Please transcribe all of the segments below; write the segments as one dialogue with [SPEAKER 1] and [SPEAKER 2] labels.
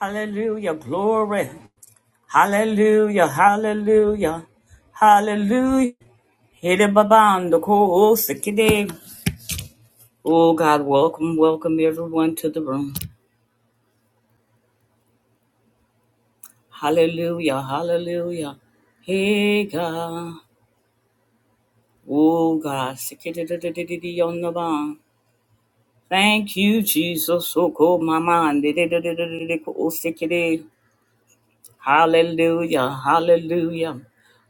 [SPEAKER 1] Hallelujah. Glory. Hallelujah. Hallelujah. Hallelujah. Hede babando ko sikide. Oh God, welcome, welcome everyone to the room. Hallelujah. Hallelujah. Hey God. Oh God. sikide de- de- de- de- de- on the ba. Thank you, Jesus. So ko mama. de- de- de- de- de- de- de- ko sikide. Hallelujah. Hallelujah.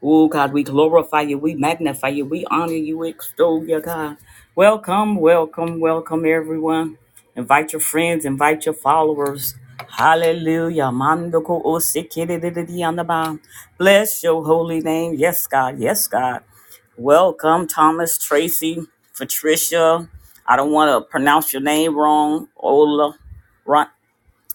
[SPEAKER 1] Oh God, we glorify you. We magnify you. We honor you. We extol you, God. Welcome, welcome, welcome, everyone. Invite your friends, invite your followers. Hallelujah. Mandoko osikididididiyandaba. Bless your holy name. Yes, God. Yes, God. Welcome, Thomas, Tracy, Patricia. I don't want to pronounce your name wrong. Ola.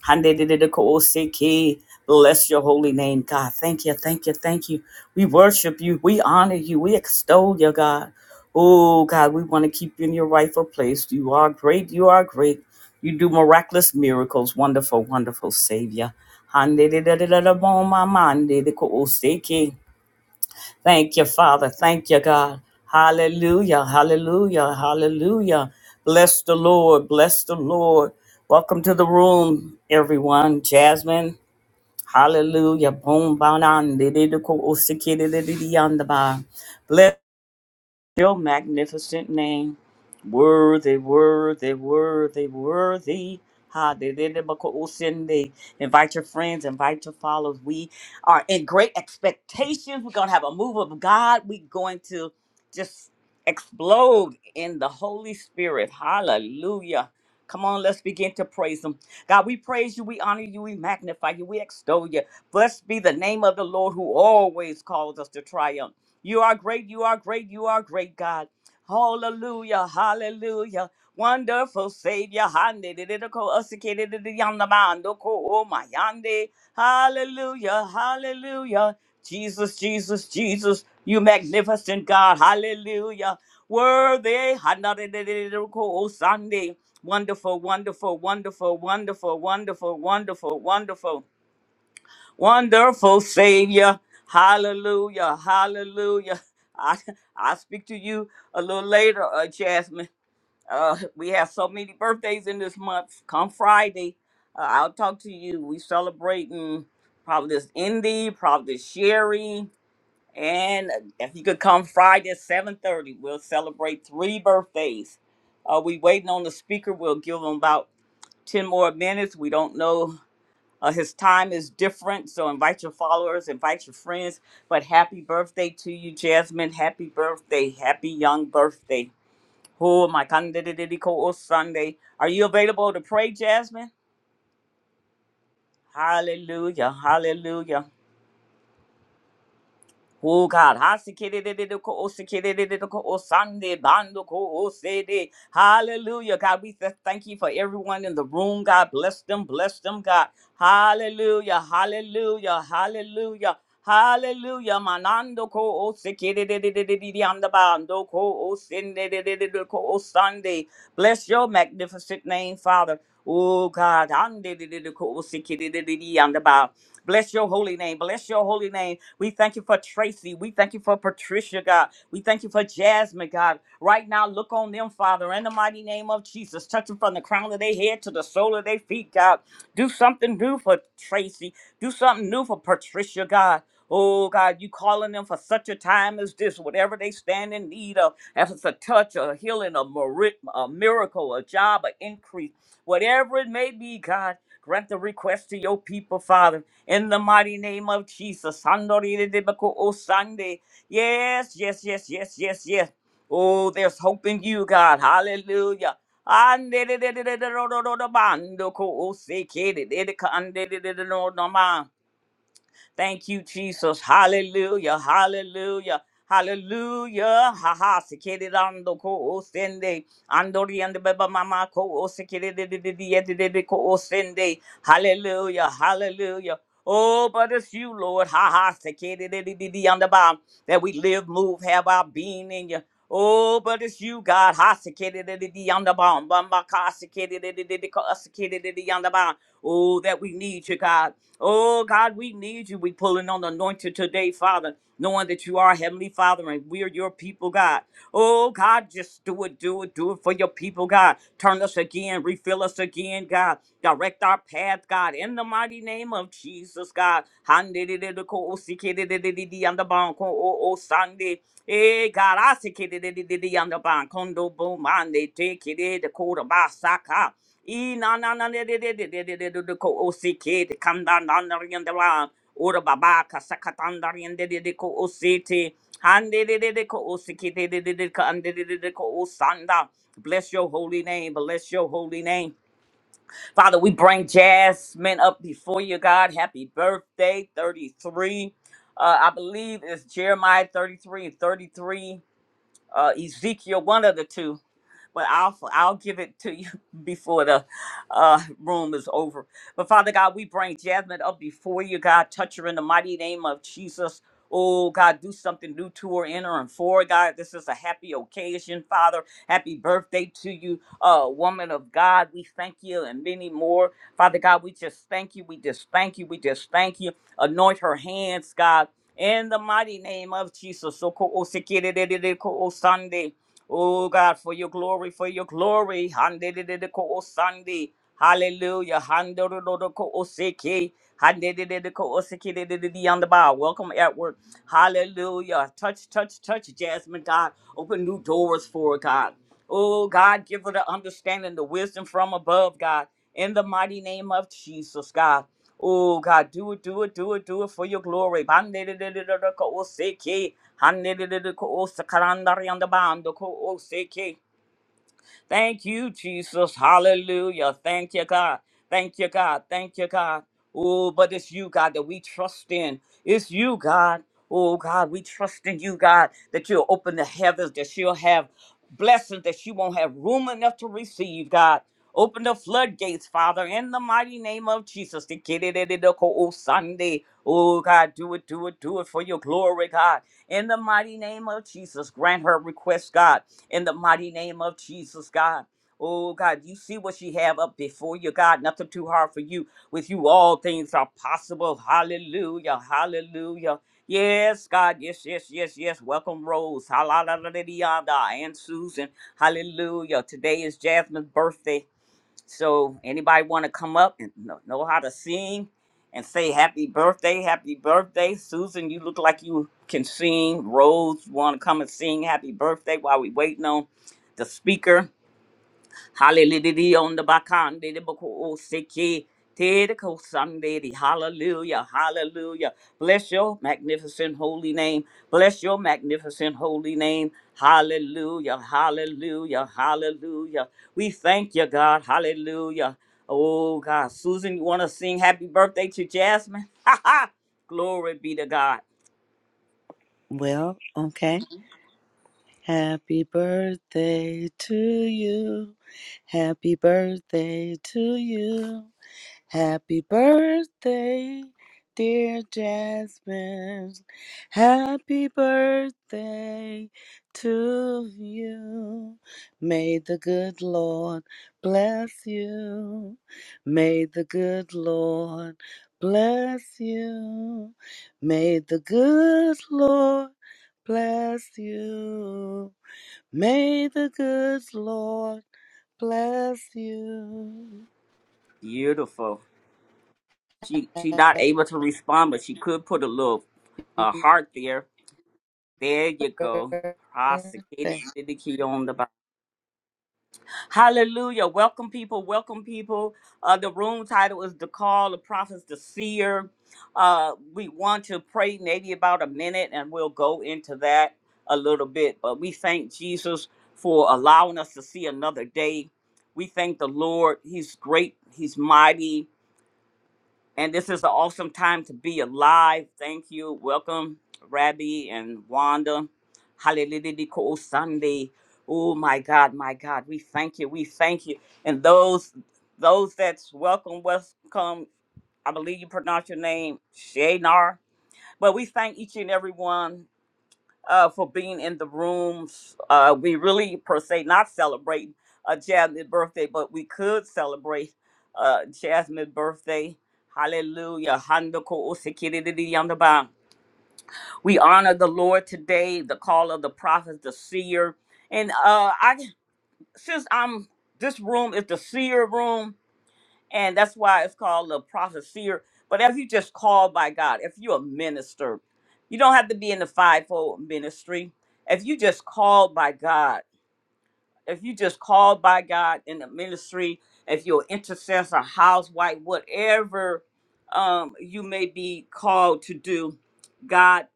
[SPEAKER 1] Handedididikoosiki. Bless your holy name, God. Thank you, thank you, thank you. We worship you. We honor you. We extol you, God. Oh, God, we want to keep you in your rightful place. You are great. You are great. You do miraculous miracles. Wonderful, wonderful Savior. Handedididididabomamandidikoosiki. Thank you, Father. Thank you, God. Hallelujah. Hallelujah. Hallelujah. Bless the Lord. Bless the Lord. Welcome to the room, everyone. Jasmine. Hallelujah. Boom, bow down. di- di- di- ko- o- si- ki- di- di- di- di- yonder, bah. Bless your magnificent name. Worthy, worthy, worthy, worthy. Hallelujah. Invite your friends, invite your followers. We are in great expectations. We're going to have a move of God. We're going to just explode in the Holy Spirit. Hallelujah. Come on, let's begin to praise Him. God, we praise you, we honor you, we magnify you, we extol you. Blessed be the name of the Lord who always calls us to triumph. You are great, you are great, you are great, God. Hallelujah, hallelujah. Wonderful Savior, Hande, de- de- de- ko- osike, de- de- de- yanda bando, ko- oh my yande. Hallelujah, hallelujah. Jesus, Jesus, Jesus, you magnificent God, hallelujah. Worthy, Hana, de- de- de- de- de- ko- oh Sunday. wonderful, wonderful, wonderful, wonderful, wonderful, wonderful, wonderful. Wonderful Savior. Hallelujah. Hallelujah. I, I'll speak to you a little later, uh, Jasmine. Uh, we have so many birthdays in this month. Come Friday, uh, I'll talk to you. We celebrating probably this Indy, probably this Sherry. And if you could come Friday at 7.30, we'll celebrate three birthdays. Uh, we waiting on the speaker. We'll give them about 10 more minutes. We don't know uh, his time is different, so invite your followers, invite your friends. But happy birthday to you, Jasmine. Happy birthday. Happy young birthday. Oh, my Sunday. Are you available to pray, Jasmine? Hallelujah. Hallelujah. Oh God, Sunday, Bando ko osede. Hallelujah. God, we th- thank you for everyone in the room. God bless them, bless them, God. Hallelujah. Hallelujah. Hallelujah. Hallelujah. Manando ko osikidididididididiyandabando ko osindididididi ko o Sunday, Bless your magnificent name, Father. Oh God, ande ko o Bless your holy name. Bless your holy name. We thank you for Tracy. We thank you for Patricia, God. We thank you for Jasmine, God. Right now, look on them, Father, in the mighty name of Jesus. Touch them from the crown of their head to the sole of their feet, God. Do something new for Tracy. Do something new for Patricia, God. Oh God, you calling them for such a time as this, whatever they stand in need of, if it's a touch, a healing, a, miri- a miracle, a job, an increase, whatever it may be, God, grant the request to your people, Father in the mighty name of Jesus. Sandoriribiko osande. Yes, yes, yes, yes, yes, yes. Oh, there's hope in you, God. Hallelujah. Andedididididododododobandokosekedididikandidididododoman. Thank you, Jesus. Hallelujah. Hallelujah. Hallelujah. Ha ha. Sikiri ando ko osende. Andori and beba mama ko osikiri de de de de de de de ko osende. Hallelujah. Hallelujah. Oh, but it's you, Lord. Ha ha. Sikiri de de de de on the bottom. That we live, move, have our being in you. Oh, but it's you, God. Ha sikiri de de de on the bottom. Bamba ka sikiri de de de de ko osikiri de de on the bottom. Oh, that we need you, God. Oh, God, we need you. We pulling on the anointing today, Father, knowing that you are Heavenly Father and we are your people, God. Oh, God, just do it, do it, do it for your people, God. Turn us again, refill us again, God. Direct our path, God, in the mighty name of Jesus, God. Sunday. Hey God, I see it on the bond. Condo boom, man, they take it. The quarter by E na na na de de de de de de de de de ko o si ke de kanda na na ri de la ora baba ka sakatan da ri de de de ko o si te han de de de de ko o si ke de de de de ka an de de de de ko osanda bless your holy name bless your holy name father we bring jasmine up before you god happy birthday 33 uh i believe it's jeremiah 33 and 33 uh ezekiel one of the two but I'll I'll give it to you before the uh, room is over. But Father God, we bring Jasmine up before you, God. Touch her in the mighty name of Jesus. Oh God, do something new to her, in her, and for her, God. This is a happy occasion, Father. Happy birthday to you, uh, woman of God. We thank you and many more, Father God. We just thank you. We just thank you. We just thank you. Anoint her hands, God. In the mighty name of Jesus. So, ko- o- se- ke- de- de- de- ko- o- Sunday. Oh God, for your glory, for your glory. Handedididiko osandi. Hallelujah. Handodododoko oseki. Handedididiko oseki didididi on the bar. Welcome at work. Hallelujah. Touch, touch, touch, Jasmine, God. Open new doors for her, God. Oh God, give her the understanding, the wisdom from above, God. In the mighty name of Jesus, God. Oh God, do it, do it, do it, do it for your glory. Bandidididididoko oseki. Handedede ko osa kalandari anda bando ko oseke. Thank you, Jesus. Hallelujah. Thank you, God. Thank you, God. Thank you, God. Oh, but it's you, God, that we trust in. It's you, God. Oh, God, we trust in you, God, that you'll open the heavens, that she will have blessings, that she won't have room enough to receive, God. Open the floodgates, Father, in the mighty name of Jesus. The kid it, it, the co- Oh, Sunday. Oh, God, do it, do it, do it for your glory, God. In the mighty name of Jesus, grant her request, God in the mighty name of Jesus, God. Oh God, you see what she have up before you, God. Nothing too hard for you. With you, all things are possible. Hallelujah. Hallelujah. Yes, God. Yes, yes, yes, yes. Welcome, Rose. Hallelujah. And Susan. Hallelujah. Today is Jasmine's birthday. So anybody want to come up and know, know how to sing and say happy birthday, happy birthday. Susan, you look like you can sing. Rose, you want to come and sing happy birthday while we waiting on the speaker. Hallelujah on the bakan de boko siki tedeko Sunday. Hallelujah. Hallelujah. Bless your magnificent holy name. Bless your magnificent holy name. Hallelujah. Hallelujah. Hallelujah. We thank you, God. Hallelujah. Oh God. Susan, you want to sing happy birthday to Jasmine? Ha ha. Glory be to God.
[SPEAKER 2] Well, okay. Happy birthday to you. Happy birthday to you. Happy birthday, dear Jasmine. Happy birthday to you. May the good Lord bless you. May the good Lord bless you. May the good Lord bless you. May the good Lord bless you.
[SPEAKER 1] Beautiful. She she not able to respond, but she could put a little uh, heart there There you go. Prosecuted
[SPEAKER 2] Birthday.
[SPEAKER 1] the key on the Bible. Hallelujah. Welcome, people. Welcome, people. Uh, the room title is The Call the Prophets, the Seer. Uh, we want to pray maybe about a minute and we'll go into that a little bit. But we thank Jesus for allowing us to see another day. We thank the Lord. He's great, He's mighty. And this is an awesome time to be alive. Thank you. Welcome, Rabbi and Wanda. Hallelujah. Ko Sunday. Oh my God, my God. We thank you. We thank you. And those those that's welcome, welcome. I believe you pronounce your name, Shaynar. But we thank each and every one uh, for being in the rooms. Uh, we really, per se, not celebrate uh, Jasmine's birthday, but we could celebrate uh, Jasmine's birthday. Hallelujah. Handoko ko o We honor the Lord today, the call of the prophets, the seer. And uh, I, since I'm, this room is the seer room, and that's why it's called the prophet seer. But if you just called by God, if you're a minister, you don't have to be in the fivefold ministry. If you just called by God, if you just called by God in the ministry, if you're an intercessor, housewife, whatever um, you may be called to do, God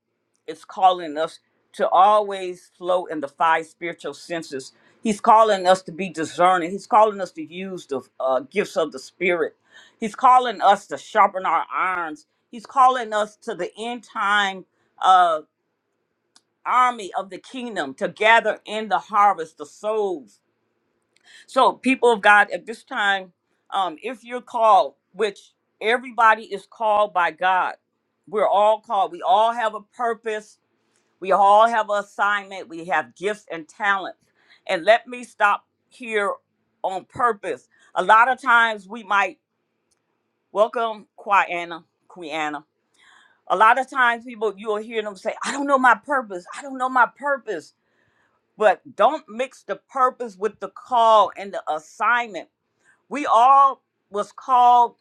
[SPEAKER 1] is calling us to always flow in the five spiritual senses. He's calling us to be discerning. He's calling us to use the uh, gifts of the Spirit. He's calling us to sharpen our irons. He's calling us to the end time uh, army of the kingdom to gather in the harvest, the souls so, people of God, at this time, um, if you're called, which everybody is called by God, we're all called. We all have a purpose. We all have an assignment. We have gifts and talents. And let me stop here on purpose. A lot of times we might welcome Quiana, Quiana. A lot of times people, you'll hear them say, I don't know my purpose. I don't know my purpose. But don't mix the purpose with the call and the assignment we all was called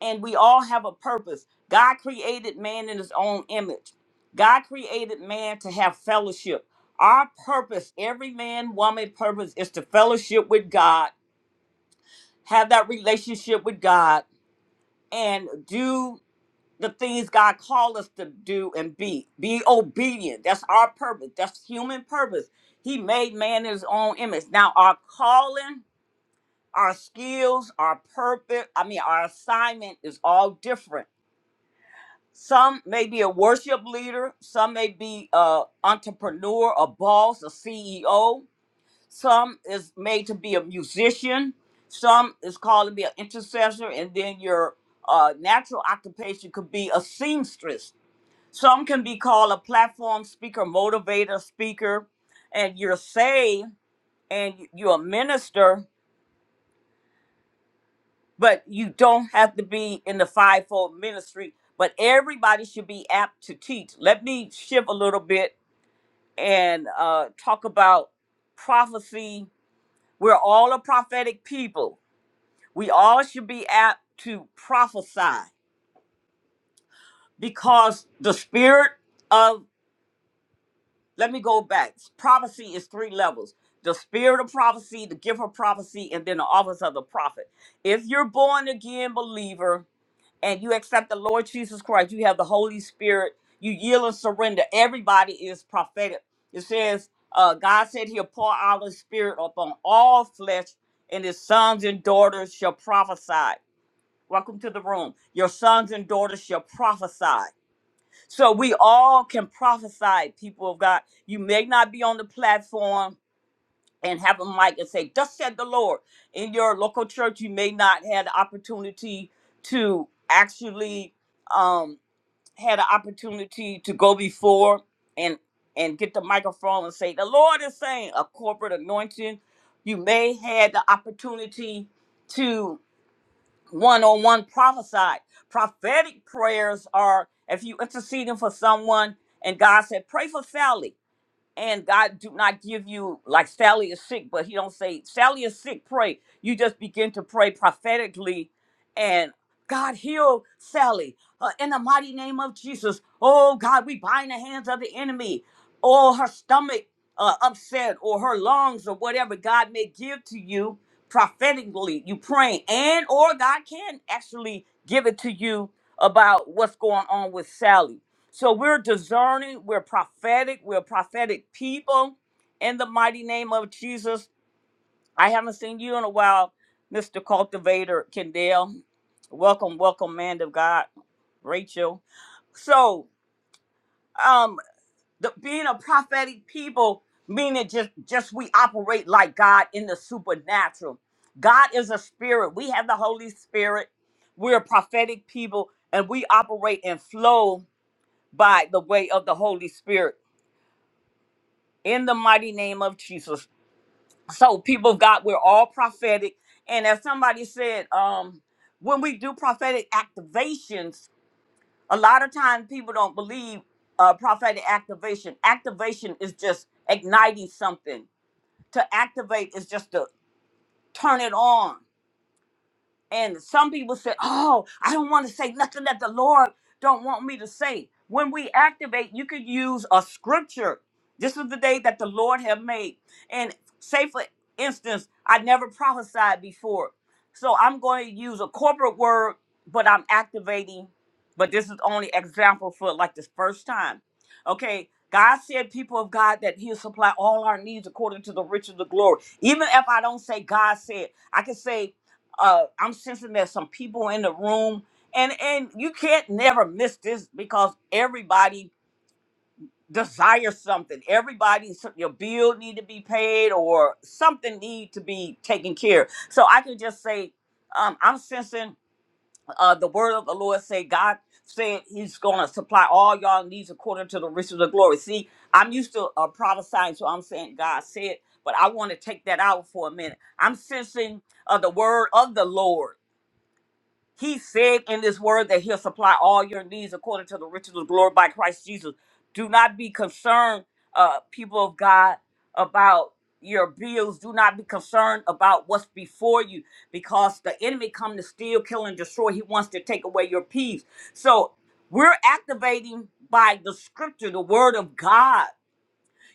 [SPEAKER 1] and we all have a purpose god created man in his own image god created man to have fellowship our purpose every man woman purpose is to fellowship with god have that relationship with god and do the things god called us to do and be be obedient that's our purpose that's human purpose he made man in his own image now our calling our skills, our purpose, I mean, our assignment is all different. Some may be a worship leader, some may be a entrepreneur, a boss, a CEO. Some is made to be a musician. Some is called to be an intercessor, and then your uh, natural occupation could be a seamstress. Some can be called a platform speaker, motivator, speaker, and you're saved and you're a minister but you don't have to be in the fivefold ministry. But everybody should be apt to teach. Let me shift a little bit and uh, talk about prophecy. We're all a prophetic people. We all should be apt to prophesy because the spirit of let me go back. Prophecy is three levels: the spirit of prophecy, the gift of prophecy, and then the office of the prophet. If you're born again believer, and you accept the Lord Jesus Christ, you have the Holy Spirit, you yield and surrender. Everybody is prophetic. It says, uh, God said he'll pour out his spirit upon all flesh, and his sons and daughters shall prophesy. Welcome to the room. Your sons and daughters shall prophesy. So we all can prophesy, people of God. You may not be on the platform, and have a mic and say, Thus said the Lord. In your local church, you may not have the opportunity to actually um had an opportunity to go before and and get the microphone and say, The Lord is saying a corporate anointing. You may had the opportunity to one-on-one prophesy. Prophetic prayers are if you interceding for someone and God said, Pray for Sally and God do not give you like Sally is sick, but He don't say Sally is sick. Pray. You just begin to pray prophetically, and God heal Sally uh, in the mighty name of Jesus. Oh God, we bind the hands of the enemy. Or her stomach uh, upset, or her lungs, or whatever God may give to you prophetically. You praying, and or God can actually give it to you about what's going on with Sally. So we're discerning, we're prophetic, we're prophetic people in the mighty name of Jesus. I haven't seen you in a while, Mr. Cultivator Kendall. Welcome, welcome, man of God, Rachel. So, um, the, being a prophetic people meaning just just we operate like God in the supernatural. God is a spirit. We have the Holy Spirit. We're prophetic people, and we operate and flow by the way of the Holy Spirit. in the mighty name of Jesus. So, people of God, we're all prophetic. And as somebody said, um, when we do prophetic activations, a lot of times people don't believe uh, prophetic activation. Activation is just igniting something. To activate is just to turn it on. And some people say, "Oh, I don't want to say nothing that the Lord don't want me to say." When we activate, you could use a scripture. This is the day that the Lord have made. And say, for instance, I never prophesied before, so I'm going to use a corporate word, but I'm activating. But this is only example for like this first time. Okay, God said, people of God, that He'll supply all our needs according to the riches of the glory. Even if I don't say God said, I can say uh i'm sensing there's some people in the room and and you can't never miss this because everybody desires something everybody so- your bill need to be paid or something need to be taken care of. so i can just say um i'm sensing uh the word of the lord say god said he's gonna supply all y'all needs according to the riches of the glory see i'm used to uh prophesying so i'm saying god said but i want to take that out for a minute i'm sensing uh, the word of the lord he said in this word that he'll supply all your needs according to the riches of glory by Christ Jesus. Do not be concerned, uh, people of God, about your bills. Do not be concerned about what's before you because the enemy come to steal, kill, and destroy. He wants to take away your peace. So we're activating by the scripture, the word of God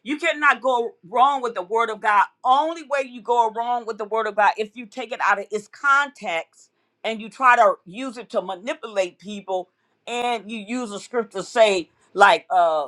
[SPEAKER 1] you cannot go wrong with the word of God. Only way you go wrong with the word of God if you take it out of its context and you try to use it to manipulate people and you use a script to say like uh,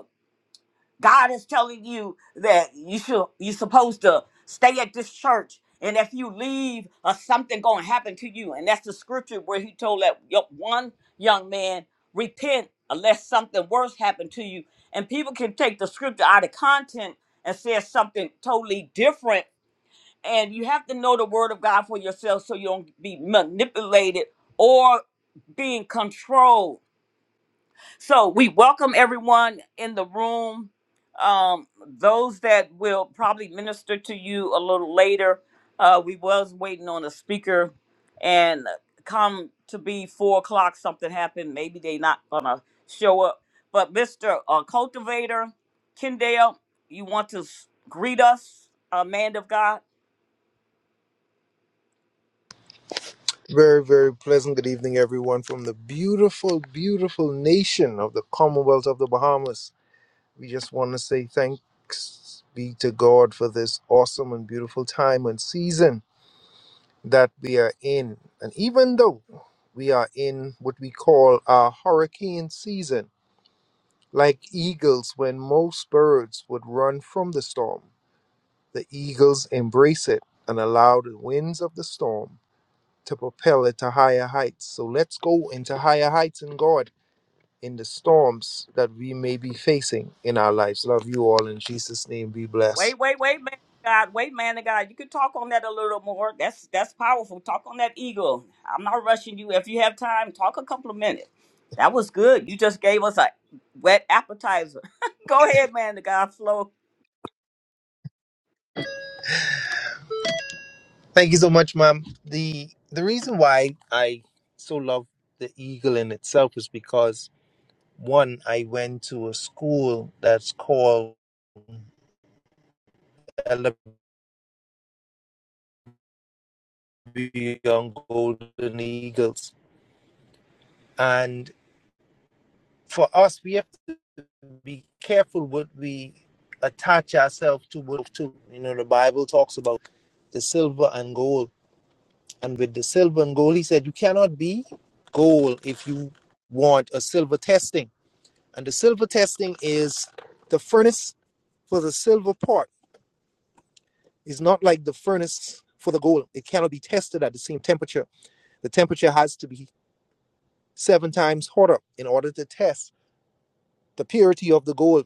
[SPEAKER 1] God is telling you that you should you're supposed to stay at this church. And if you leave, uh, something gonna happen to you. And that's the scripture where he told that yo- one young man, repent unless something worse happened to you. And people can take the scripture out of content and say something totally different. And you have to know the word of God for yourself so you don't be manipulated or being controlled. So we welcome everyone in the room. Um, those that will probably minister to you a little later. Uh, we was waiting on a speaker, and come to be four o'clock. Something happened. Maybe they not gonna show up. But Mister uh, Cultivator, Kendall, you want to s- greet us, uh, man of God?
[SPEAKER 3] Very, very pleasant good evening, everyone, from the beautiful, beautiful nation of the Commonwealth of the Bahamas. We just want to say thanks be to God for this awesome and beautiful time and season that we are in. And even though we are in what we call our hurricane season, like eagles, when most birds would run from the storm, the eagles embrace it and allow the winds of the storm to propel it to higher heights. So let's go into higher heights in God in the storms that we may be facing in our lives. Love you all in Jesus' name. Be blessed.
[SPEAKER 1] Wait, wait, wait, man of God. Wait, man of God. You can talk on that a little more. That's that's powerful. Talk on that eagle. I'm not rushing you. If you have time, talk a couple of minutes. That was good. You just gave us a wet appetizer. Go ahead, man of God. Flow.
[SPEAKER 3] Thank you so much, ma'am. The the reason why I so love the eagle in itself is because one, I went to a school that's called Ella Young Golden Eagles. And for us, we be careful what we attach ourselves to. what- to. You know, the Bible talks about the silver and gold. And with the silver and gold, he said, you cannot be gold if you want a silver testing. And the silver testing is the furnace for the silver part is not like the furnace for the gold. It cannot be tested at the same temperature. The temperature has to be seven times hotter in order to test the purity of the gold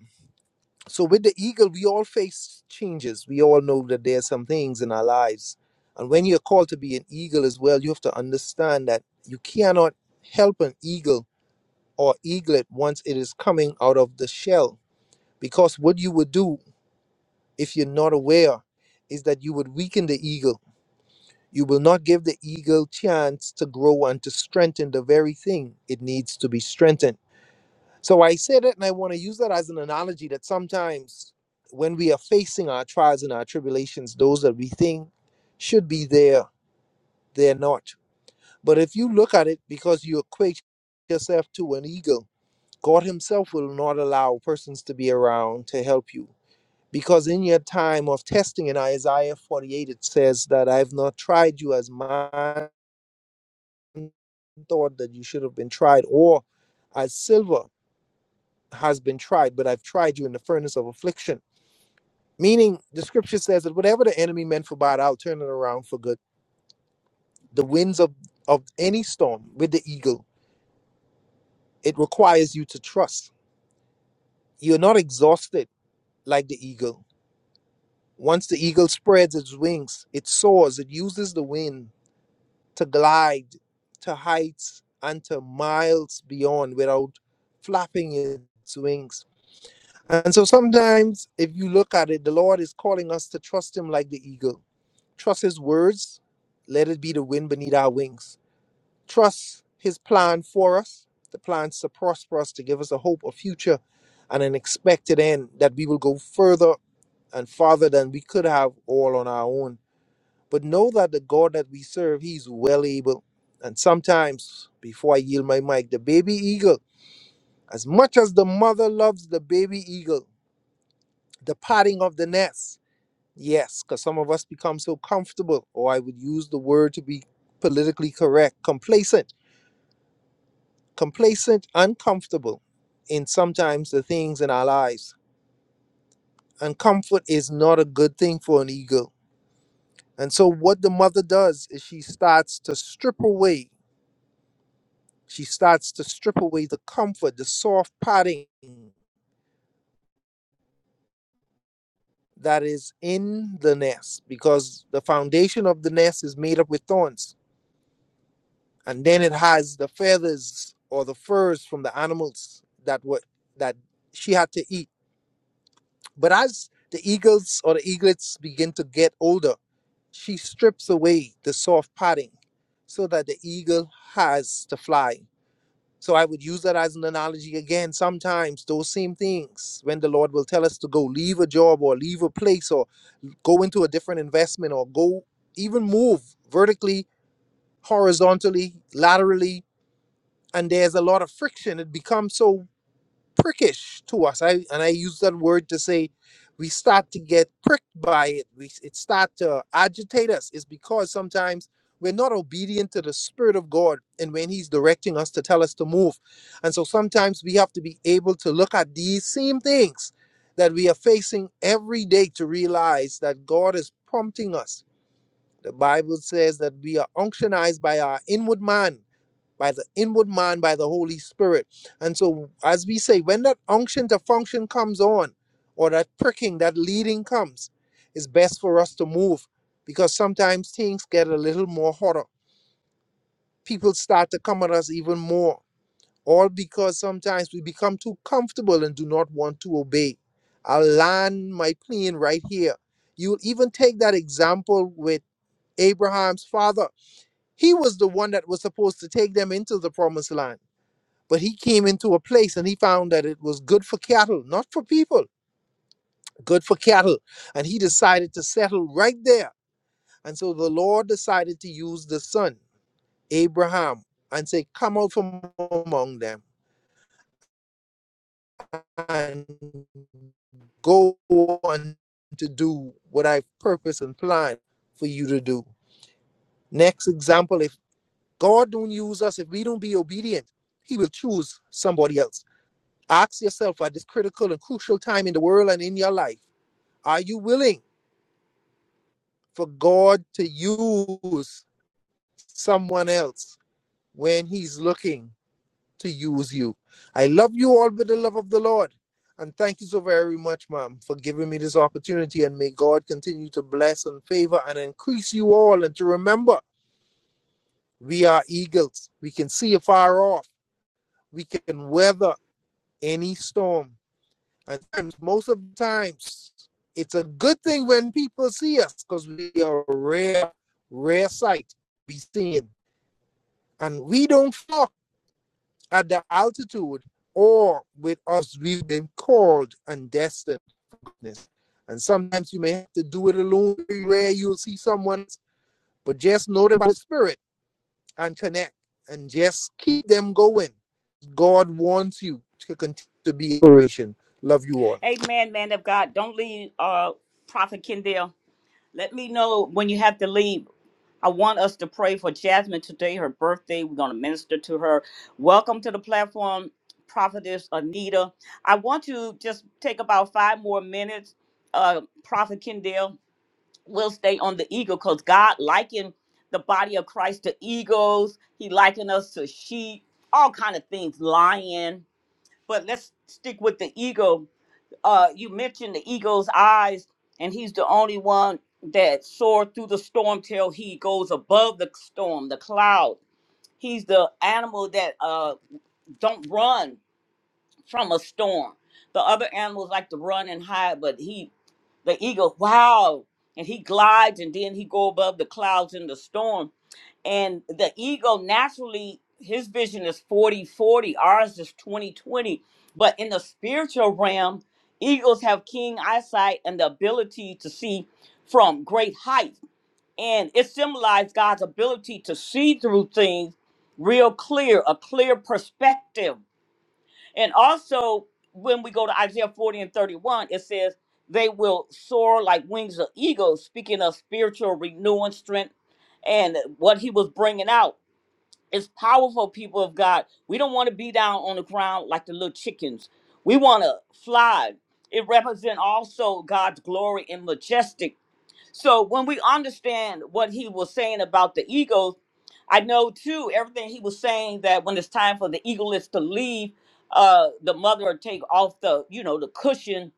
[SPEAKER 3] So with the eagle, we all face changes. We all know that there are some things in our lives. And when you're called to be an eagle as well, you have to understand that you cannot help an eagle or eaglet once it is coming out of the shell. Because what you would do if you're not aware is that you would weaken the eagle. You will not give the eagle chance to grow and to strengthen the very thing it needs to be strengthened. So I say that, and I want to use that as an analogy that sometimes when we are facing our trials and our tribulations, those that we think should be there, they're not. But if you look at it because you equate yourself to an ego, God Himself will not allow persons to be around to help you. Because in your time of testing in Isaiah 48, it says that I have not tried you as man thought that you should have been tried, or as silver has been tried, but I've tried you in the furnace of affliction. Meaning, the scripture says that whatever the enemy meant for bad, I'll turn it around for good. The winds of, of any storm with the eagle, it requires you to trust. You're not exhausted like the eagle. Once the eagle spreads its wings, it soars, it uses the wind to glide to heights and to miles beyond without flapping its wings. And so sometimes, if you look at it, the Lord is calling us to trust Him like the eagle Trust His words. Let it be the wind beneath our wings. Trust His plan for us, the plans to prosper us, to give us a hope, a future, and an expected end that we will go further and farther than we could have all on our own. But know that the God that we serve, He's well able. And sometimes, before I yield my mic, the baby eagle, as much as the mother loves the baby eagle, the parting of the nest, Yes, because some of us become so comfortable, or I would use the word to be politically correct, complacent, complacent, uncomfortable in sometimes the things in our lives. And comfort is not a good thing for an ego. And so, what the mother does is she starts to strip away, she starts to strip away the comfort, the soft padding that is in the nest, because the foundation of the nest is made up with thorns and then it has the feathers or the furs from the animals that were that she had to eat but as the eagles or the eaglets begin to get older she strips away the soft padding so that the eagle has to fly so i would use that as an analogy again sometimes those same things when the lord will tell us to go leave a job or leave a place or go into a different investment or go even move vertically horizontally laterally and there's a lot of friction. It becomes so prickish to us. I and I use that word to say we start to get pricked by it. We it start to agitate us. It's because sometimes we're not obedient to the spirit of God and when He's directing us to tell us to move. And so sometimes we have to be able to look at these same things that we are facing every day to realize that God is prompting us. The Bible says that we are unctionized by our inward man by the inward man, by the Holy Spirit. And so, as we say, when that unction to function comes on, or that pricking, that leading comes, it's best for us to move because sometimes things get a little more hotter. People start to come at us even more, all because sometimes we become too comfortable and do not want to obey. I'll land my plane right here. You'll even take that example with Abraham's father. He was the one that was supposed to take them into the promised land but he came into a place and he found that it was good for cattle, not for people, good for cattle. And he decided to settle right there. And so the Lord decided to use the son, Abraham, and say, Come out from among them and go on to do what I purpose and plan for you to do. Next example, if God don't use us, if we don't be obedient, he will choose somebody else. Ask yourself at this critical and crucial time in the world and in your life Are you willing for God to use someone else when He's looking to use you? I love you all with the love of the Lord. And thank you so very much, ma'am, for giving me this opportunity. And may God continue to bless and favor and increase you all. And to remember, we are eagles. We can see afar off. We can weather any storm. At times, most of the times, it's a good thing when people see us because we are a rare, rare sight to be seen. And we don't flock at the altitude or with us, we've been called and destined. And sometimes you may have to do it alone, Very rare you'll see someone, but just know them by the spirit and connect and just keep them going. God wants you to continue to be inspiration. Love you all.
[SPEAKER 1] Amen, man of God. Don't leave, uh, Prophet Kendall. Let me know when you have to leave. I want us to pray for Jasmine today, her birthday. We're going to minister to her. Welcome to the platform, Prophetess Anita. I want to just take about five more minutes. Uh, Prophet Kendall will stay on the eagle because God likened the body of Christ to eagles. He likened us to sheep, all kind of things, lion. But let's stick with the eagle uh you mentioned the eagle's eyes and he's the only one that soared through the storm till he goes above the storm the cloud he's the animal that uh don't run from a storm the other animals like to run and hide but he the eagle wow and he glides and then he go above the clouds in the storm and the ego naturally his vision is 40 40. ours is 20 20. but in the spiritual realm eagles have keen eyesight and the ability to see from great height and it symbolized god's ability to see through things real clear a clear perspective and also when we go to isaiah 40 and 31 it says they will soar like wings of eagles speaking of spiritual renewing strength and what he was bringing out it's powerful, people of God. We don't want to be down on the ground like the little chickens. We want to fly. It represents also God's glory and majestic so when we understand what he was saying about the eagles, I know too everything he was saying that when it's time for the eaglets to leave, uh, the mother would take off the you know the cushion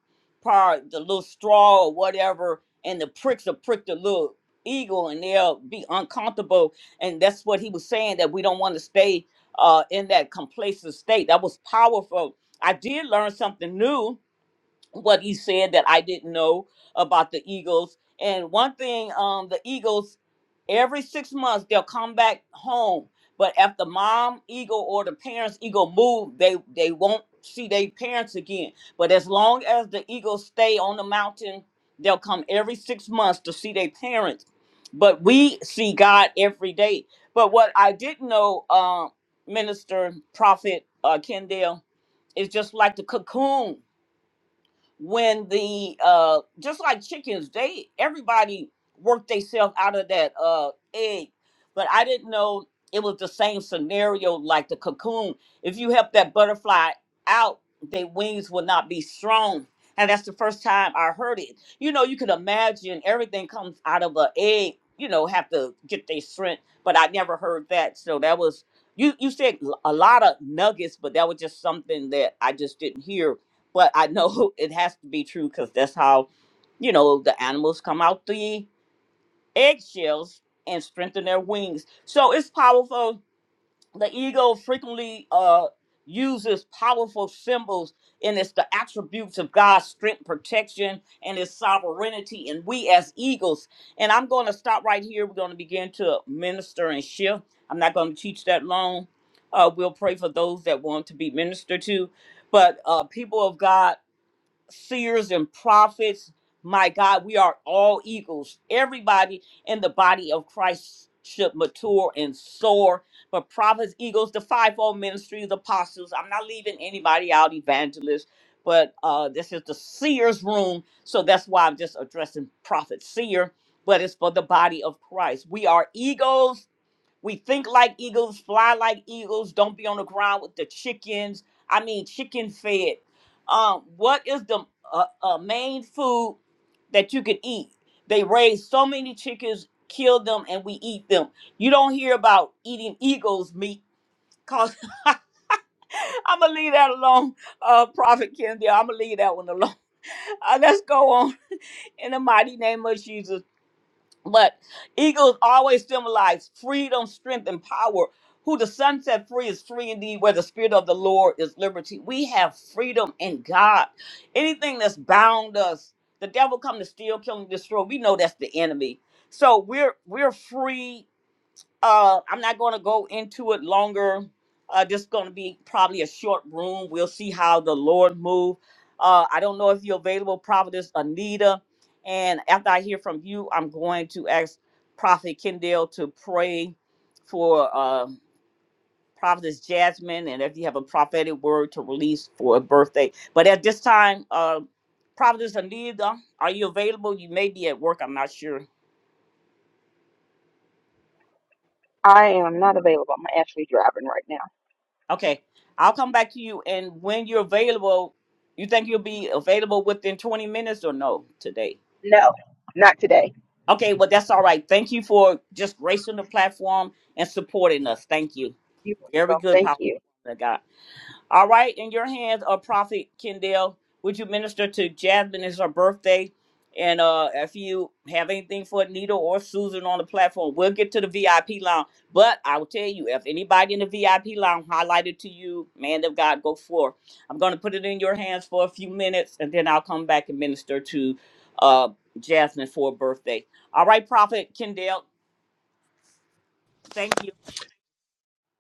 [SPEAKER 1] part, the little straw or whatever, and the pricks will prick the little eagle, and they'll be uncomfortable. And that's what he was saying that we don't want to stay uh, in that complacent state. That was powerful. I did learn something new what he said that I didn't know about the Eagles. And one thing, um, the Eagles, every six months they'll come back home. But if the mom eagle or the parents eagle move, they they won't see their parents again. But as long as the eagles stay on the mountain, they'll come every six months to see their parents. But we see God every day. But what I didn't know, uh, minister, prophet, uh, Kendall, is just like the cocoon when the uh just like chickens they everybody worked themselves out of that uh egg but i didn't know it was the same scenario like the cocoon if you help that butterfly out their wings will not be strong and that's the first time i heard it you know you can imagine everything comes out of an egg you know have to get their strength but i never heard that so that was you you said l- a lot of nuggets but that was just something that i just didn't hear but I know it has to be true because that's how, you know, the animals come out the eggshells and strengthen their wings. So it's powerful. The ego frequently uh, uses powerful symbols, and it's the attributes of God's strength, protection, and His sovereignty. And we as eagles. And I'm going to stop right here. We're going to begin to minister and shift. I'm not going to teach that long. Uh, we'll pray for those that want to be ministered to. But uh, people of God, seers and prophets. My God, we are all eagles. Everybody in the body of Christ should mature and soar. But prophets, eagles, the fivefold ministries, apostles. I'm not leaving anybody out, evangelists. But uh, this is the seer's room, so that's why I'm just addressing prophet seer. But it's for the body of Christ. We are eagles we think like eagles, fly like eagles, don't be on the ground with the chickens. I mean, chicken fed. Um, what is the uh, uh, main food that you could eat? They raise so many chickens, kill them, and we eat them. You don't hear about eating eagles' meat. Cause I'm gonna leave that alone, uh, Prophet Kendi. I'm gonna leave that one alone. Uh, let's go on in the mighty name of Jesus. But eagles always symbolize freedom, strength, and power. Who the sun set free is free indeed, where the spirit of the Lord is liberty. We have freedom in God. Anything that's bound us, the devil come to steal, kill, and destroy. We know that's the enemy. So we're we're free uh i'm not going to go into it longer uh just going to be probably a short room we'll see how the lord move uh i don't know if you're available prophetess anita and after i hear from you i'm going to ask prophet kendall to pray for uh prophetess jasmine and if you have a prophetic word to release for a birthday but at this time uh prophetess anita are you available you may be at work i'm not sure
[SPEAKER 4] I am not available. I'm actually driving right now.
[SPEAKER 1] Okay, I'll come back to you. And when you're available, you think you'll be available within 20 minutes or no today?
[SPEAKER 4] No, not today.
[SPEAKER 1] Okay, well, that's all right. Thank you for just gracing the platform and supporting us. Thank you.
[SPEAKER 4] You
[SPEAKER 1] Very
[SPEAKER 4] go.
[SPEAKER 1] good,
[SPEAKER 4] Thank
[SPEAKER 1] powerful.
[SPEAKER 4] you.
[SPEAKER 1] woman of God. All right, in your hands, uh, Prophet Kendall, would you minister to Jasmine? It's her birthday. And uh, if you have anything for Anita or Susan on the platform, we'll get to the VIP lounge. But I will tell you, if anybody in the VIP lounge highlighted to you, man of God, go forth. I'm going to put it in your hands for a few minutes, and then I'll come back and minister to uh, Jasmine for her birthday. All right, Prophet Kendall, thank you.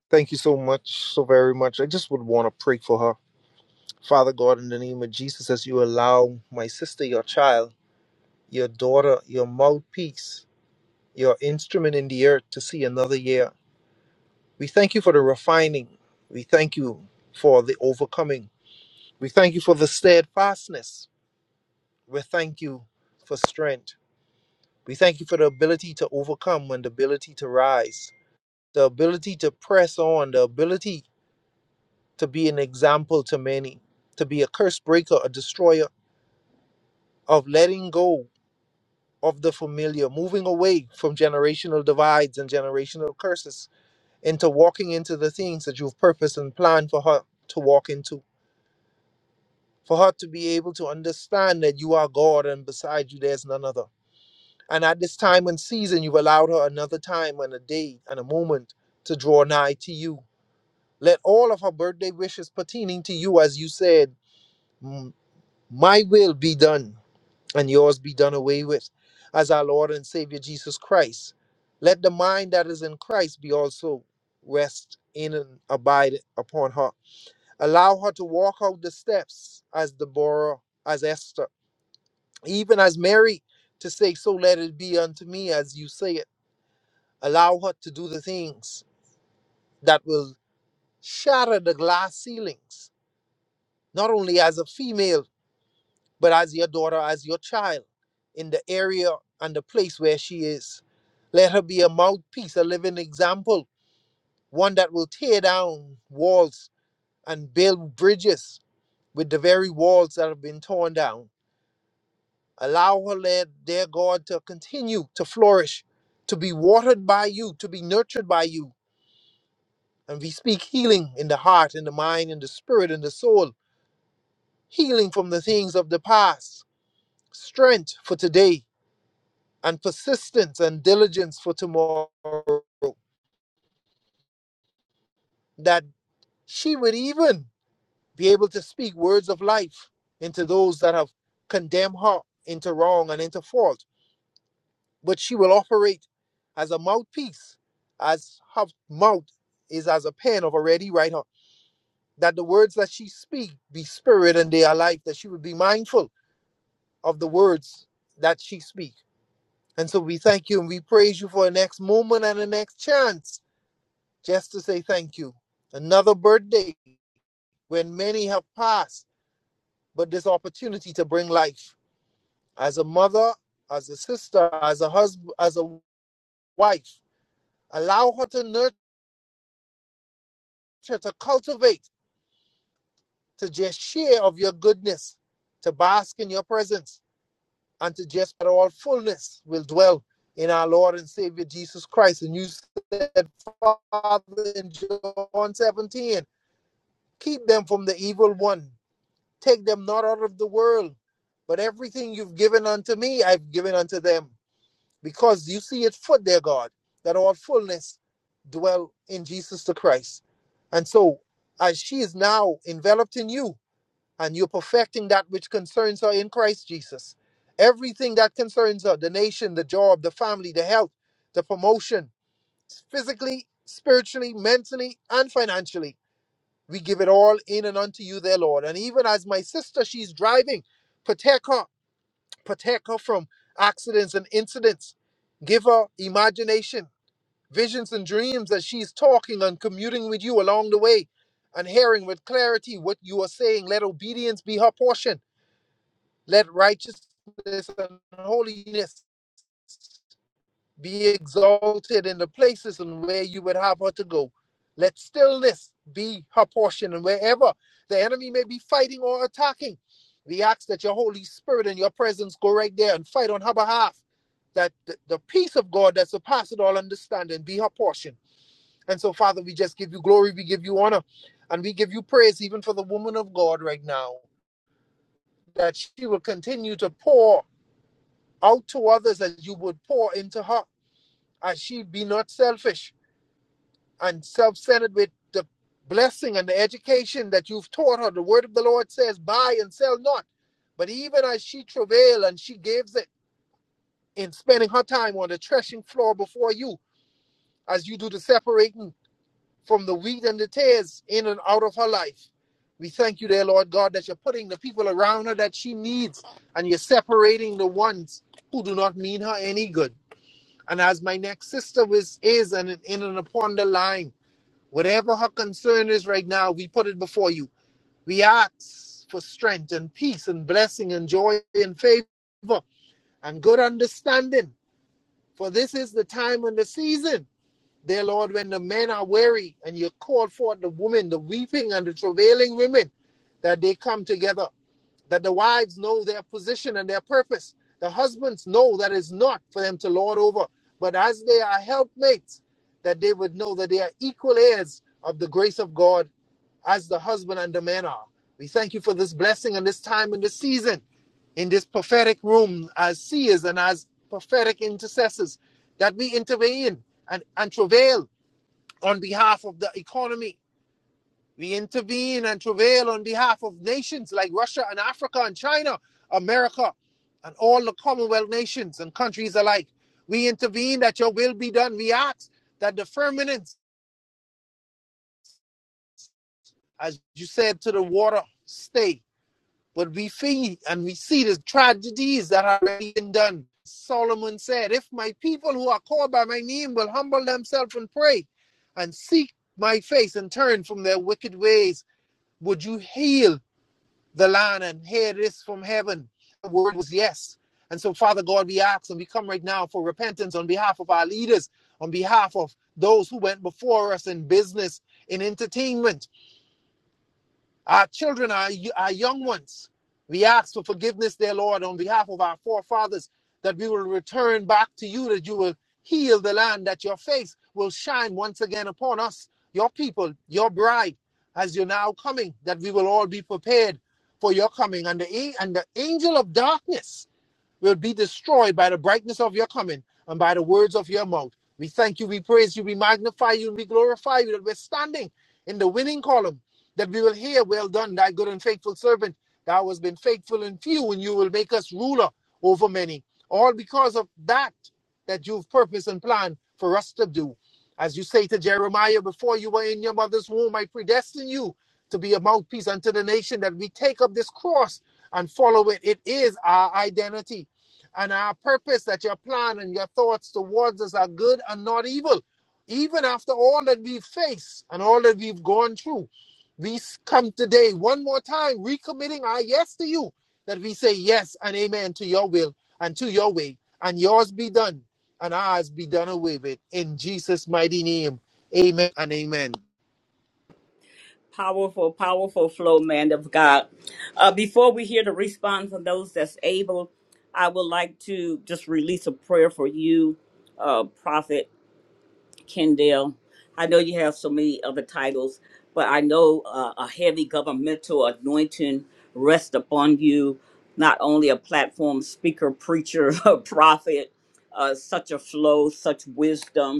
[SPEAKER 3] Thank you so much, so very much. I just would want to pray for her. Father God, in the name of Jesus, as you allow my sister, your child, your daughter, your mouthpiece, your instrument in the earth to see another year, we thank you for the refining. We thank you for the overcoming. We thank you for the steadfastness. We thank you for strength. We thank you for the ability to overcome and the ability to rise, the ability to press on, the ability to be an example to many, to be a curse breaker, a destroyer of letting go of the familiar, moving away from generational divides and generational curses, into walking into the things that you've purposed and planned for her to walk into. For her to be able to understand that you are God and beside you there's none other. And at this time and season, you've allowed her another time and a day and a moment to draw nigh to you. Let all of her birthday wishes pertaining to you, as you said, "M- my will be done and yours be done away with, as our Lord and Savior Jesus Christ. Let the mind that is in Christ be also rest in and abide upon her. Allow her to walk out the steps as Deborah, as Esther, even as Mary, to say, So let it be unto me as you say it. Allow her to do the things that will shatter the glass ceilings, not only as a female. but as your daughter, as your child, in the area and the place where she is. Let her be a mouthpiece, a living example, one that will tear down walls and build bridges with the very walls that have been torn down. Allow her, Lord, dear God, to continue to flourish, to be watered by you, to be nurtured by you. And we speak healing in the heart, in the mind, in the spirit, in the soul, healing from the things of the past, strength for today, and persistence and diligence for tomorrow that she would even be able to speak words of life into those that have condemned her into wrong and into fault. But she will operate as a mouthpiece, as her mouth is as a pen of a ready writer, that the words that she speak be spirit and they are life, that she would be mindful of the words that she speak. And so we thank you and we praise you for the next moment and the next chance just to say thank you. Another birthday when many have passed, but this opportunity to bring life. As a mother, as a sister, as a husband, as a wife, allow her to nurture, to cultivate, to just share of your goodness, to bask in your presence, and to just that all fullness will dwell in our Lord and Savior Jesus Christ. And you said, Father, in John 17, keep them from the evil one. Take them not out of the world, but everything you've given unto me, I've given unto them. Because you see it for their God, that all fullness dwell in Jesus the Christ. And so, as she is now enveloped in you, and you're perfecting that which concerns her in Christ Jesus, everything that concerns her the nation, the job, the family, the health, the promotion, physically, spiritually, mentally, and financially we give it all in and unto you, there, Lord. And even as my sister, she's driving, protect her, protect her from accidents and incidents. Give her imagination, visions, and dreams that she's talking and commuting with you along the way and hearing with clarity what you are saying. Let obedience be her portion. Let righteousness and holiness be exalted in the places and where you would have her to go. Let stillness be her portion, and wherever the enemy may be fighting or attacking, we ask that your Holy Spirit and your presence go right there and fight on her behalf. That the, the peace of God that surpasses all understanding be her portion. And so, Father, we just give you glory, we give you honor, and we give you praise even for the woman of God right now, that she will continue to pour out to others as you would pour into her, as she be not selfish and self-centered with the blessing and the education that you've taught her. The word of the Lord says, buy and sell not. But even as she travail and she gives it in spending her time on the threshing floor before you, as you do the separating from the wheat and the tares in and out of her life. We thank you, dear Lord God, that you're putting the people around her that she needs and you're separating the ones who do not mean her any good. And as my next sister is, is and in and upon the line. Whatever her concern is right now, we put it before you. We ask for strength and peace and blessing and joy and favor and good understanding. For this is the time and the season, dear Lord, when the men are weary and you call forth the women, the weeping and the travailing women, that they come together, that the wives know their position and their purpose. The husbands know that it's not for them to lord over, but as they are helpmates, that they would know that they are equal heirs of the grace of God as the husband and the man are. We thank you for this blessing and this time and this season in this prophetic room as seers and as prophetic intercessors that we intervene and, and travail on behalf of the economy. We intervene and travail on behalf of nations like Russia and Africa and China, America, and all the Commonwealth nations and countries alike. We intervene that your will be done. We ask that the firmament, as you said to the water, stay But we feel and we see the tragedies that have already been done. Solomon said, If my people who are called by my name will humble themselves and pray and seek my face and turn from their wicked ways, would you heal the land and hear this from heaven? The word was yes. And so, Father God, we ask and we come right now for repentance on behalf of our leaders, on behalf of those who went before us in business, in entertainment our children, our, our young ones, we ask for forgiveness, dear Lord, on behalf of our forefathers, that we will return back to you, that you will heal the land, that your face will shine once again upon us, your people, your bride, as you're now coming, that we will all be prepared for your coming. And the, and the angel of darkness will be destroyed by the brightness of your coming and by the words of your mouth. We thank you, we praise you, we magnify you, and we glorify you that we're standing in the winning column, that we will hear, Well done, thy good and faithful servant. Thou hast been faithful in few, and you will make us ruler over many. All because of that that you've purposed and planned for us to do. As you say to Jeremiah, before you were in your mother's womb, I predestined you to be a mouthpiece unto the nation that we take up this cross and follow it. It is our identity and our purpose that your plan and your thoughts towards us are good and not evil. Even after all that we've faced and all that we've gone through, we s- come today one more time, recommitting our yes to you, that we say yes and amen to your will and to your way, and yours be done and ours be done away with. In Jesus' mighty name, amen and amen.
[SPEAKER 1] Powerful, powerful flow, man of God. Uh, before we hear the response from those that's able, I would like to just release a prayer for you, uh, Prophet Kendall. I know you have so many other titles, but I know uh, a heavy governmental anointing rests upon you, not only a platform speaker, preacher, prophet, uh, such a flow, such wisdom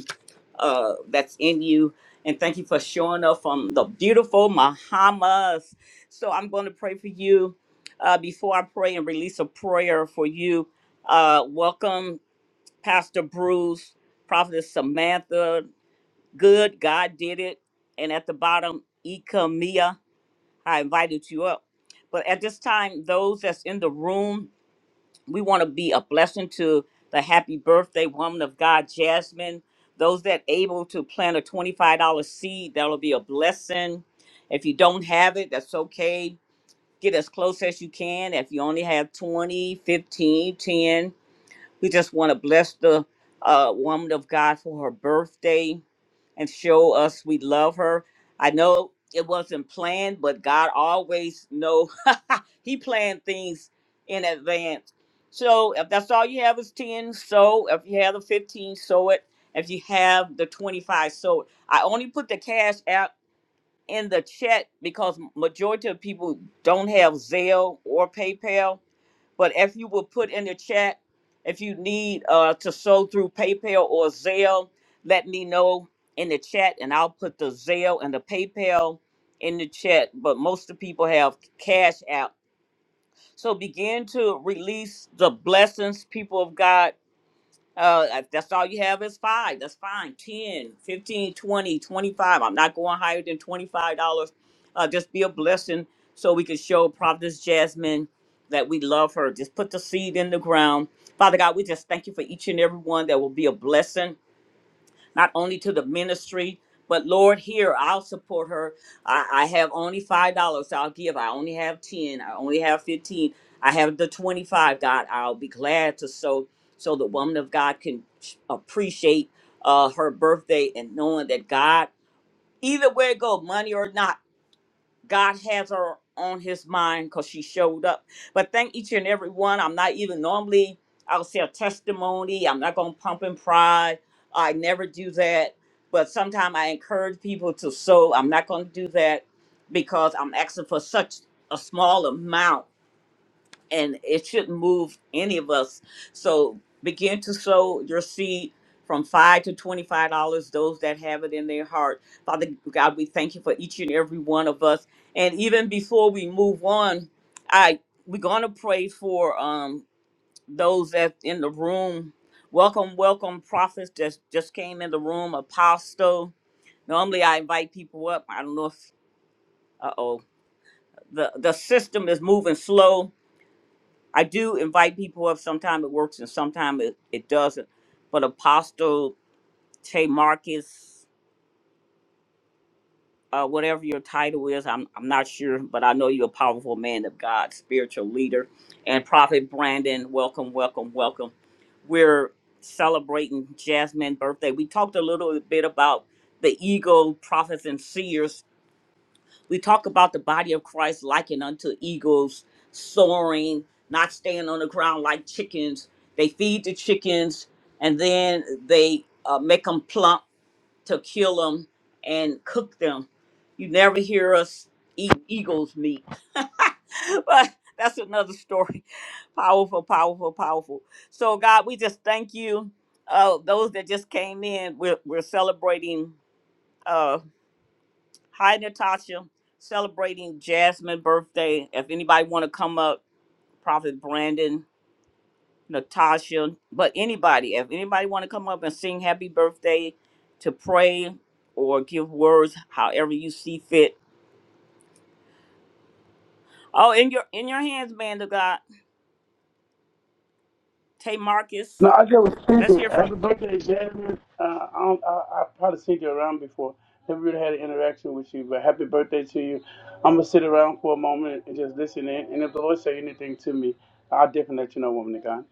[SPEAKER 1] uh, that's in you. And thank you for showing up from the beautiful Bahamas. So I'm going to pray for you. Uh, before I pray and release a prayer for you, uh, welcome Pastor Bruce, Prophetess Samantha. Good, God did it. And at the bottom, Ika Mia, I invited you up. But at this time, those that's in the room, we want to be a blessing to the happy birthday woman of God, Jasmine. Those that able to plant a $25 seed, that'll be a blessing. If you don't have it, that's okay. Get as close as you can. If you only have 20, 15, ten. We just want to bless the uh, woman of God for her birthday and show us we love her. I know it wasn't planned, but God always know He planned things in advance. So if that's all you have is ten, so if you have the fifteen, so it. If you have the twenty-five, so it. I only put the cash out in the chat because majority of people don't have Zelle or PayPal but if you will put in the chat, if you need uh, to sow through PayPal or Zelle, let me know in the chat and I'll put the Zelle and the PayPal in the chat. But most of the people have Cash App. So begin to release the blessings, people of God uh, if that's all you have is five. That's fine. Ten, fifteen, twenty, twenty-five. I'm not going higher than $25. Uh, just be a blessing so we can show Prophetess Jasmine that we love her. Just put the seed in the ground. Father God, we just thank you for each and every one that will be a blessing not only to the ministry, but Lord, here I'll support her. I, I have only five dollars so I'll give. I only have ten. I only have fifteen. I have the twenty-five. God, I'll be glad to so so the woman of God can appreciate uh, her birthday and knowing that God, either way it go, money or not. God has her on his mind because she showed up. But thank each and every one. I'm not even normally, I'll say a testimony. I'm not going to pump and pride. I never do that. But sometimes I encourage people to sow. I'm not going to do that because I'm asking for such a small amount and it shouldn't move any of us. So begin to sow your seed from five to twenty-five dollars. Those that have it in their heart, Father God, we thank you for each and every one of us. And even before we move on, I we're gonna pray for um those that in the room. Welcome, welcome, prophets that just came in the room. Apostle. Normally I invite people up. I don't know if uh oh the the system is moving slow I do invite people up. Sometimes it works and sometimes it, it doesn't. But Apostle Tay Marcus, uh, whatever your title is, I'm, I'm not sure, but I know you're a powerful man of God, spiritual leader. And Prophet Brandon, welcome, welcome, welcome. We're celebrating Jasmine's birthday. We talked a little bit about the ego, prophets, and seers we talk about the body of Christ likened unto eagles soaring, not staying on the ground like chickens. They feed the chickens and then they uh, make them plump to kill them and cook them. You never hear us eat eagle's meat, but that's another story. Powerful, powerful, powerful. So, God, we just thank you. Uh, those that just came in, we're, we're celebrating. Uh, Hi, Natasha. Celebrating Jasmine's birthday. If anybody want to come up, Prophet Brandon, Natasha, but anybody, if anybody want to come up and sing happy birthday, to pray or give words, however you see fit. Oh, in your in your hands, man of God. Tay Marcus,
[SPEAKER 5] No, I just was
[SPEAKER 1] let's
[SPEAKER 5] thinking,
[SPEAKER 1] hear from
[SPEAKER 5] happy
[SPEAKER 1] you.
[SPEAKER 5] birthday, Jasmine. Uh, I, don't- I, I probably seen you around before. Never really had an interaction with you, but happy birthday to you. I'm going to sit around for a moment and just listen in. And if the Lord say anything to me, I'll definitely let you know, woman of God.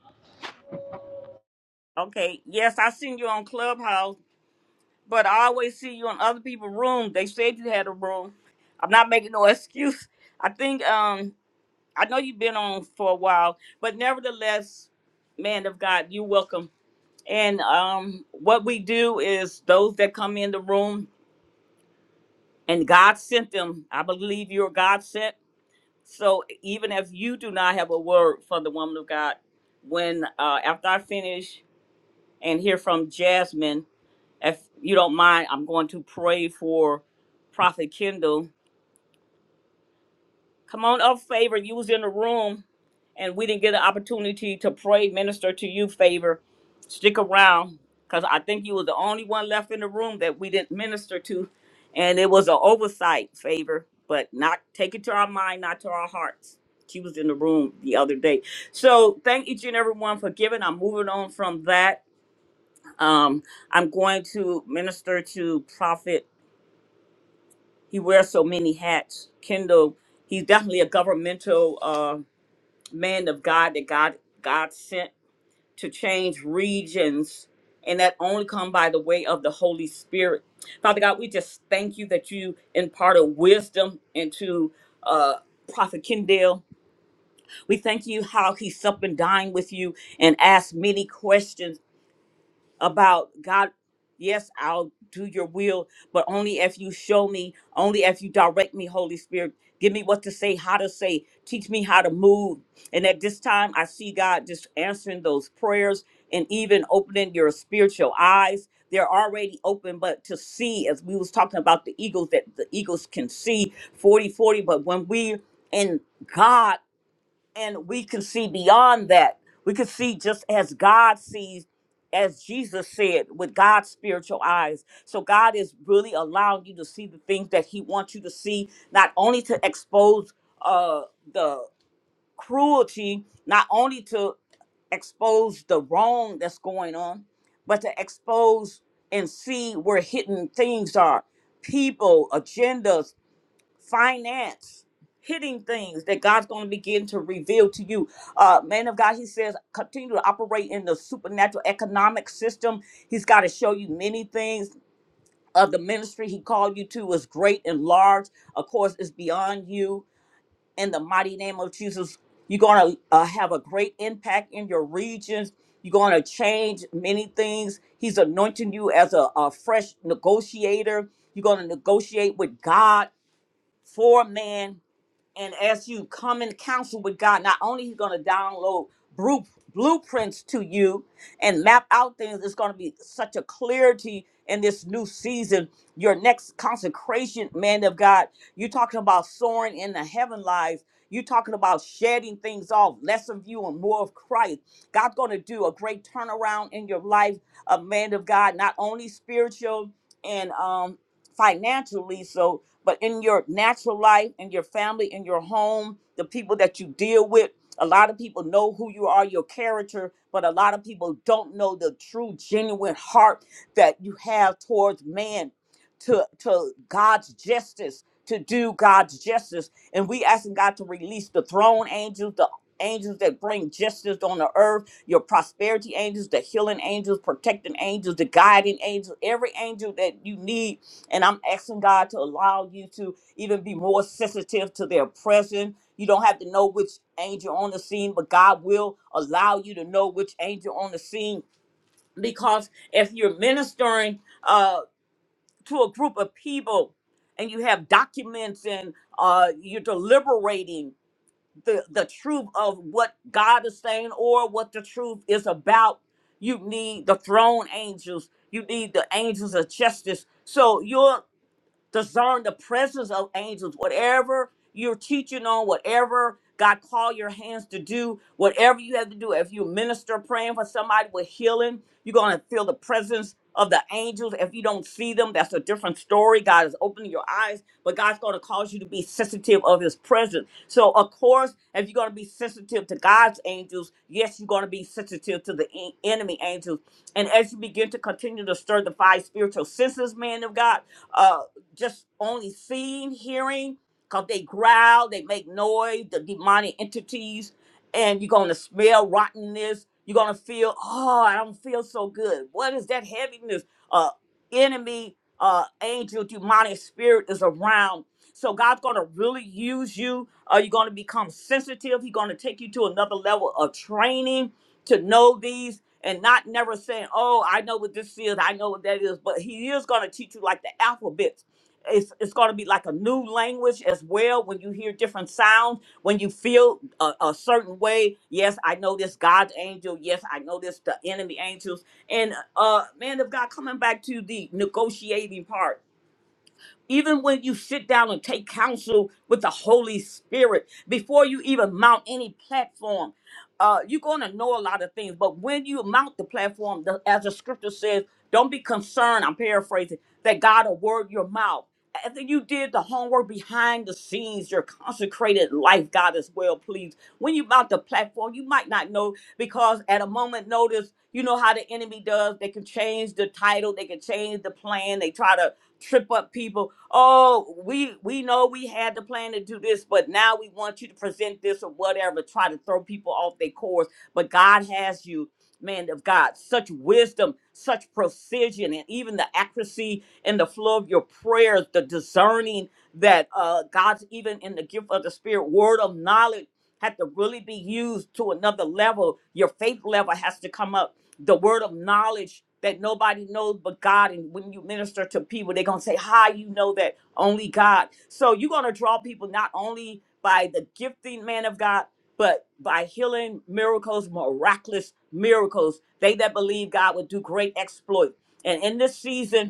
[SPEAKER 1] Okay, yes, I seen you on Clubhouse, but I always see you in other people's room. They said you had a room. I'm not making no excuse. I think um I know you've been on for a while, but nevertheless, man of God, you're welcome. And um, what we do is those that come in the room and God sent them. I believe you're God sent. So even if you do not have a word for the woman of God, when uh, after I finish and hear from Jasmine, if you don't mind, I'm going to pray for Prophet Kendall Come on up, favor. You was in the room and we didn't get an opportunity to pray, minister to you, favor. Stick around. Cause I think you were the only one left in the room that we didn't minister to. And it was an oversight favor, but not take it to our mind, not to our hearts. She was in the room the other day. So thank each and everyone for giving. I'm moving on from that. Um, I'm going to minister to Prophet. He wears so many hats. Kendall, he's definitely a governmental. uh man of God that God God sent to change regions, and that only come by the way of the Holy Spirit. Father God, we just thank you that you imparted wisdom into uh, Prophet Kendall. We thank you how he supped and dined with you and asked many questions about God, yes, I'll do your will, but only if you show me, only if you direct me, Holy Spirit. Give me what to say, how to say, teach me how to move. And at this time, I see God just answering those prayers and even opening your spiritual eyes. They're already open, but to see, as we was talking about the eagles, that the eagles can see 40 40. But when we in God and we can see beyond that. We can see just as God sees, as Jesus said, with God's spiritual eyes. So God is really allowing you to see the things that He wants you to see, not only to expose uh, the cruelty, not only to expose the wrong that's going on, but to expose and see where hidden things are, people, agendas, finance, hitting things that God's going to begin to reveal to you. Uh, man of God, he says, continue to operate in the supernatural economic system. He's got to show you many things. Of the ministry he called you to is great and large. Of course, it's beyond you. In the mighty name of Jesus, you're going to uh, have a great impact in your regions. You're going to change many things. He's anointing you as a, a fresh negotiator. You're going to negotiate with God for man and as you come in counsel with God, not only He's going to download bru- blueprints to you and map out things, it's going to be such a clarity in this new season. Your next consecration, man of God, you're talking about soaring in the heaven lives. You're talking about shedding things off, less of you and more of Christ. God's going to do a great turnaround in your life, a man of God, not only spiritual and um, financially. So but in your natural life, in your family, in your home, the people that you deal with, a lot of people know who you are, your character, but a lot of people don't know the true, genuine heart that you have towards man, to to God's justice, to do God's justice, and we asking God to release the throne angels, the angels that bring justice on the earth, your prosperity angels, the healing angels, protecting angels, the guiding angels, every angel that you need and I'm asking God to allow you to even be more sensitive to their presence. You don't have to know which angel on the scene, but God will allow you to know which angel on the scene. Because if you're ministering uh, to a group of people and you have documents and uh, you're deliberating the, the truth of what God is saying or what the truth is about, you need the throne angels, you need the angels of justice. So you're discern the presence of angels, whatever you're teaching on, whatever God call your hands to do, whatever you have to do. If you minister praying for somebody with healing, you're gonna feel the presence of the angels. If you don't see them, that's a different story. God is opening your eyes, but God's gonna cause you to be sensitive of his presence. So of course, if you're gonna be sensitive to God's angels, yes, you're gonna be sensitive to the en- enemy angels. And as you begin to continue to stir the five spiritual senses, man of God, uh, just only seeing, hearing, because they growl, they make noise, the demonic entities, and you're going to smell rottenness. You're going to feel, oh, I don't feel so good. What is that heaviness? Uh, enemy, uh, angel, demonic spirit is around. So God's going to really use you. Uh, you're going to become sensitive. He's going to take you to another level of training to know these and not never saying, oh, I know what this is. I know what that is. But he is going to teach you like the alphabet it's it's going to be like a new language as well when you hear different sounds when you feel a, a certain way yes i know this god's angel yes i know this the enemy angels and uh man of god coming back to the negotiating part even when you sit down and take counsel with the Holy Spirit, before you even mount any platform, uh, you're going to know a lot of things. But when you mount the platform, the, as the scripture says, don't be concerned, I'm paraphrasing, that God will word your mouth. After you did the homework behind the scenes, your consecrated life, God is well pleased. When you mount the platform, you might not know because at a moment notice, you know how the enemy does. They can change the title, they can change the plan, they try to trip up people. Oh, we we know we had the plan to do this, but now we want you to present this or whatever, try to throw people off their course. But God has you, man of God, such wisdom, such precision, and even the accuracy and the flow of your prayers, the discerning that uh God's even in the gift of the spirit, word of knowledge had to really be used to another level. Your faith level has to come up the word of knowledge that nobody knows but God. And when you minister to people, they're going to say, How you know that only God? So you're going to draw people not only by the gifting man of God, but by healing miracles, miraculous miracles. They that believe God would do great exploit. And in this season,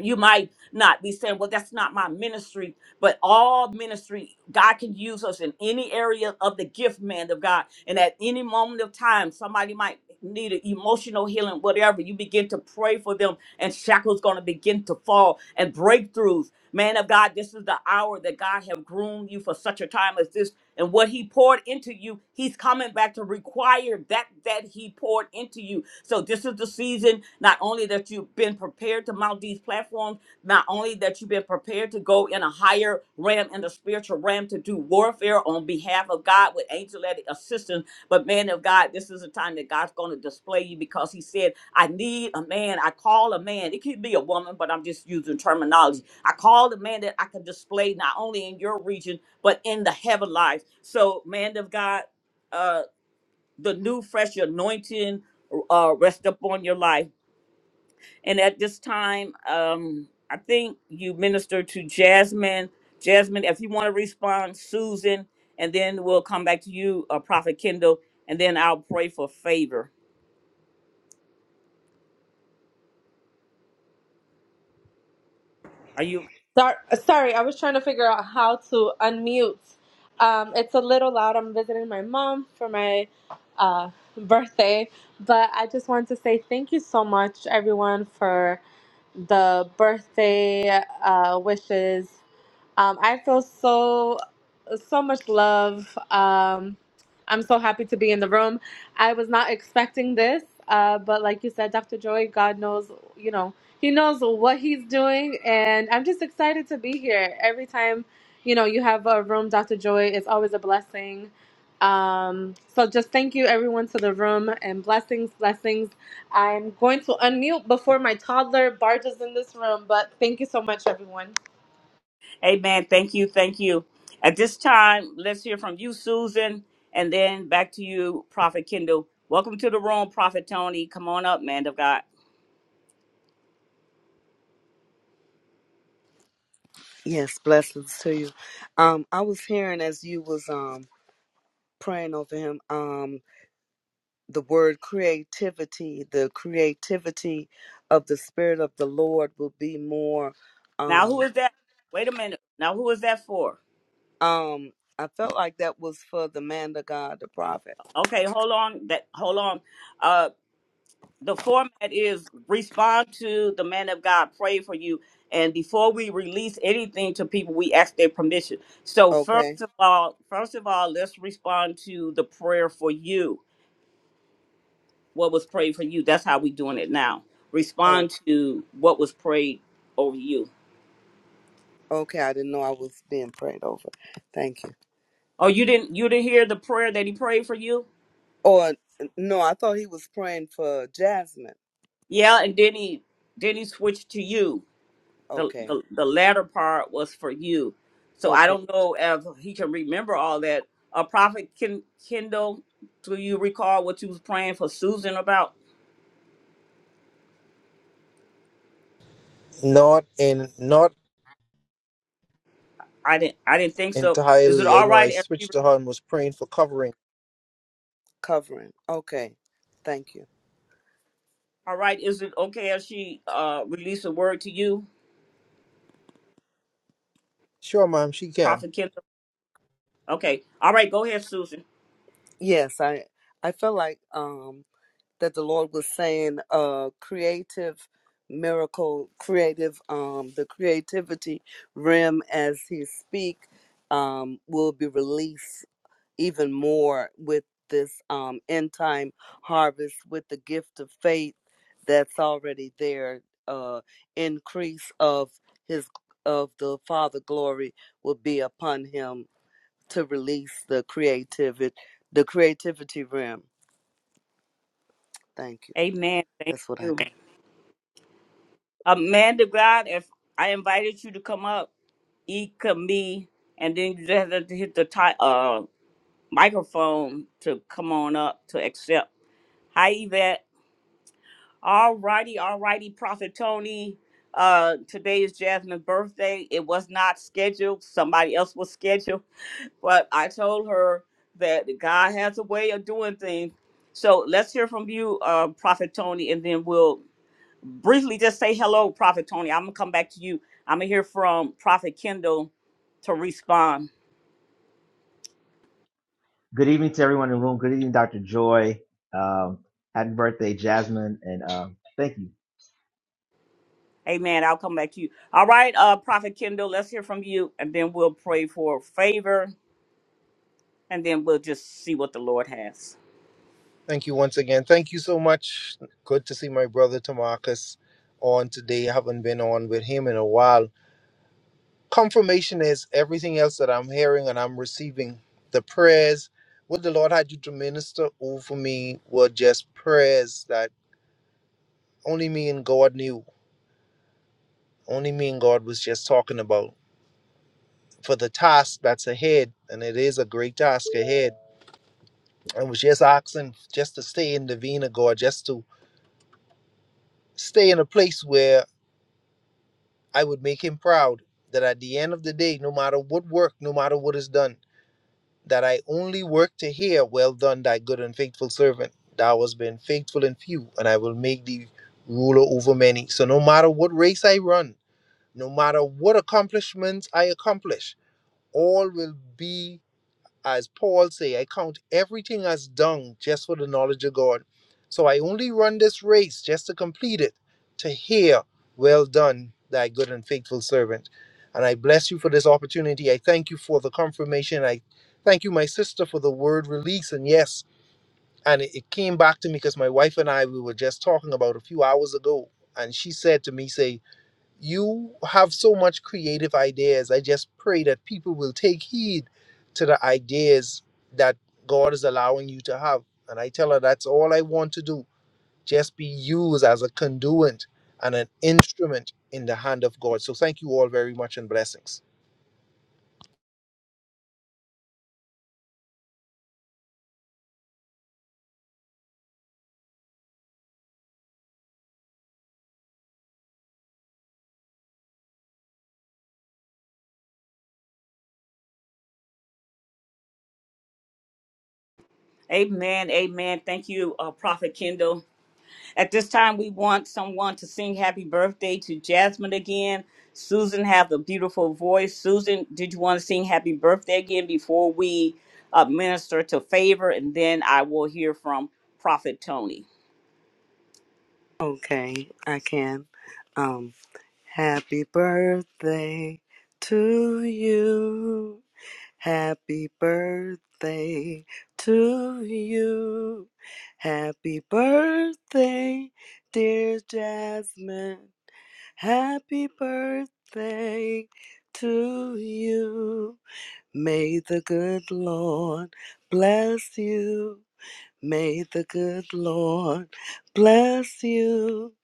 [SPEAKER 1] you might not be saying, well, that's not my ministry, but all ministry, God can use us in any area of the gift, man of God. And at any moment of time, somebody might need an emotional healing, whatever. You begin to pray for them, and shackles going to begin to fall and breakthroughs. Man of God, this is the hour that God have groomed you for such a time as this. And what he poured into you, he's coming back to require that that he poured into you. So this is the season, not only that you've been prepared to mount these platforms, not only that you've been prepared to go in a higher realm, in the spiritual realm, to do warfare on behalf of God with angelic assistance, but man of God, this is a time that God's going to display you because he said, I need a man. I call a man. It could be a woman, but I'm just using terminology. I called a man that I can display not only in your region, but in the heaven lives. So, man of God, uh, the new fresh anointing uh, rest upon your life. And at this time, um, I think you minister to Jasmine. Jasmine, if you want to respond, Susan, and then we'll come back to you, uh, Prophet Kendall, and then I'll pray for favor. Are you
[SPEAKER 6] Sor- Sorry, I was trying to figure out how to unmute. Um, it's a little loud. I'm visiting my mom for my uh, birthday, but I just wanted to say thank you so much, everyone, for the birthday uh, wishes. Um, I feel so so much love. Um, I'm so happy to be in the room. I was not expecting this, uh, but like you said, Dr. Joy, God knows, you know, He knows what He's doing, and I'm just excited to be here. Every time, you know, you have a room, Dr. Joy, it's always a blessing. Um, so just thank you everyone to the room and blessings, blessings. I'm going to unmute before my toddler barges in this room, but thank you so much, everyone.
[SPEAKER 1] Amen. Thank you. Thank you. At this time, let's hear from you, Susan, and then back to you, Prophet Kendall. Welcome to the room, Prophet Tony. Come on up, man of God.
[SPEAKER 2] Yes, blessings to you. Um, I was hearing as you was um praying over him, um, the word creativity, the creativity of the spirit of the Lord will be more
[SPEAKER 1] Now,
[SPEAKER 2] um
[SPEAKER 1] who is that? Wait a minute. Now, who is that for?
[SPEAKER 2] um I felt like that was for the man of God, the prophet.
[SPEAKER 1] Okay, hold on. That hold on. Uh, the format is respond to the man of God, pray for you, and before we release anything to people, we ask their permission. So,
[SPEAKER 2] Okay.
[SPEAKER 1] first of all, first of all, let's respond to the prayer for you what was prayed for you. That's how we doing it now.
[SPEAKER 2] Oh,
[SPEAKER 1] Respond to what was prayed over you.
[SPEAKER 2] okay. I didn't know I was being prayed over. Thank you.
[SPEAKER 1] Oh, you didn't you didn't hear the prayer that he prayed for you?
[SPEAKER 2] Or no, I thought he was praying for Jasmine.
[SPEAKER 1] Yeah, and then he then he switched to you. The
[SPEAKER 2] Okay.
[SPEAKER 1] the, the latter part was for you. So I
[SPEAKER 2] Okay.
[SPEAKER 1] don't know if he can remember all that. A prophet Ken, Kendall, do you recall what you was praying for Susan about?
[SPEAKER 3] Not in, not
[SPEAKER 1] I didn't I didn't think so. Is it
[SPEAKER 3] entirely. I
[SPEAKER 1] all
[SPEAKER 3] know I
[SPEAKER 1] right if she
[SPEAKER 3] switched to her and was praying for covering.
[SPEAKER 2] Covering. Okay. Thank you.
[SPEAKER 1] all right? Is it okay if she uh release a word to you,
[SPEAKER 3] Sure, ma'am, she can.
[SPEAKER 1] Prophet Kendall? Okay. All right. Go ahead, Susan.
[SPEAKER 2] Yes, I I felt like um that the Lord was saying uh creative miracle creative um the creativity rim as he speak um will be released even more with this um end time harvest with the gift of faith that's already there uh increase of his of the father glory will be upon him to release the creativity, the creativity rim. Thank you.
[SPEAKER 1] Amen. Thank
[SPEAKER 2] That's what I
[SPEAKER 1] you.
[SPEAKER 2] got.
[SPEAKER 1] Amanda God, if I invited you to come up, eat me, and then you just have to hit the ti- uh, microphone to come on up to accept. Hi, Yvette. All righty. All righty, Prophet Tony. Uh, today is Jasmine's birthday. It was not scheduled. Somebody else was scheduled, but I told her that God has a way of doing things. So let's hear from you, uh, Prophet Tony, and then we'll briefly just say hello, Prophet Tony. I'm gonna come back to you. I'm gonna hear from Prophet Kendall to respond. Amen. I'll come back to you. All right, uh, Prophet Kendall, let's hear from you, and then we'll pray for favor, and then we'll just see what the Lord has.
[SPEAKER 3] Thank you once again. Thank you so much. Good to see my brother Tamarcus on today. I haven't been on with him in a while. Confirmation is everything else that I'm hearing and I'm receiving. The prayers, what the Lord had you to minister over me were just prayers that only me and God knew. Only me and God was just talking about for the task that's ahead. And it is a great task ahead. I was just asking just to stay in the vein of God, just to stay in a place where I would make him proud that at the end of the day, no matter what work, no matter what is done, that I only work to hear, Well done, thy good and faithful servant. Thou hast been faithful in few, and I will make thee ruler over many. So no matter what race I run, no matter what accomplishments I accomplish, all will be as Paul say, I count everything as dung just for the knowledge of God. So I only run this race just to complete it, to hear, well done, thy good and faithful servant. And I bless you for this opportunity. I thank you for the confirmation. I thank you, my sister, for the word release. And yes, and it, it came back to me because my wife and I, we were just talking about a few hours ago. And she said to me, say, you have so much creative ideas. I just pray that people will take heed to the ideas that God is allowing you to have. And I tell her that's all I want to do. Just be used as a conduit and an instrument in the hand of God. So thank you all very much and blessings.
[SPEAKER 1] Amen. Amen. Thank you, uh, Prophet Kendall. At this time, we want someone to sing happy birthday to Jasmine again. Susan have the beautiful voice. Susan, did you want to sing happy birthday again before we uh, minister to favor? And then I will hear from Prophet Tony.
[SPEAKER 2] Okay, I can. Um, happy birthday to you. Happy birthday to you. Happy birthday, dear Jasmine. Happy birthday to you. May the good Lord bless you. May the good Lord bless you.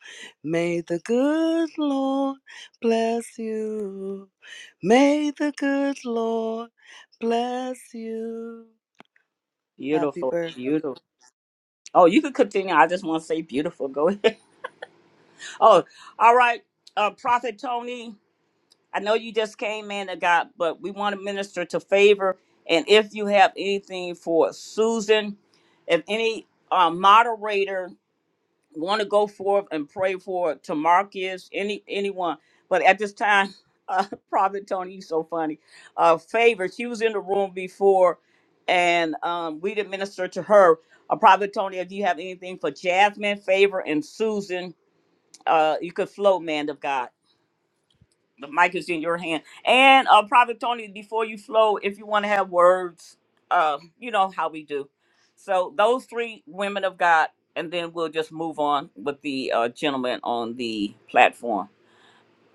[SPEAKER 2] May the good Lord bless you. May the good Lord bless you. Happy
[SPEAKER 1] Beautiful,
[SPEAKER 2] birthday.
[SPEAKER 1] beautiful. Oh, you could continue. I just want to say beautiful. Go ahead. Oh, all right. Uh, Prophet Tony. I know you just came in of God, but we want to minister to favor. And if you have anything for Susan, if any uh, moderator want to go forth and pray for Tamarcus, any anyone, but at this time, uh, Prophet Tony, you so funny. Uh, favor, she was in the room before, and um, we did minister to her. Uh, Prophet Tony, if you have anything for Jasmine, favor, and Susan, uh, you could flow, man of God. The mic is in your hand. And uh, Prophet Tony, before you flow, if you want to have words, uh, you know how we do. So those three women of God, and then we'll just move on with the uh, gentleman on the platform,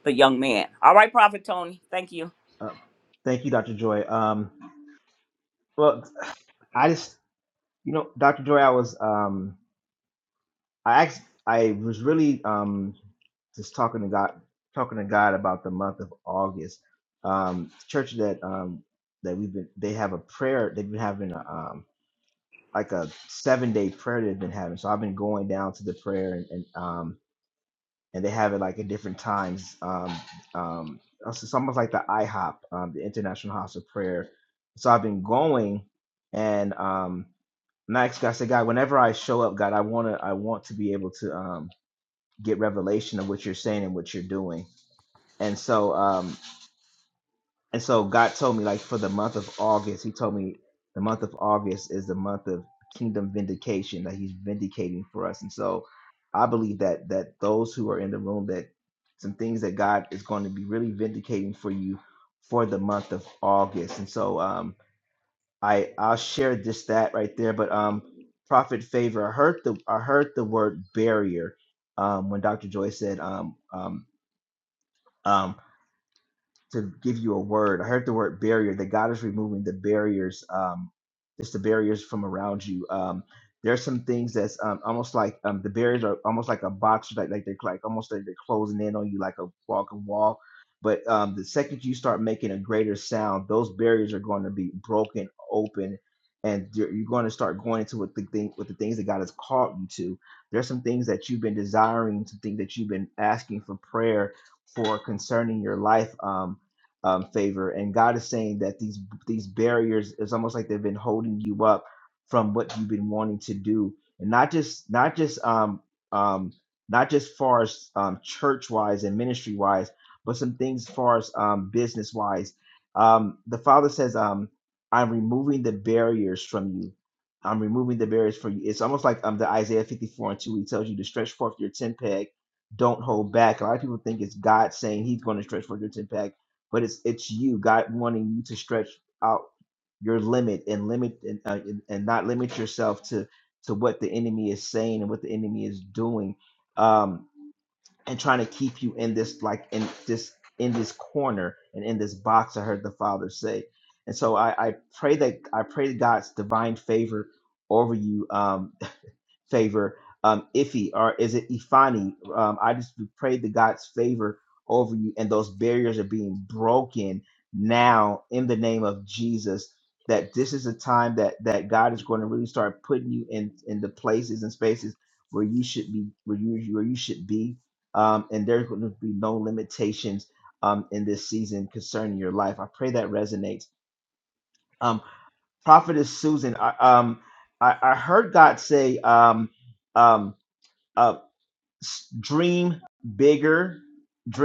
[SPEAKER 1] the young man. All right, Prophet Tony, thank you.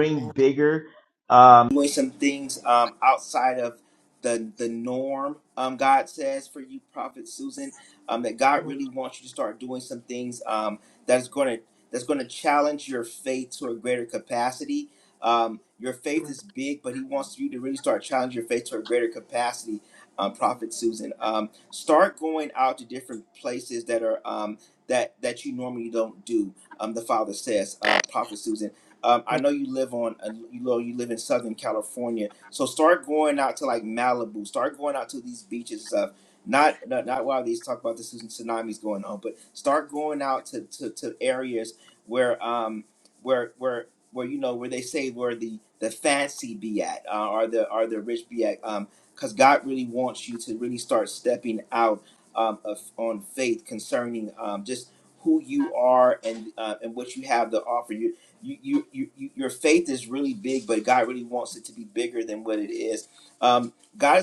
[SPEAKER 2] Amen. Amen.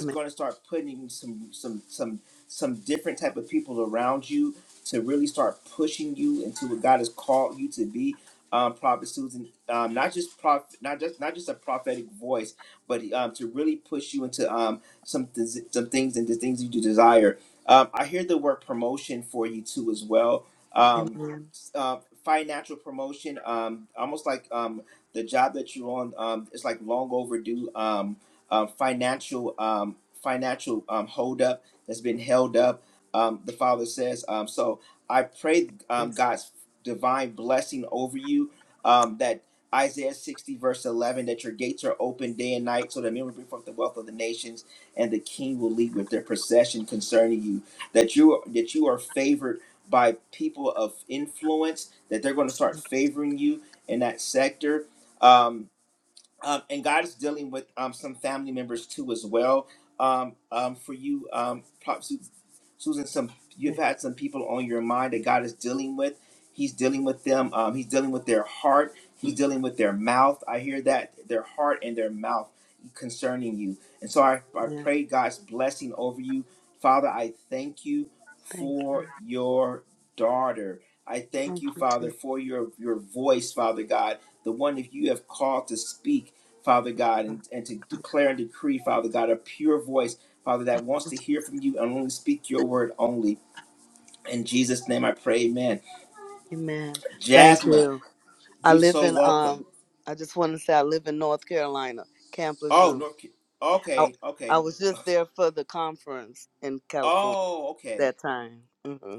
[SPEAKER 2] Amen. Amen. Please. Amen. Thank you. Thank you, Jesus. Amen. Thank you. I live in um I just want to say I live in North Carolina, Camp Lejeune. I, I was just there for the conference in California that time. Mm-hmm.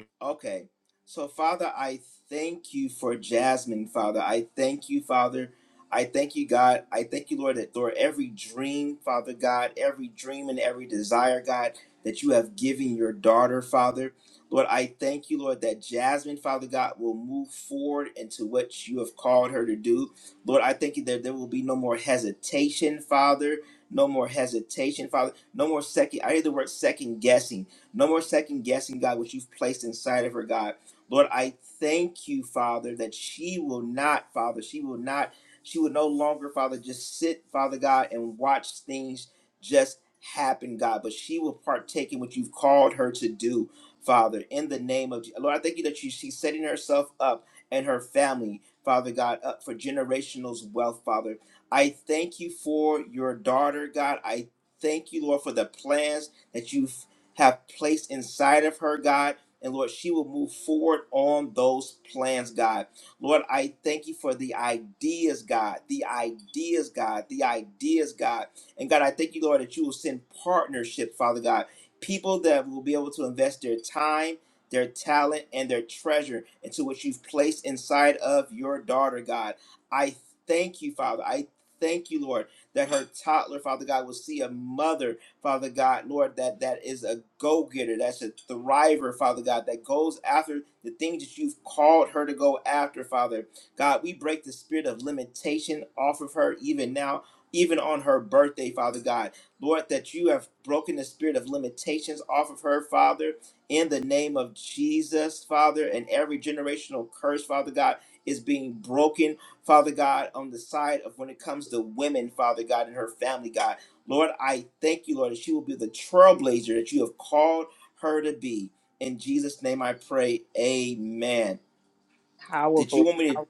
[SPEAKER 1] Powerful. pow-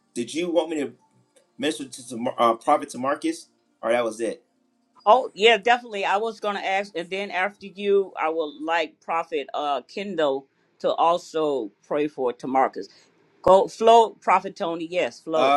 [SPEAKER 1] Oh yeah, definitely. I was gonna ask, and then after you, I would like Prophet uh, Kendall to also pray for Tamarcus. Go flow, Prophet Tony. Yes, flow.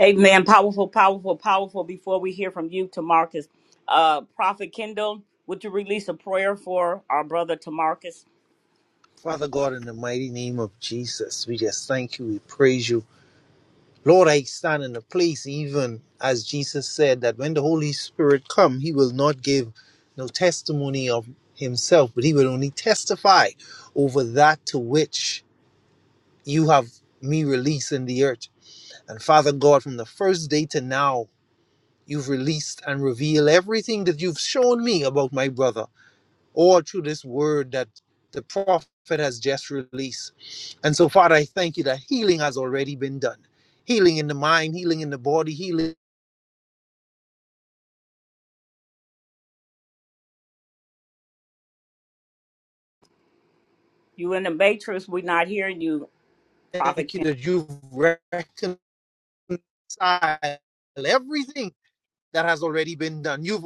[SPEAKER 1] Amen. Powerful, powerful, powerful. Before we hear from you, Tamarcus, uh, Prophet Kendall, would you release a prayer for our brother Tamarcus?
[SPEAKER 3] Father God, in the mighty name of Jesus, we just thank you. We praise you. Lord, I stand in the place even as Jesus said that when the Holy Spirit come, he will not give no testimony of himself, but he will only testify over that to which you have me release in the earth. And Father God, from the first day to now, you've released and revealed everything that you've shown me about my brother or through this word that the prophet has just released. And so, Father, I thank you that healing has already been done healing in the mind, healing in the body, healing.
[SPEAKER 1] You in the matrix? We're not hearing you,
[SPEAKER 3] Thank
[SPEAKER 1] Prophet.
[SPEAKER 3] you
[SPEAKER 1] Kendall.
[SPEAKER 3] that you've reconciled everything that has already been done. You've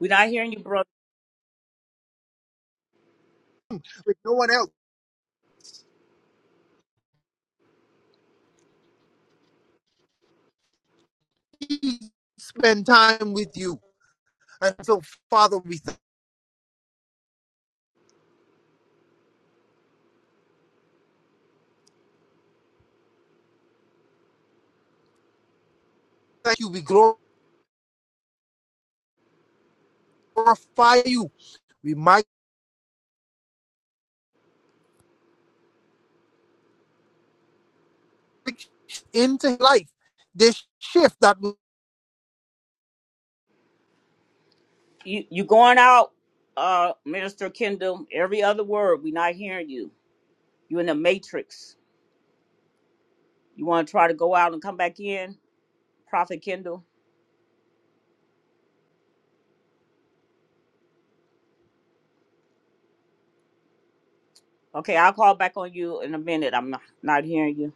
[SPEAKER 1] We're not hearing you, brother.
[SPEAKER 3] with no one else. He spent time with you. And so, Father, we thank you. We glorify you. We might into life this shift that was
[SPEAKER 1] You you going out, uh, Minister Kendall? Every other word, we're not hearing you. You in the matrix? You want to try to go out and come back in, Prophet Kendall? Okay, I'll call back on you in a minute. I'm not, not hearing you.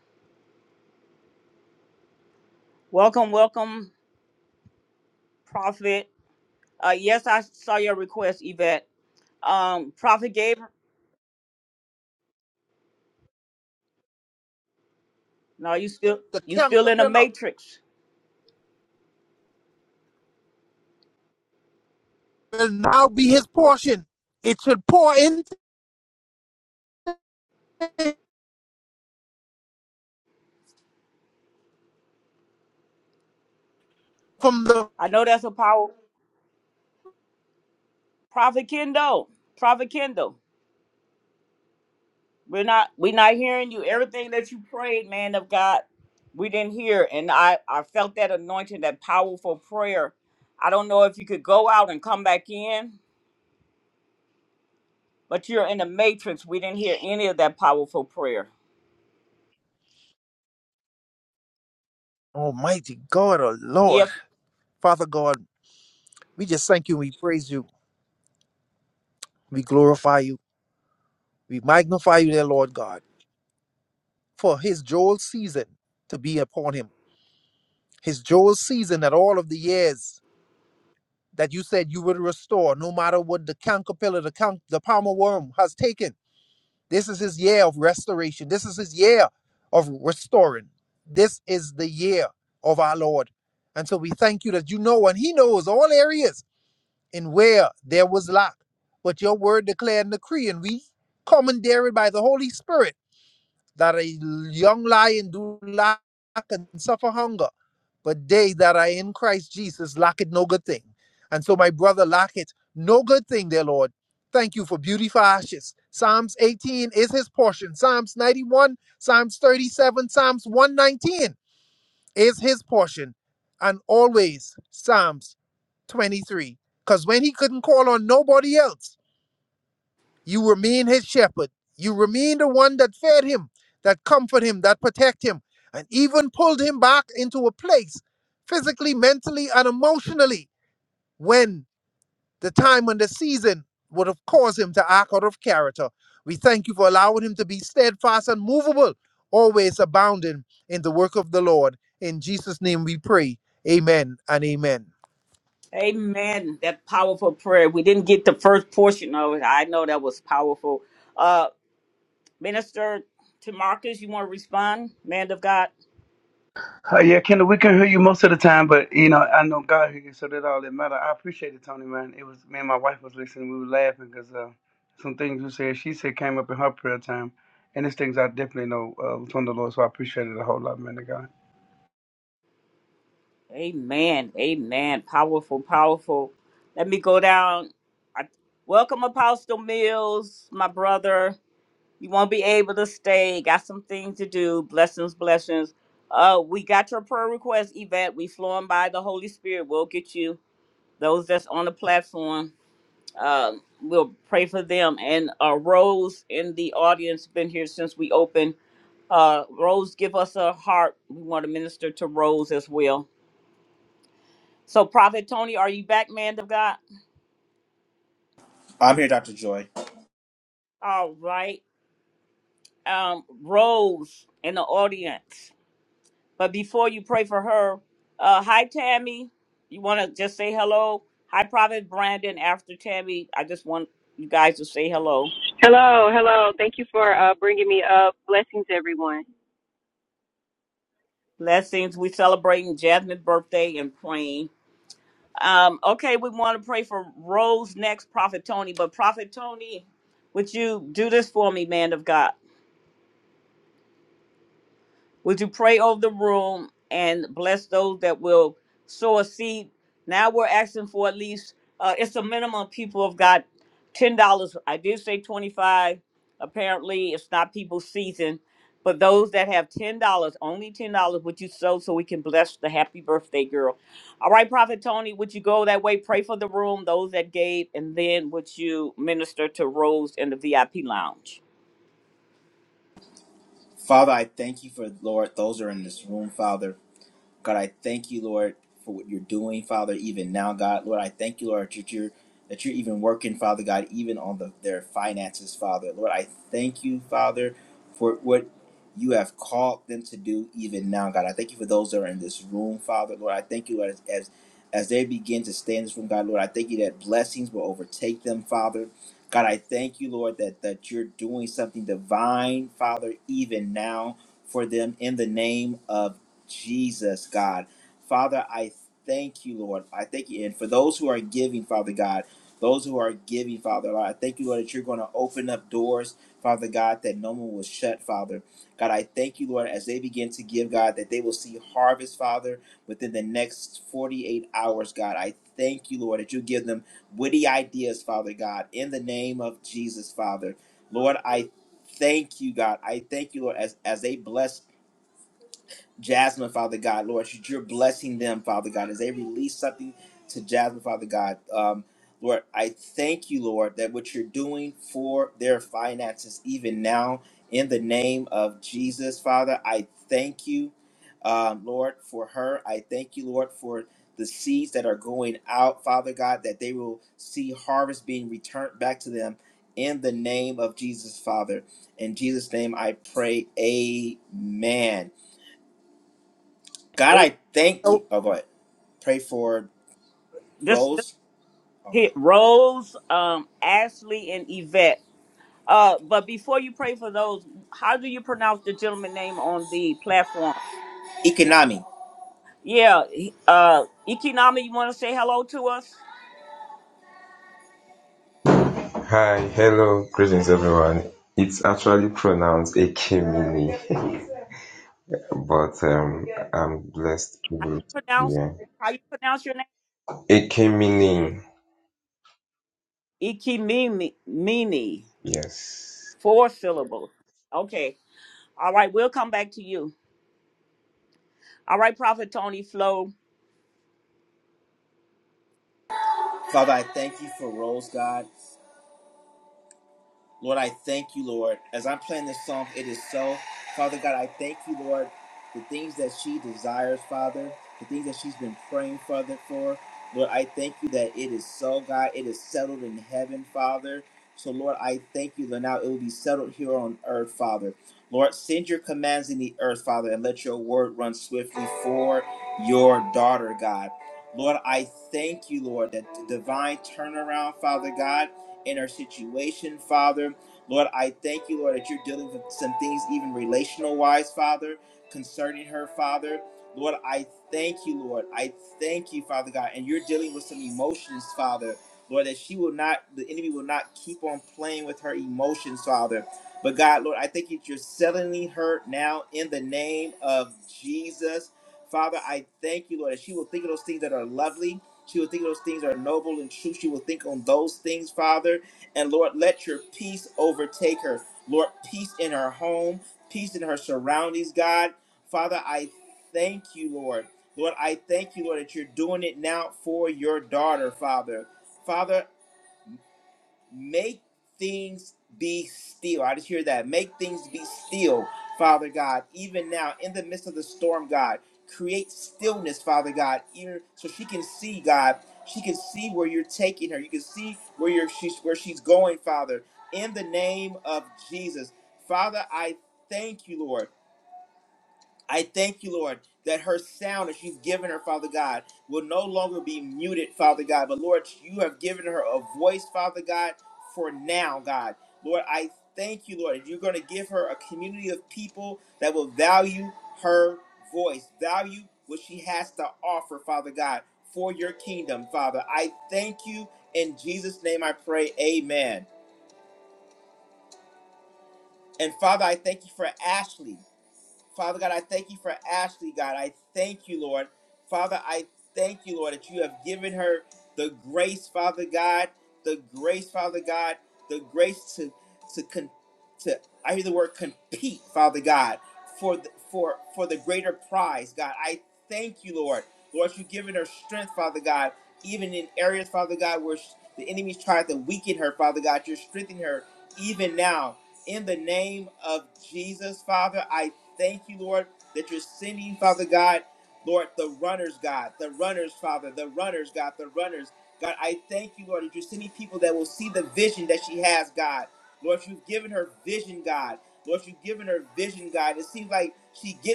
[SPEAKER 1] Welcome, welcome, Prophet. Uh, yes, I saw your request, Yvette. Um, Prophet Gabriel, no, you still
[SPEAKER 3] the
[SPEAKER 1] you still in the
[SPEAKER 3] caterpillar.
[SPEAKER 1] matrix.
[SPEAKER 3] will now be his portion. It should pour into from the
[SPEAKER 1] I know that's a power. Prophet Kendall, Prophet Kendall, we're not we're not hearing you. Everything that you prayed, man of God, we didn't hear, and I I felt that anointing, that powerful prayer. I don't know if you could go out and come back in, but you're in the matrix. We didn't hear any of that powerful prayer.
[SPEAKER 3] Almighty God, oh Lord.
[SPEAKER 1] Yep.
[SPEAKER 3] Father God, we just thank you, we praise you, we glorify you, we magnify you, dear Lord God, for his Joel season to be upon him. His Joel season that all of the years that you said you would restore, no matter what the caterpillar, the, can- the palmer worm has taken. This is his year of restoration. This is his year of restoring. This is the year of our Lord. And so we thank you that you know and he knows all areas in where there was lack. But your word declared and decree, and we commandeered by the Holy Spirit that a young lion do lack and suffer hunger, but they that are in Christ Jesus lack it no good thing. And so, my brother, lack it no good thing, dear Lord. Thank you for beauty for ashes. Psalms 18 is his portion. Psalms 91, Psalms 37, Psalms 119 is his portion. And always Psalms 23. Because when he couldn't call on nobody else, you remain his shepherd. You remain the one that fed him, that comforted him, that protected him, and even pulled him back into a place physically, mentally, and emotionally when the time and the season would have caused him to act out of character. We thank you for allowing him to be steadfast and movable, always abounding in the work of the Lord. In Jesus' name we pray. Amen and amen.
[SPEAKER 1] Amen. That powerful prayer. We didn't get the first portion of it. I know that was powerful. Uh, Minister to you want to respond? Man of God?
[SPEAKER 5] Uh, yeah, Kendall, we can hear you most of the time, but, you know, I know God hears you, so that all that matter. I appreciate it, Tony, man. It was, me and my wife was listening. We were laughing because uh, some things you said, she said came up in her prayer time. And these things I definitely know uh, was from the Lord, so I appreciate it a whole lot, man of God.
[SPEAKER 1] Amen. Amen. Powerful, powerful. Let me go down. I, welcome, Apostle Mills, my brother. You won't be able to stay. Got some things to do. Blessings, blessings. Uh, we got your prayer request, Yvette. We flowing by the Holy Spirit. We'll get you those that's on the platform. Uh, we'll pray for them. And uh, Rose in the audience been here since we opened. Uh, Rose, give us a heart. We want to minister to Rose as well. So, Prophet Tony, are you back, man of God? All right. Um, Rose in the audience. But before you pray for her, uh, hi, Tammy. You want to just say hello? Hi, Prophet Brandon. After Tammy, I just want you guys to say hello.
[SPEAKER 7] Hello, hello. Thank you for uh, bringing me up. Blessings, everyone.
[SPEAKER 1] Blessings. We celebrating Jasmine's birthday and praying. Um, okay, we want to pray for Rose next, Prophet Tony. But Prophet Tony, would you do this for me, man of God? Would you pray over the room and bless those that will sow a seed? Now we're asking for at least uh, it's a minimum. People have got ten dollars. I did say twenty five. Apparently, it's not people's season, but those that have ten dollars, only ten dollars, would you sow so we can bless the happy birthday girl? All right, Prophet Tony, would you go that way? Pray for the room, those that gave, and then would you minister to Rose in the VIP lounge? Eight. Oh, this. hit Rose, um, Ashley, and Yvette. Uh, but before you pray for those, how do you pronounce the gentleman name on the platform? Yeah, he- uh, Ikinami, you want to say hello to us?
[SPEAKER 8] Hi, hello, greetings everyone. It's actually pronounced Ekemini, but um, I'm blessed,
[SPEAKER 1] How
[SPEAKER 8] privileged.
[SPEAKER 1] you pronounce?
[SPEAKER 8] Yeah,
[SPEAKER 1] How you pronounce your name?
[SPEAKER 8] Ekemini.
[SPEAKER 1] Ikimimi, Mini,
[SPEAKER 8] Yes.
[SPEAKER 1] four syllables. Okay, all right, we'll come back to you. All right, Prophet Tony Flo,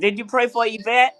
[SPEAKER 1] did you pray for Yvette?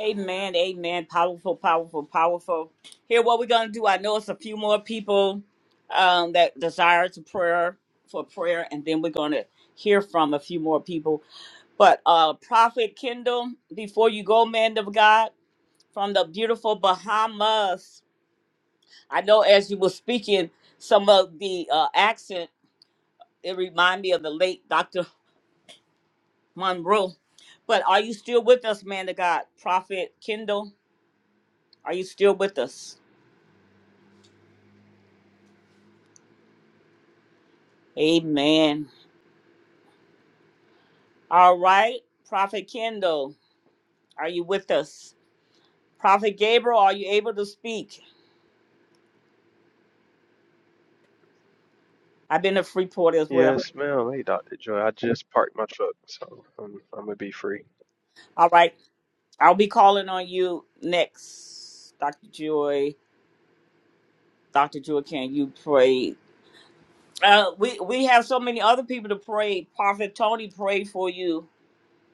[SPEAKER 1] Amen, amen. Powerful, powerful, powerful. Here, what we're gonna do. I know it's a few more people um, that desire to prayer for prayer, and then we're gonna hear from a few more people. But uh, Prophet Kendall, before you go, man of God, from the beautiful Bahamas. I know as you were speaking, some of the uh, accent it reminded me of the late Dr. Monroe. But are you still with us, man of God? Prophet Kendall, are you still with us? Amen. All right, Prophet Kendall, are you with us? Prophet Gabriel, are you able to speak? I've been to Freeport as well.
[SPEAKER 9] Yes, ma'am. Hey, Dr. Joy. I just parked my truck, so I'm, I'm gonna be free.
[SPEAKER 1] All right, I'll be calling on you next, Dr. Joy. Dr. Joy, can you pray? Uh, we we have so many other people to pray. Prophet Tony prayed for you.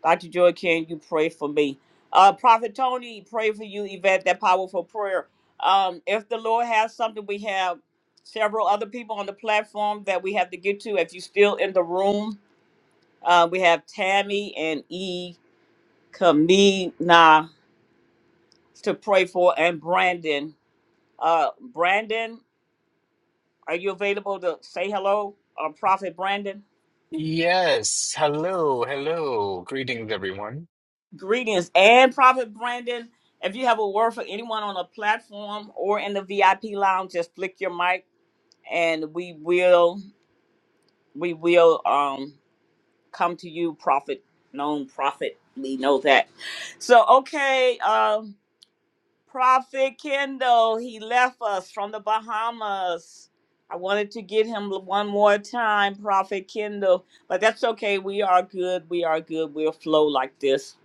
[SPEAKER 1] Dr. Joy, can you pray for me? Uh, Prophet Tony, pray for you, Yvette, that powerful prayer. Um, if the Lord has something, we have several other people on the platform that we have to get to. If you're still in the room, uh, we have Tammy and E. Kamina to pray for, and Brandon. Uh, Brandon, are you available to say hello? Uh, Prophet Brandon?
[SPEAKER 10] Yes. Hello. Hello. Greetings, everyone.
[SPEAKER 1] Greetings and Prophet Brandon. If you have a word for anyone on the platform or in the VIP lounge, just flick your mic and we will we will um come to you, Prophet, known prophet. We know that. So okay, um Prophet Kendall, he left us from the Bahamas. I wanted to get him one more time, Prophet Kendall, but that's okay. We are good. We are good. We'll flow like this.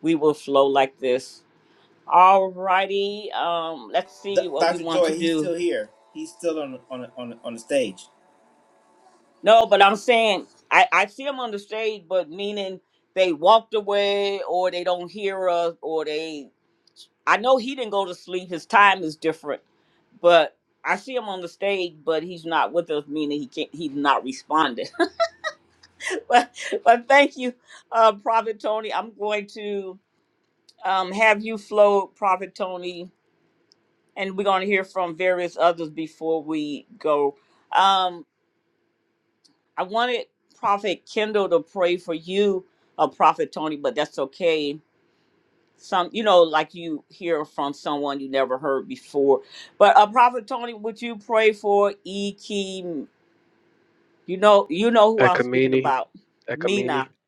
[SPEAKER 1] We will flow like this. All righty. Um, let's see what we want to do. No, but I'm saying I, I see them on the stage, but meaning they walked away or they don't hear us or they. I know he didn't go to sleep. His time is different, but I see him on the stage, but he's not with us, meaning he can't. He's not responding. but but thank you, uh, Prophet Tony. I'm going to um, have you flow, Prophet Tony, and we're going to hear from various others before we go. Um, I wanted Prophet Kendall to pray for you, uh, Prophet Tony, but that's okay. Some, you know, like you hear from someone you never heard before. But uh, Prophet Tony, would you pray for E. Key? You know, you know who I'm speaking
[SPEAKER 9] Ekamini,
[SPEAKER 1] about, Mina
[SPEAKER 9] Ekamini.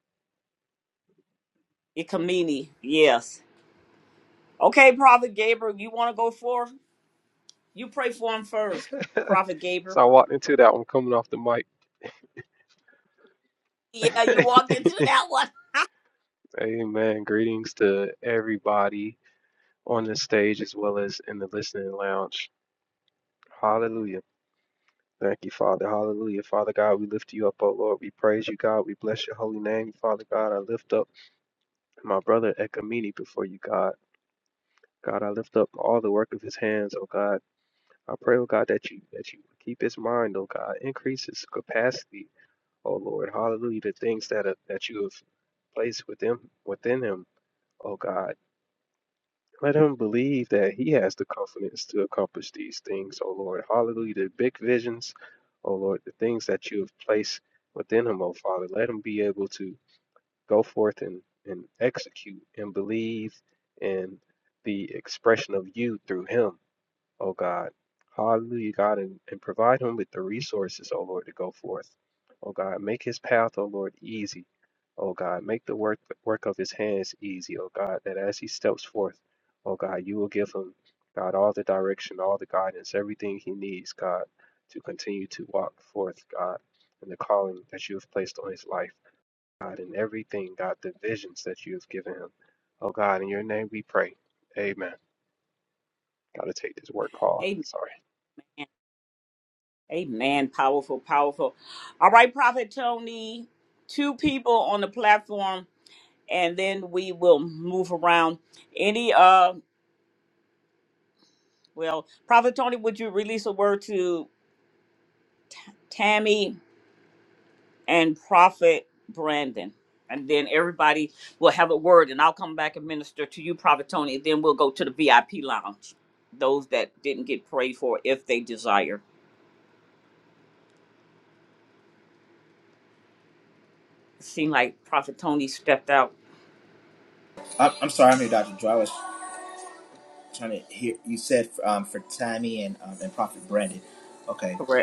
[SPEAKER 1] Ikamini. Yes. Okay, Prophet Gabriel, you want to go forth? You pray for him first, Prophet
[SPEAKER 9] So
[SPEAKER 1] Gabriel.
[SPEAKER 9] I walked into that one coming off the mic.
[SPEAKER 1] Yeah, you walked into that one.
[SPEAKER 9] Amen. Greetings to everybody on the stage as well as in the listening lounge. Hallelujah. Thank you, Father. Hallelujah. Father God, we lift you up, oh Lord. We praise you, God. We bless your holy name, Father God. I lift up my brother Ekamini before you, God. God, I lift up all the work of his hands, oh God. I pray, oh God, that you that you keep his mind, oh God, increase his capacity, oh Lord, hallelujah, the things that are, that you have placed within within him, oh God. Let him believe that he has the confidence to accomplish these things, oh Lord. Hallelujah. The big visions, oh Lord, the things that you have placed within him, oh Father. Let him be able to go forth and, and execute and believe in the expression of you through him. O God. Hallelujah, God, and, and provide him with the resources, O Lord, to go forth. O God, make his path, O Lord, easy. O God, make the work work of his hands easy, O God, that as he steps forth, O God, you will give him, God, all the direction, all the guidance, everything he needs, God, to continue to walk forth, God, in the calling that you have placed on his life, God, in everything, God, the visions that you have given him. O God, in your name we pray. Amen. Gotta take this work call. Sorry.
[SPEAKER 1] Amen. Powerful, powerful. All right, Prophet Tony, two people on the platform, and then we will move around. Any, uh, well, Prophet Tony, would you release a word to Tammy and Prophet Brandon? And then everybody will have a word, and I'll come back and minister to you, Prophet Tony, and then we'll go to the VIP lounge. Those that didn't get prayed for, if they desire. It seemed like Prophet Tony stepped out. Correct.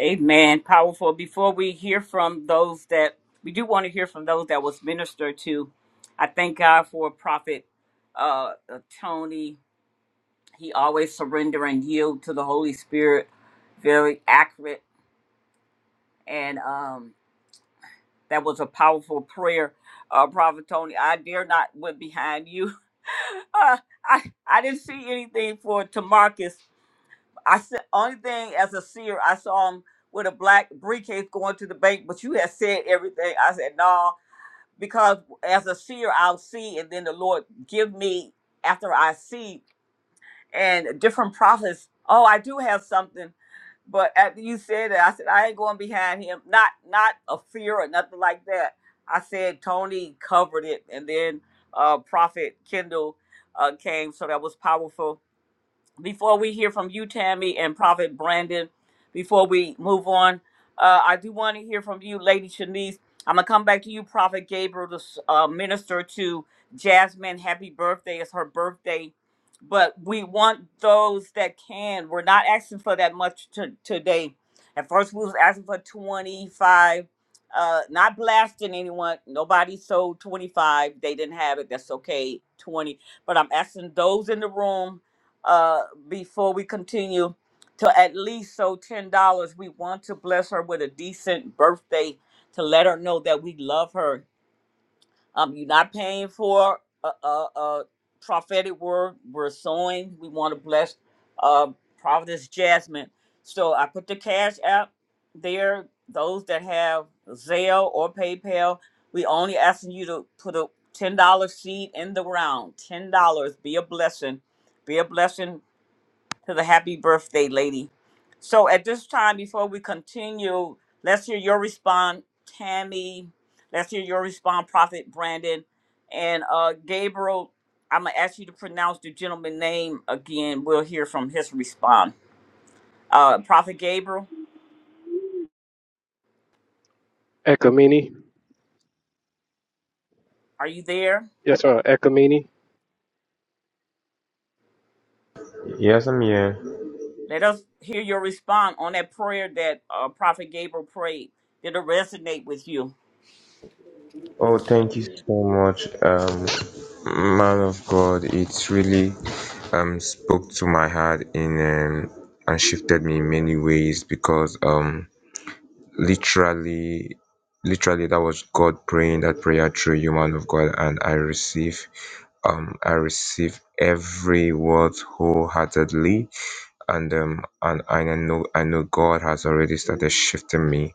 [SPEAKER 1] Amen. Powerful. Before we hear from those that we do want to hear from those that was ministered to, I thank God for Prophet uh, uh, Tony. He always surrender and yield to the Holy Spirit. Very accurate, and um, that was a powerful prayer, uh, Prophet Tony. I dare not went behind you. uh, I I didn't see anything for Tamarcus, I said only thing as a seer, I saw him with a black briefcase going to the bank, but you had said everything. I said, no, because as a seer I'll see and then the Lord give me after I see and different prophets, oh I do have something. But after you said that, I said, I ain't going behind him. Not not a fear or nothing like that. I said Tony covered it and then uh Prophet Kendall uh, came, so that was powerful before we hear from you, Tammy, and Prophet Brandon, before we move on, uh, I do want to hear from you, Lady Shanice. I'm going to come back to you, Prophet Gabriel, to s- uh, minister to Jasmine. Happy birthday. It's her birthday. But we want those that can. We're not asking for that much to, today. At first, we was asking for 25. Uh, not blasting anyone. Nobody sold 25. They didn't have it. That's okay. 20. But I'm asking those in the room uh, before we continue to at least so ten dollars. We want to bless her with a decent birthday to let her know that we love her. Um, you're not paying for a, a, a prophetic word. We're sowing. We want to bless uh, Providence Jasmine. So I put the cash app there. Those that have Zelle or PayPal, we only asking you to put a ten dollar seed in the round. Ten dollars. Be a blessing. Be a blessing to the happy birthday lady. So at this time, before we continue, let's hear your response, Tammy. Let's hear your response, Prophet Brandon. And uh, Gabriel, I'm going to ask you to pronounce the gentleman name again. We'll hear from his response. Uh, Prophet Gabriel,
[SPEAKER 9] Ekamini.
[SPEAKER 1] are you there?
[SPEAKER 9] Yes, ma'am. Ekamini.
[SPEAKER 8] Yes, I'm here.
[SPEAKER 1] Let us hear your response on that prayer that uh, Prophet Gabriel prayed. Did it resonate with you?
[SPEAKER 8] Oh, thank you so much, um, man of God. It's really um spoke to my heart in um, and shifted me in many ways because um literally literally that was God praying that prayer through you, man of God, and I receive um I receive every word wholeheartedly and um and, I know I know God has already started shifting me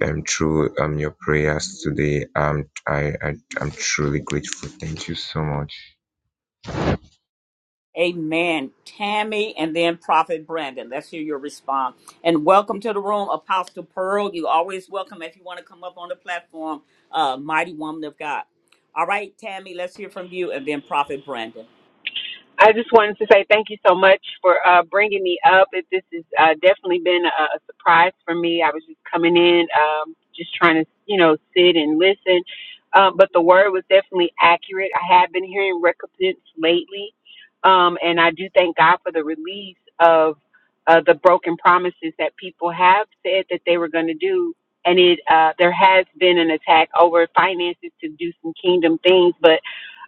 [SPEAKER 8] um through um your prayers today. Um I, I I'm truly grateful. Thank you so much.
[SPEAKER 1] Amen. Tammy and then Prophet Brandon. Let's hear your response. And welcome to the room, Apostle Pearl. You always welcome if you want to come up on the platform, uh, mighty woman of God. All right, Tammy, let's hear from you and then Prophet Brandon.
[SPEAKER 7] I just wanted to say thank you so much for uh, bringing me up. It, this has uh, definitely been a, a surprise for me. I was just coming in, um, just trying to, you know, sit and listen. Um, but the word was definitely accurate. I have been hearing recompense lately, um, and I do thank God for the release of uh, the broken promises that people have said that they were going to do. And it uh, there has been an attack over finances to do some kingdom things, but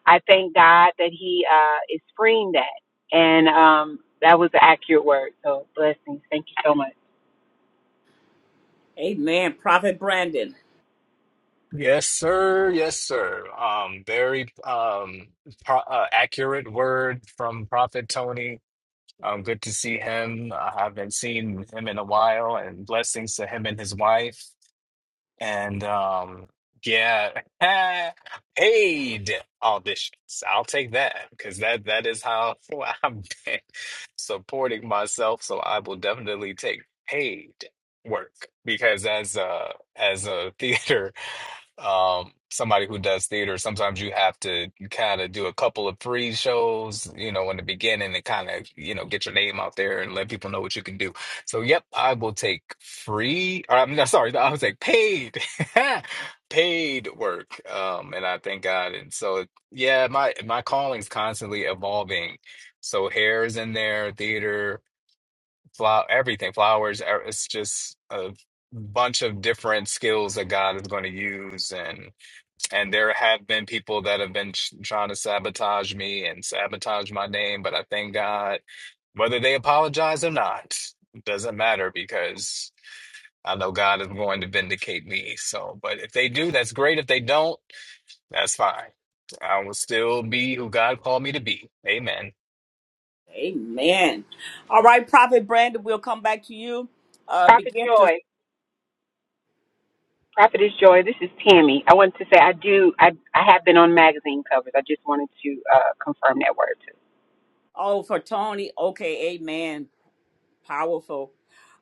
[SPEAKER 7] I thank God that He uh, is freeing that. And um, that was an accurate word. So blessings. Thank you so much.
[SPEAKER 1] Amen. Prophet Brandon.
[SPEAKER 10] Yes, sir. Yes, sir. Um, very um pro uh, accurate word from Prophet Tony. Um, good to see him. I haven't seen him in a while, and blessings to him and his wife. And um, yeah, paid auditions. I'll take that because that that is how I've been supporting myself. So I will definitely take paid work because as a as a theater um somebody who does theater sometimes you have to kind of do a couple of free shows you know in the beginning and kind of you know get your name out there and let people know what you can do so yep i will take free or i'm not sorry i was like paid paid work um and i thank god and so yeah my my calling's constantly evolving so hair is in there theater flower everything flowers er- it's just a bunch of different skills that god is going to use and and there have been people that have been ch- trying to sabotage me and sabotage my name, but I thank God, whether they apologize or not, it doesn't matter because I know God is going to vindicate me. So, but if they do, that's great. If they don't, that's fine. I will still be who God called me to be. Amen.
[SPEAKER 1] Amen. All right, Prophet Brandon, we'll come back to you. Uh,
[SPEAKER 7] Prophet
[SPEAKER 1] begin to,
[SPEAKER 7] Joy. Prophetess Joy, this is Tammy. I wanted to say I do I I have been on magazine covers. I just wanted to uh, confirm that word
[SPEAKER 1] oh, for Tony. Okay, amen. Powerful.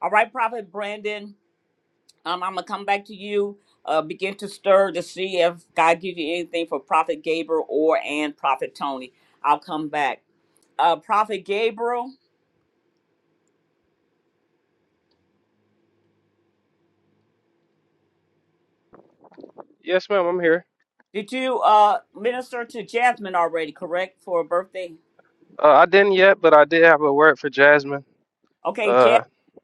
[SPEAKER 1] All right, Prophet Brandon. Um, I'm gonna come back to you. Uh, begin to stir to see if God gives you anything for Prophet Gabriel or and Prophet Tony. I'll come back. Uh, Prophet Gabriel,
[SPEAKER 9] Yes, ma'am. I'm here.
[SPEAKER 1] did you uh minister to Jasmine already? Correct for her birthday.
[SPEAKER 9] Uh, I didn't yet, but I did have a word for Jasmine.
[SPEAKER 1] Okay, Jasmine
[SPEAKER 9] Uh,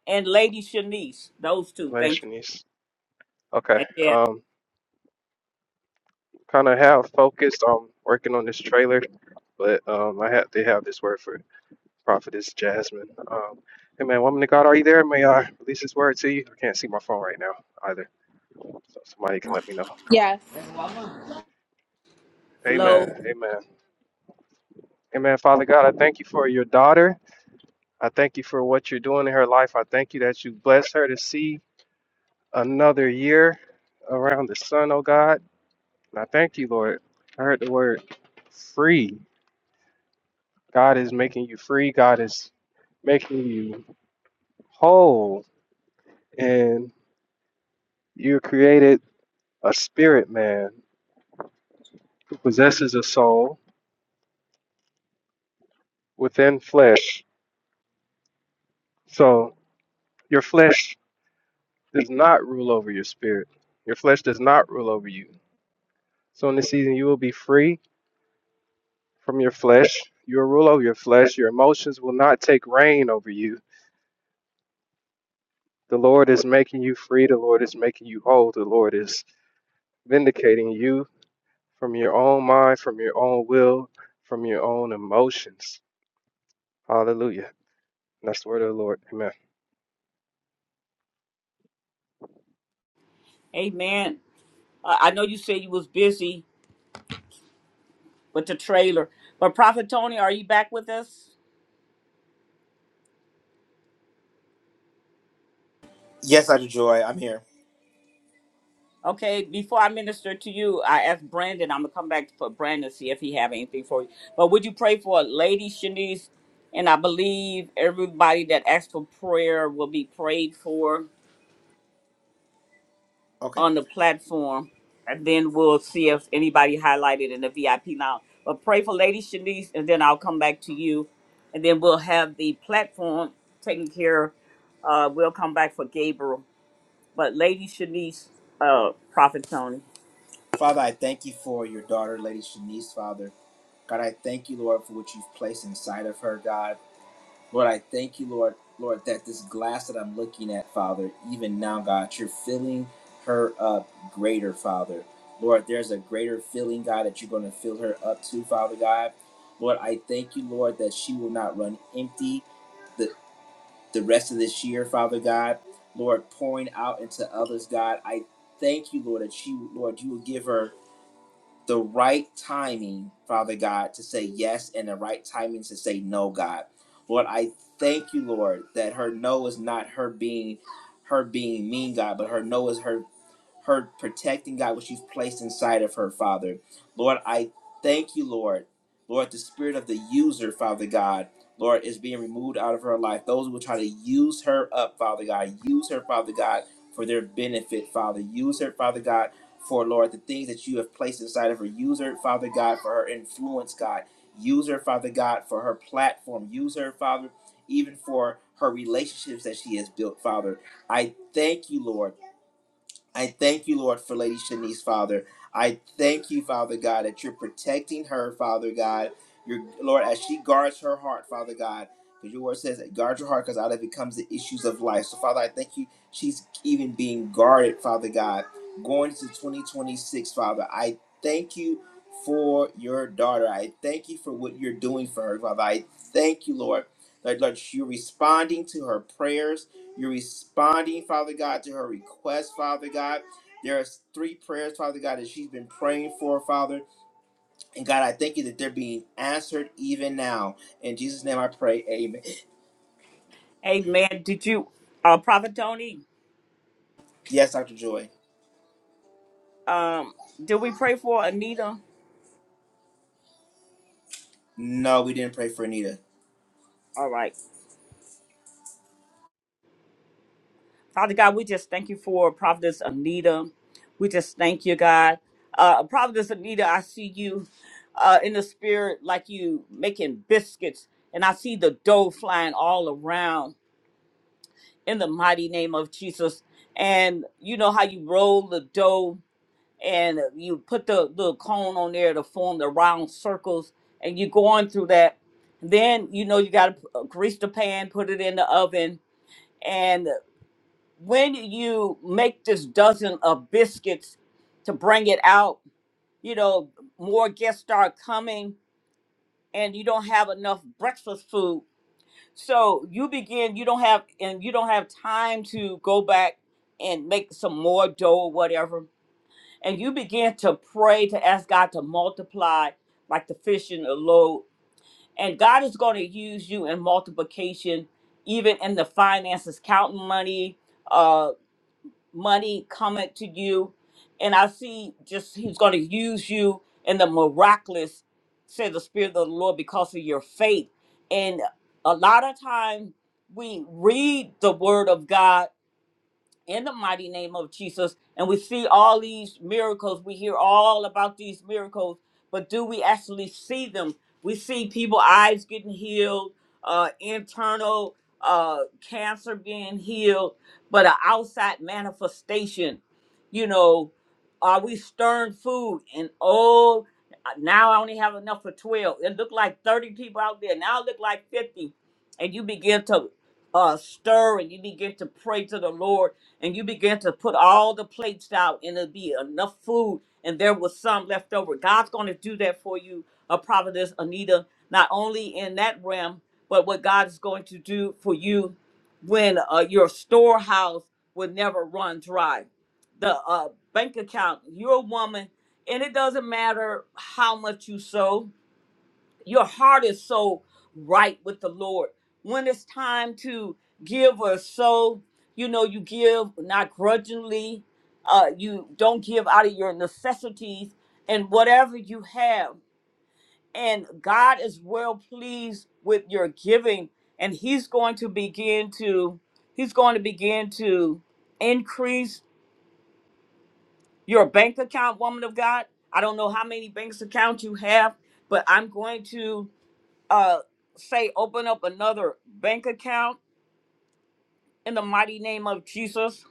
[SPEAKER 1] and Lady Shanice, those two.
[SPEAKER 9] later,
[SPEAKER 1] Thank you.
[SPEAKER 9] Shanice. Okay.
[SPEAKER 1] And then
[SPEAKER 9] Um, kind of have focused on working on this trailer, but um, I had to have this word for prophetess Jasmine. Um, hey man, woman of God, are you there? May I release this word to you? I can't see my phone right now either, so somebody can let me know.
[SPEAKER 6] Yes.
[SPEAKER 1] Flo,
[SPEAKER 9] Amen. Amen. Amen. Father God, I thank you for your daughter. I thank you for what you're doing in her life. I thank you that you bless her to see. another year around the sun, oh God. And I thank you, Lord. I heard the word free. God is making you free. God is making you whole. And you created a spirit man who possesses a soul within flesh. So your flesh does not rule over your spirit. Your flesh does not rule over you. So in this season, you will be free from your flesh. You will rule over your flesh. Your emotions will not take reign over you The Lord is making you free. The Lord is making you whole. The Lord is vindicating you from your own mind, from your own will, from your own emotions. Hallelujah. And that's the word of the Lord. Amen.
[SPEAKER 1] Amen. Uh, I know you said you was busy with the trailer, but Prophet Tony, are you back with us? Okay, before I minister to you, I asked Brandon. I'm gonna come back for Brandon to see if he have anything for you. But would you pray for Lady Shanice? And I believe everybody that asked for prayer will be prayed for on the platform. And then we'll see if anybody highlighted in the VIP now. But pray for Lady Shanice, and then I'll come back to you. And then we'll have the platform taken care. of. Uh, we'll come back for Gabriel. But Lady Shanice, uh, Prophet Tony. Amen. Did you, uh, Prophet Tony, um, did we pray for Anita? All right. Father God, we just thank you for Prophetess Anita. We just thank you, God. Uh, Prophetess Anita, I see you uh, in the spirit like you making biscuits, and I see the dough flying all around in the mighty name of Jesus. And you know how you roll the dough and you put the little cone on there to form the round circles and you go on through that then you know you got to grease the pan put it in the oven and when you make this dozen of biscuits to bring it out you know more guests start coming and you don't have enough breakfast food so you begin you don't have and you don't have time to go back and make some more dough or whatever and you begin to pray to ask God to multiply like the fish in the load. And God is going to use you in multiplication, even in the finances, counting money, uh, money coming to you. And I see just He's going to use you in the miraculous, said the Spirit of the Lord, because of your faith. And a lot of time we read the Word of God in the mighty name of Jesus. And we see all these miracles. We hear all about these miracles, but do we actually see them? We see people eyes getting healed, uh, internal uh, cancer being healed, but an outside manifestation. You know, are we stirring food? And oh, now I only have enough for twelve. It looked like thirty people out there. Now it looked like fifty, and you begin to uh, stir and you begin to pray to the Lord and you begin to put all the plates out and it'll be enough food and there was some left over. God's going to do that for you, a prophetess Anita, not only in that realm, but what God is going to do for you when uh, your storehouse will never run dry. The uh, bank account, you're a woman, and it doesn't matter how much you sow your heart is so right with the Lord. When it's time to give or sow, you know, you give not grudgingly, uh, you don't give out of your necessities and whatever you have. And God is well pleased with your giving, and He's going to begin to He's going to begin to increase your bank account, woman of God. I don't know how many banks accounts you have, but I'm going to uh, say open up another bank account in the mighty name of Jesus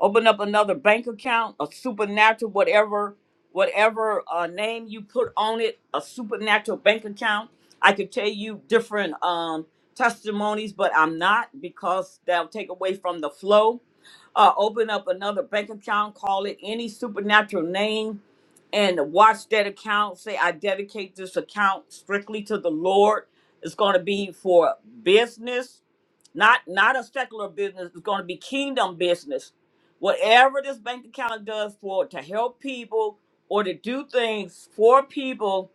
[SPEAKER 1] open up another bank account, a supernatural, whatever, whatever uh, name you put on it, a supernatural bank account. I could tell you different um, testimonies, but I'm not because that'll take away from the flow. Uh, open up another bank account, call it any supernatural name, and watch that account. Say, I dedicate this account strictly to the Lord. It's going to be for business, not not a secular business. It's going to be kingdom business whatever this bank account does for to help people or to do things for people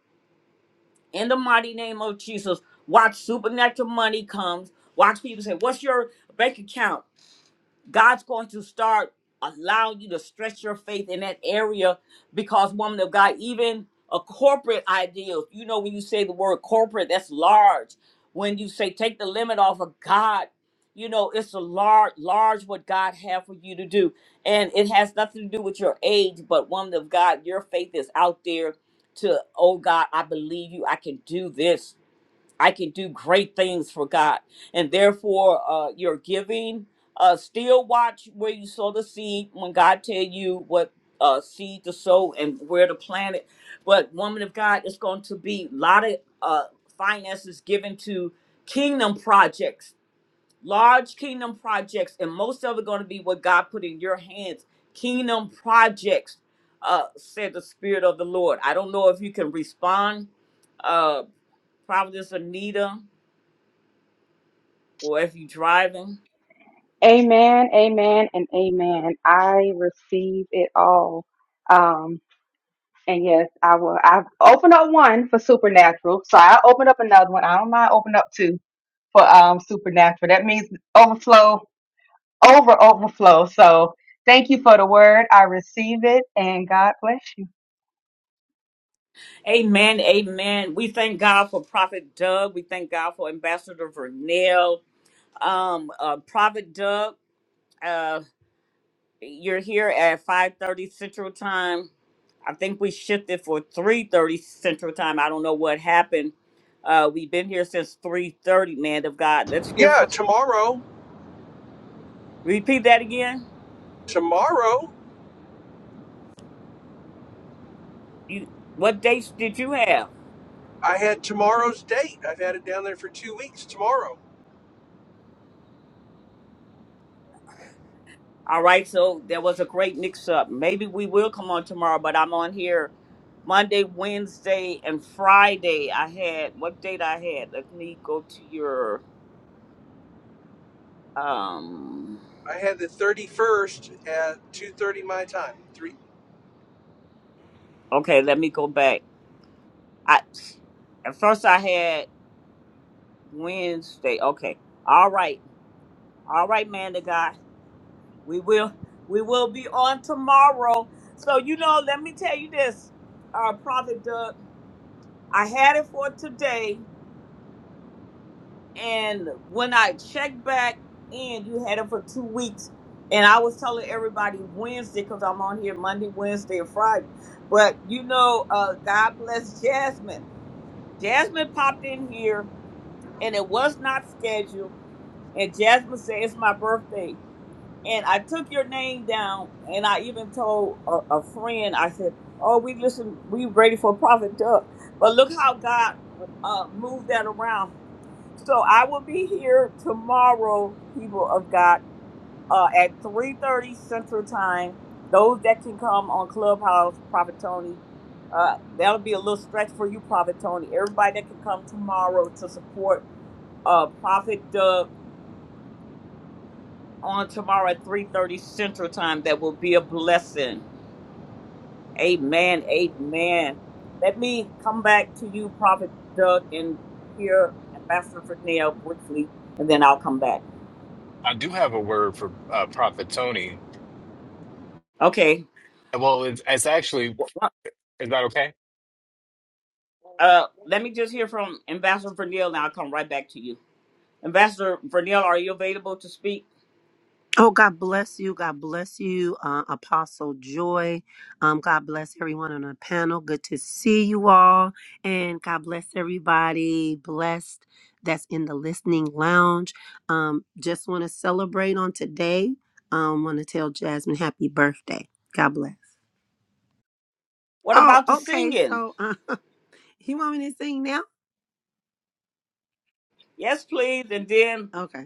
[SPEAKER 1] in the mighty name of Jesus. Watch supernatural money comes. Watch people say, What's your bank account? God's going to start allowing you to stretch your faith in that area because, woman of God, even a corporate ideal, you know, when you say the word corporate, that's large. When you say take the limit off of God, you know, it's a large, large what God have for you to do. And it has nothing to do with your age, but woman of God, your faith is out there to, oh God, I believe you, I can do this I can do great things for God. And therefore, uh, your giving, uh, still watch where you sow the seed when God tell you what uh, seed to sow and where to plant it. But woman of God, it's going to be a lot of uh, finances given to kingdom projects, large kingdom projects, and most of it going to be what God put in your hands, kingdom projects, uh, said the Spirit of the Lord. I don't know if you can respond, uh, Providence Anita or if you're driving.
[SPEAKER 4] Amen, amen, and amen. I receive it all. Um, and yes, I will. I've opened up one for supernatural, so I opened up another one. I don't mind opening up two for um supernatural. That means overflow, over overflow. So thank you for the word. I receive it, and God bless you.
[SPEAKER 1] Amen. Amen. We thank God for Prophet Doug. We thank God for Ambassador Vernell. Um, uh, Prophet Doug, uh, you're here at 5:30 Central Time. I think we shifted for 3:30 Central Time. I don't know what happened. Uh, we've been here since 3:30, man of God. Let's hear
[SPEAKER 11] Yeah,
[SPEAKER 1] from.
[SPEAKER 11] tomorrow.
[SPEAKER 1] Repeat that again.
[SPEAKER 11] Tomorrow,
[SPEAKER 1] You, what dates did you have?
[SPEAKER 11] I had tomorrow's date. I've had it down there for two weeks. Tomorrow,
[SPEAKER 1] All right, so there was a great mix-up. Maybe we will come on tomorrow, but I'm on here Monday, Wednesday, and Friday. I had what date I had? Let me go to your um.
[SPEAKER 11] I had the thirty first at two thirty my time. Three.
[SPEAKER 1] Okay, let me go back. I at first I had Wednesday. Okay, all right, all right, man. The guy, we will we will be on tomorrow. So you know, let me tell you this, uh, Prophet Doug. I had it for today And when I checked back in, you had it for two weeks. And I was telling everybody Wednesday because I'm on here Monday, Wednesday, and Friday. But you know, uh, God bless Jasmine. Jasmine popped in here and it was not scheduled. And Jasmine said, It's my birthday. And I took your name down and I even told a, a friend, I said, Oh, we listen, we ready for Prophet Duck. But look how God uh, moved that around so I will be here tomorrow, people of God, uh, at 3.30 Central Time. Those that can come on Clubhouse, Prophet Tony, uh, that'll be a little stretch for you, Prophet Tony. Everybody that can come tomorrow to support uh, Prophet Doug on tomorrow at 3.30 Central Time, that will be a blessing. Amen, amen. Let me come back to you, Prophet Doug, and hear Ambassador Fernell briefly, and then I'll come back.
[SPEAKER 10] I do have a word for uh, Prophet Tony.
[SPEAKER 1] Okay.
[SPEAKER 10] Well, it's, it's actually, is that okay?
[SPEAKER 1] Uh, let me just hear from Ambassador Vernell, and I'll come right back to you. Ambassador Vernell. are you available to speak?
[SPEAKER 12] Oh, God bless you. God bless you, uh, Apostle Joy. Um, God bless everyone on the panel. Good to see you all. And God bless everybody blessed that's in the listening lounge. Um, just want to celebrate on today. Um, want to tell Jasmine happy birthday. God bless.
[SPEAKER 1] What
[SPEAKER 12] Oh,
[SPEAKER 1] about the
[SPEAKER 12] okay.
[SPEAKER 1] singing?
[SPEAKER 12] So, uh, you want me to sing now?
[SPEAKER 1] Yes, please. And then
[SPEAKER 12] Okay.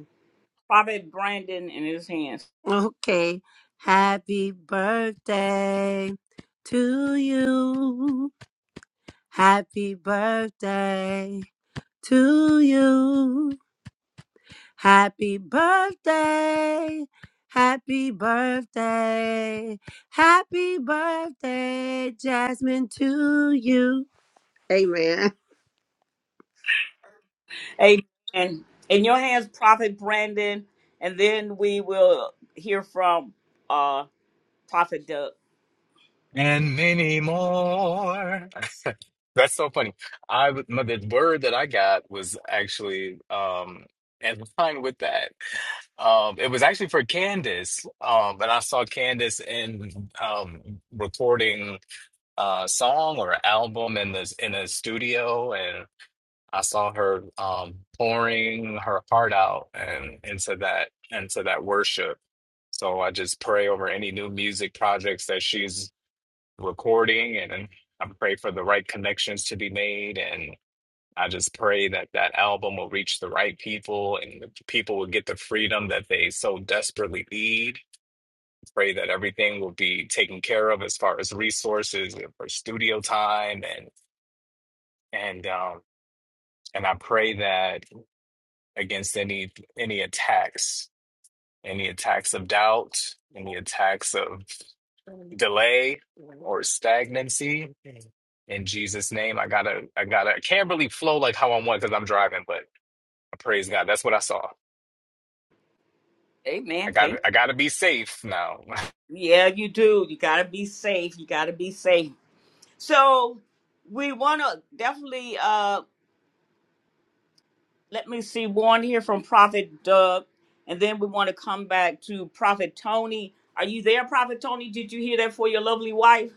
[SPEAKER 1] Prophet Brandon in his hands.
[SPEAKER 12] Okay. Happy birthday to you. Happy birthday to you. Happy birthday. Happy birthday. Happy birthday, Jasmine, to you. Amen.
[SPEAKER 1] Amen. In your hands, Prophet Brandon. And then we will hear from uh Prophet Doug.
[SPEAKER 10] and many more. That's so funny. I w- my, the word that I got was actually um in line with that. Um, it was actually for Candace. Um, but I saw Candace in um recording a song or album in this in a studio, and I saw her um pouring her heart out and into that into that worship. So I just pray over any new music projects that she's recording and I pray for the right connections to be made and I just pray that that album will reach the right people and the people will get the freedom that they so desperately need. Pray that everything will be taken care of as far as resources and for studio time and and um and I pray that against any any attacks, any attacks of doubt, any attacks of delay or stagnancy in Jesus' name. I gotta, I gotta, I can't really flow like how I want because I'm driving, but I praise God, that's what I saw. I
[SPEAKER 1] Amen.
[SPEAKER 10] got,
[SPEAKER 1] Thank
[SPEAKER 10] to I gotta be safe now.
[SPEAKER 1] you. Yeah, you do. You gotta be safe. You gotta be safe. So we wanna definitely uh, Let me see one here from Prophet Doug, and then we want to come back to Prophet Tony. Are you there, Prophet Tony? Did you hear that for your lovely wife?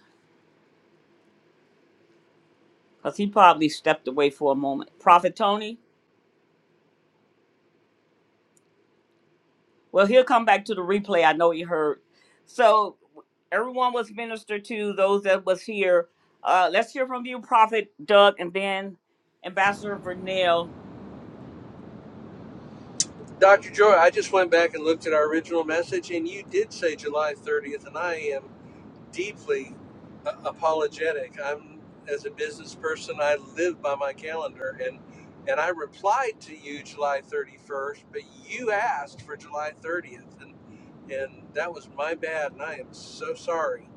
[SPEAKER 1] Because he probably stepped away for a moment. Prophet Tony? Well, he'll come back to the replay. I know he heard. So everyone was ministered to, those that was here. Uh, let's hear from you, Prophet Doug, and then Ambassador Vernell.
[SPEAKER 11] Dr. Joy, I just went back and looked at our original message, and you did say July thirtieth, and I am deeply uh, apologetic. I'm as a business person, I live by my calendar, and and I replied to you July 31st, but you asked for July 30th, and and that was my bad, and I am so sorry.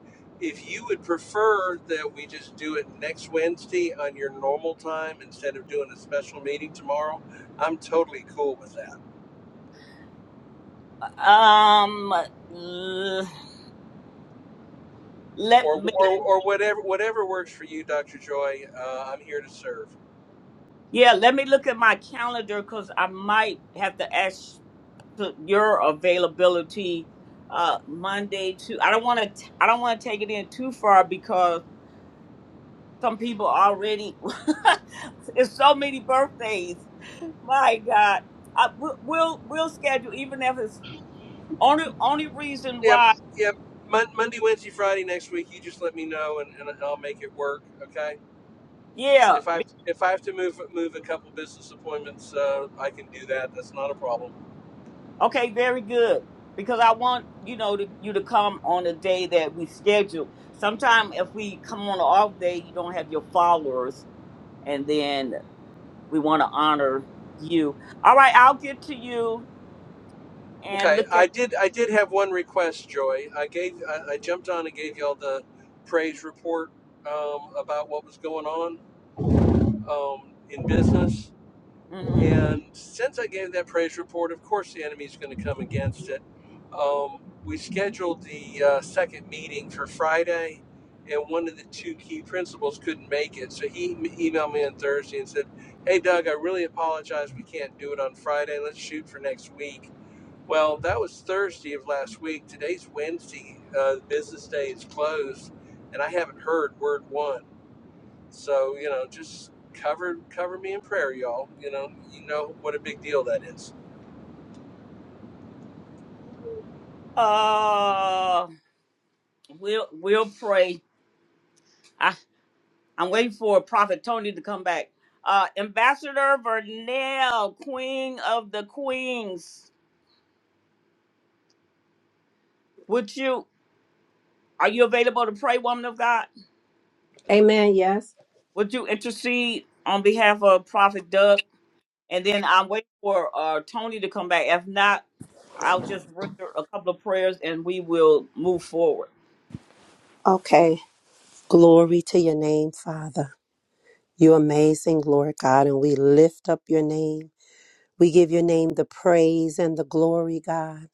[SPEAKER 11] If you would prefer that we just do it next Wednesday on your normal time instead of doing a special meeting tomorrow, I'm totally cool with that.
[SPEAKER 1] Um, l- let
[SPEAKER 11] Or,
[SPEAKER 1] me,
[SPEAKER 11] or, or whatever whatever works for you, Dr. Joy. Uh, I'm here to serve.
[SPEAKER 1] yeah, let me look at my calendar because I might have to ask to your availability uh Monday to I don't want to I don't want to take it in too far because some people already it's so many birthdays. My God, I, we'll we'll we'll schedule even if it's only only reason
[SPEAKER 11] Yeah,
[SPEAKER 1] why.
[SPEAKER 11] yeah. Mon- Monday, Wednesday, Friday next week. You just let me know, and, and I'll make it work. Okay.
[SPEAKER 1] Yeah,
[SPEAKER 11] If I
[SPEAKER 1] be-
[SPEAKER 11] if I have to move move a couple business appointments, uh, I can do that. That's not a problem.
[SPEAKER 1] okay, very good because I want you know to, you to come on a day that we schedule. Sometimes if we come on an off day, you don't have your followers, and then. we want to honor you. All right, I'll get to you and
[SPEAKER 11] Okay.
[SPEAKER 1] look at.
[SPEAKER 11] I did I did have one request, Joy. I gave I, I jumped on and gave y'all the praise report um, about what was going on um, in business.
[SPEAKER 1] mhm.
[SPEAKER 11] And since I gave that praise report, of course the enemy's going to come against it. Um, we scheduled the uh, second meeting for Friday, and one of the two key principals couldn't make it. So he m- emailed me on Thursday and said, Hey, Doug, I really apologize. We can't do it on Friday. Let's shoot for next week. Well, that was Thursday of last week. Today's Wednesday. Uh, business day is closed, and I haven't heard word one. So you know, just cover cover me in prayer, y'all. You know, you know what a big deal that is.
[SPEAKER 1] Uh, we'll we'll pray. I I'm waiting for Prophet Tony to come back. Uh, Ambassador Vernell, Queen of the Queens, would you are you available to pray, woman of God?
[SPEAKER 12] Amen. Yes.
[SPEAKER 1] Would you intercede on behalf of Prophet Doug? And then I'm waiting for uh, Tony to come back. If not, I'll just render a couple of prayers and we will move forward.
[SPEAKER 12] Okay. Glory to your name, Father. You're amazing, Lord God, and we lift up your name. We give your name the praise and the glory, God.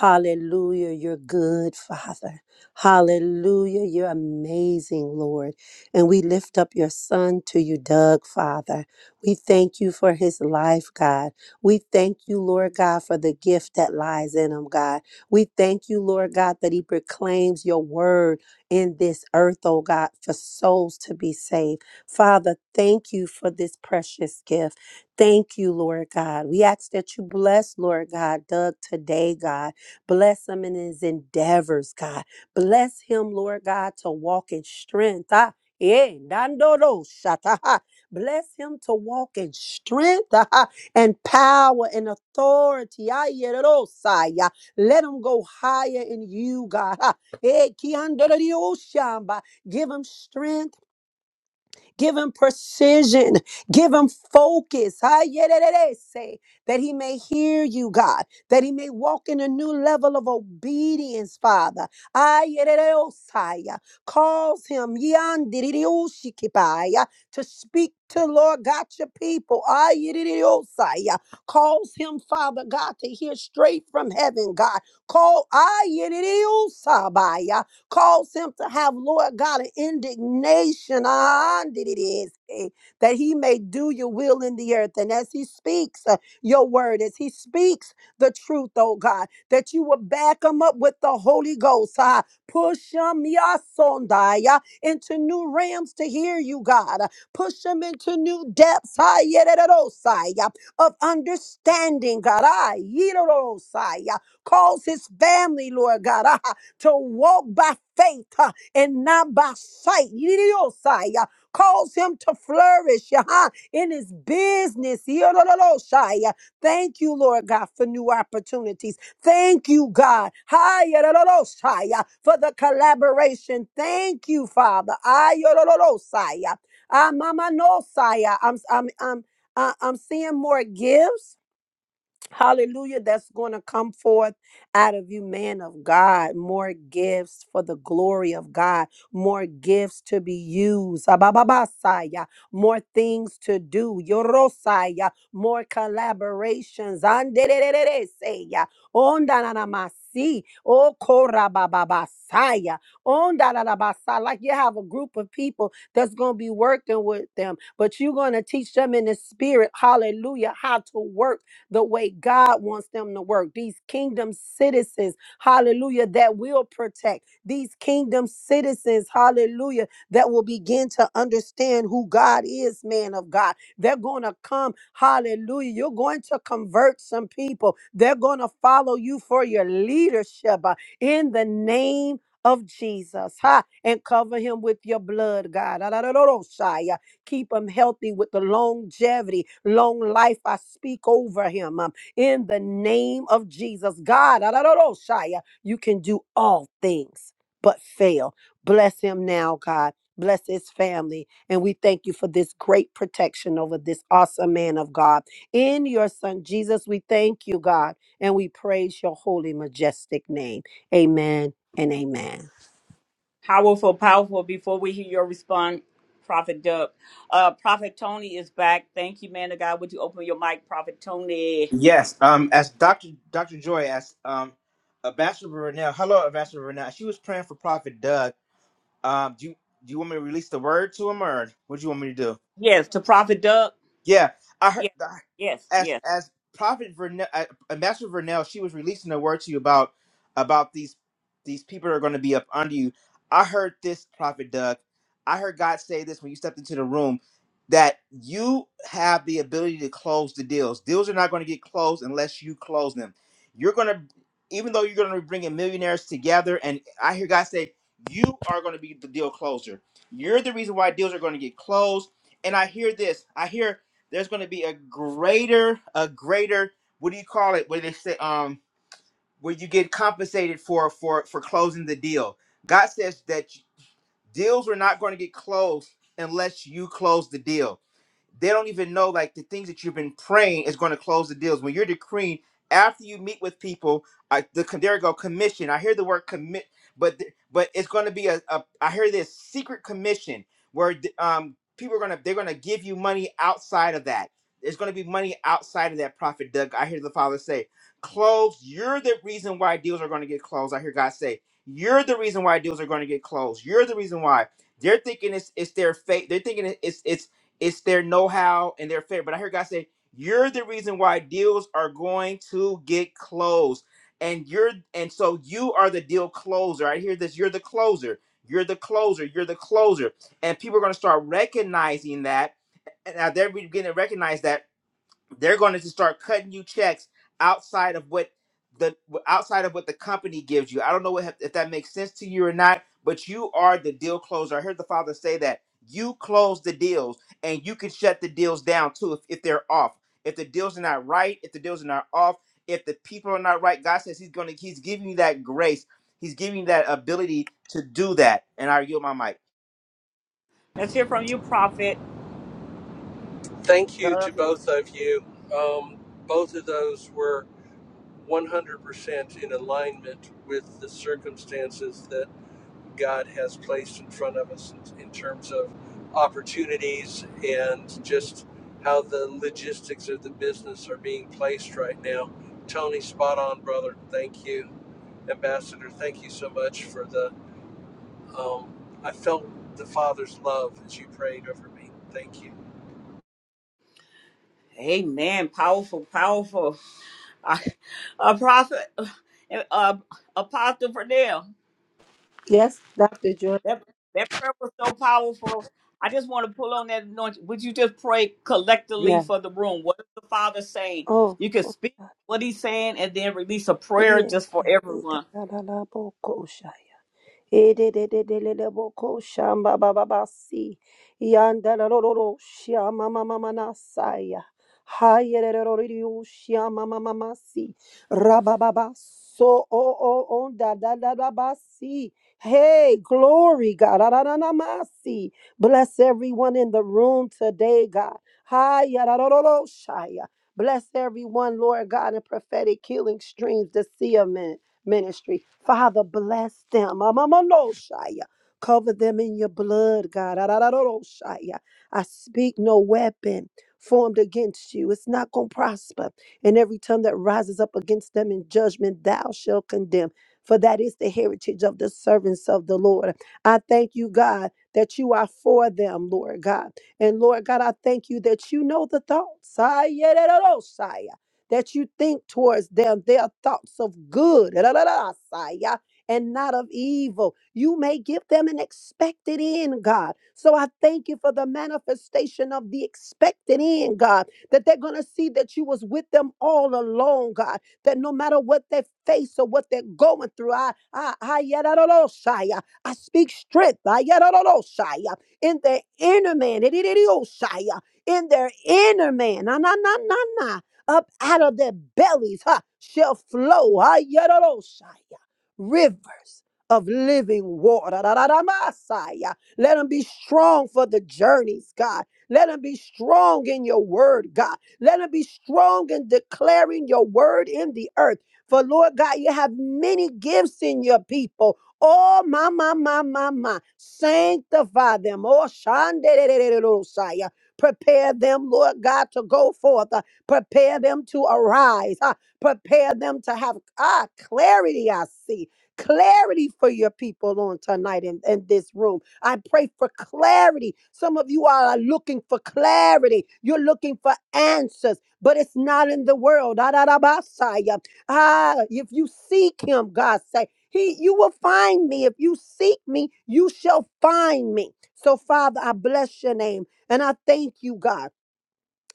[SPEAKER 12] Hallelujah, you're good, Father. Hallelujah, you're amazing, Lord. And we lift up your son to you, Doug, Father. We thank you for his life, God. We thank you, Lord God, for the gift that lies in him, God. We thank you, Lord God, that he proclaims your word in this earth, oh God, for souls to be saved. Father, thank you for this precious gift. Thank you, Lord God. We ask that you bless, Lord God, Doug today, God. Bless him in his endeavors, God. Bless him, Lord God, to walk in strength. Ah, yeah, dandoro shata, ha. Bless him to walk in strength ah, and power and authority. Ah, yeah, saya. Let him go higher in you, God. ah. Eh, ki andoro di oshamba. Give him strength Give him precision. Give him focus. Ah, yeah, da, da, da, Say that he may hear you, God, that he may walk in a new level of obedience, Father. Ah, yeah, da, da, oh, Saya. Cause him yan, di, di, oh, shikibaya, to speak to Lord God, your people. Ah, yeah, di, di, di, oh, Saya. Cause him, Father God, to hear straight from heaven, God. Call ah, yeah, di, di, oh, Sabaya. Cause him to have, Lord God, an indignation ah, did it is, eh, that he may do your will in the earth. And as he speaks uh, your word, as he speaks the truth, oh God, that you will back him up with the Holy Ghost. ah, Push him yasondaya, into new realms to hear you, God. Uh, Push him into new depths ah, yedidosaya, of understanding, God. ah, yedidosaya. Calls his family, Lord God. to walk by faith uh, and not by sight. Yididiosai, uh, Cause him to flourish uh, in his business. Yidididosai, uh, Thank you, Lord God, for new opportunities. Thank you, God, Hayidididosai, uh, for the collaboration. Thank you, Father. Ayodididosai, uh, Ah, Mama Nosai, uh, I'm, I'm, I'm, I- I'm seeing more gifts. Hallelujah. That's going to come forth out of you, man of God. More gifts for the glory of God. More gifts to be used. Abababasaya. More things to do. Yorosaya. More collaborations. Anderererereseya. Ondananamasi. Okorabababasaya. Ondananabasa. Like you have a group of people that's going to be working with them, but you're going to teach them in the spirit, hallelujah, how to work the way God wants them to work. These kingdom citizens, hallelujah, that will protect. These kingdom citizens, hallelujah, that will begin to understand who God is, man of God. They're going to come, hallelujah. You're going to convert some people. They're going to follow you for your leadership uh, in the name of Jesus, ha, and cover him with your blood, God. Keep him healthy with the longevity, long life. I speak over him um, in the name of Jesus. God, Shia, you can do all things but fail. Bless him now, God. Bless his family. And we thank you for this great protection over this awesome man of God. In your son, Jesus, we thank you, God, and we praise your holy, majestic name. Amen and amen.
[SPEAKER 1] Powerful, powerful. Before we hear your response, Prophet Doug. Uh, Prophet Tony is back. Thank you, man of God. Would you open your mic, Prophet Tony? Yes, to Prophet Doug. Yes, yes, yes. Let's hear from you, Prophet
[SPEAKER 11] Thank you to
[SPEAKER 1] Doug.
[SPEAKER 11] both of you. Um, both of those were 100% in alignment with the circumstances that God has placed in front of us in, in terms of opportunities and just how the logistics of the business are being placed right now. Tony, spot on, brother. Thank you. Ambassador, thank you so much for the Um, I felt the Father's love as you prayed over me. Thank you.
[SPEAKER 1] Amen. Powerful, powerful. Uh, uh, prophet, uh, uh, Apostle Fernell.
[SPEAKER 12] Yes, Dr. Joy.
[SPEAKER 1] That that prayer was so powerful. I just want to pull on that anointing. Would you just pray collectively
[SPEAKER 12] Yeah.
[SPEAKER 1] for the room? What is the Father saying?
[SPEAKER 12] Oh.
[SPEAKER 1] You can speak what He's saying and then release a prayer
[SPEAKER 12] Iye,
[SPEAKER 1] just for
[SPEAKER 12] da
[SPEAKER 1] everyone.
[SPEAKER 12] da da da, bo koshaya. Ededededeleboko shamba bababasi. Yandarororo shama mama manasaya. Hayererororiu shama mama masi. Rabababaso o o o da da da da basi. Hey, glory, God. Arararararmasi. Bless everyone in the room today, God. Hayererororo shaya. Bless everyone, Lord God, in prophetic healing streams this see ministry. Father, bless them. Amamanoshaya. Cover them in your blood, God. Arararoroshaya. I speak no weapon formed against you. It's not going to prosper. And every tongue that rises up against them in judgment, thou shalt condemn. For that is the heritage of the servants of the Lord. I thank you, God, that you are for them, Lord God. And Lord God, I thank you that you know the thoughts that you think towards them their thoughts of good and not of evil. You may give them an expected end, God. So I thank you for the manifestation of the expected end, God, that they're going to see that you was with them all along, God, that no matter what they face or what they're going through, I, I, I, ya-ra-ra-ra-sa-ya, I speak strength I, ya-ra-ra-ra-sa-ya, in their inner man, it- it- it- oh, sa in their inner man. Na, na, na, na, na. Up out of their bellies huh, shall flow ah, yadadadoshaya, rivers of living water. da da da Messiah. Let them be strong for the journeys, God. Let them be strong in your word, God. Let them be strong in declaring your word in the earth. For Lord God, you have many gifts in your people. Oh, my, my, my, my, my. Sanctify them. Oh, Shandededededosaya. Prepare them, Lord God, to go forth. uh, Prepare them to arise. Ah, prepare them to have ah, clarity, I see. Clarity for your people on tonight in, in this room. I pray for clarity. Some of you are looking for clarity. You're looking for answers, but it's not in the world. Ah, da, da, ba, sa, ya. Ah, if you seek him, God say, he, you will find me. If you seek me, you shall find me. So, Father, I bless your name and I thank you, God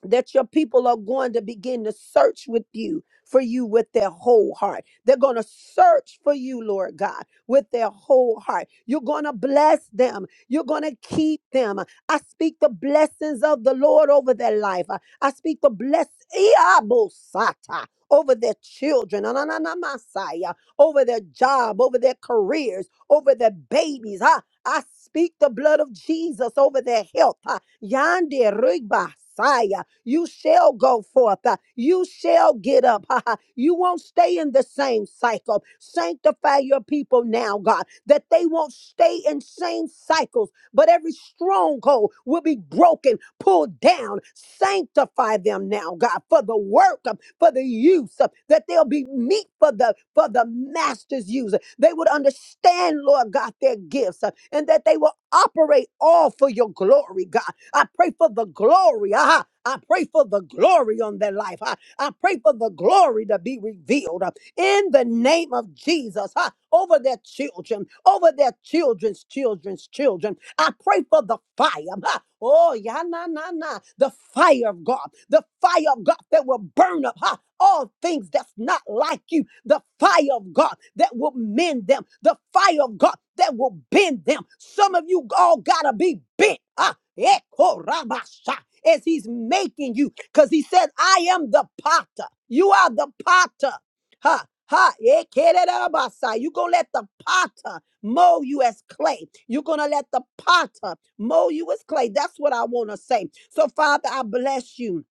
[SPEAKER 12] that your people are going to begin to search with you for you with their whole heart. They're going to search for you, Lord God, with their whole heart. You're going to bless them. You're going to keep them. I speak the blessings of the Lord over their life. I I speak the bless Iabosata, over their children, na- na- na- na- Messiah, over their job, over their careers, over their babies. I, I speak the blood of Jesus over their health. Ah, Yande Rugbasaya you shall go forth. Uh, You shall get up. Ha, ha. You won't stay in the same cycle. Sanctify your people now, God, that they won't stay in same cycles, but every stronghold will be broken, pulled down. Sanctify them now, God, for the work, uh, for the use, uh, that they'll be meat for the for the master's use. They would understand, Lord God, their gifts, uh, and that they will operate all for your glory, God. I pray for the glory. Ah, I pray for the glory on their life. I I pray for the glory to be revealed ah, in the name of Jesus ah, over their children, over their children's children's children. I pray for the fire. ah, Oh, yeah, na, na, na. The fire of God, the fire of God that will burn up. uh-huh all things that's not like you, the fire of God that will mend them, the fire of God that will bend them. Some of you all gotta be bent. Ah, ekorabasha, as he's making you, because he said, I am the potter. You are the potter. Ha, ha, ekerabasa. you gonna let the potter mold you as clay. You're gonna let the potter mold you as clay. That's what I wanna say. So, Father, I bless you.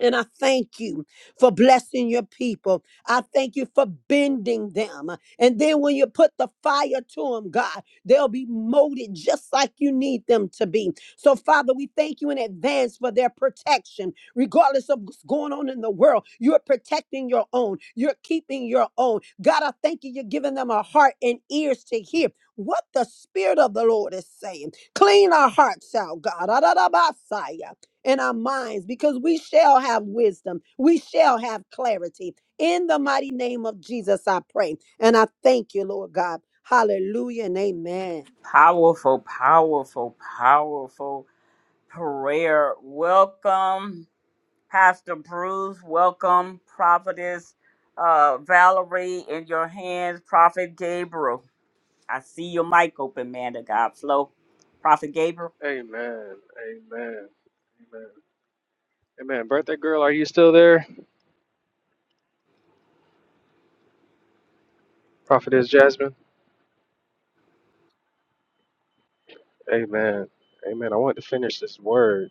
[SPEAKER 12] And I thank you for blessing your people. I thank you for bending them. And then when you put the fire to them, God, they'll be molded just like you need them to be. So, Father, we thank you in advance for their protection. Regardless of what's going on in the world, you're protecting your own, you're keeping your own. God, I thank you. You're giving them a heart and ears to hear what the Spirit of the Lord is saying. Clean our hearts out, God in our minds because we shall have wisdom. We shall have clarity. In the mighty name of Jesus, I pray. And I thank you, Lord God. Hallelujah and amen.
[SPEAKER 1] Powerful, powerful, powerful prayer. Welcome, Pastor Bruce. Welcome, Prophetess uh, Valerie. In your hands, Prophet Gabriel. I see your mic open, man. To God flow, Prophet Gabriel.
[SPEAKER 9] Amen. Amen. Amen. Amen. Birthday girl, are you still there? Prophetess Jasmine. Amen. Amen. I want to finish this word.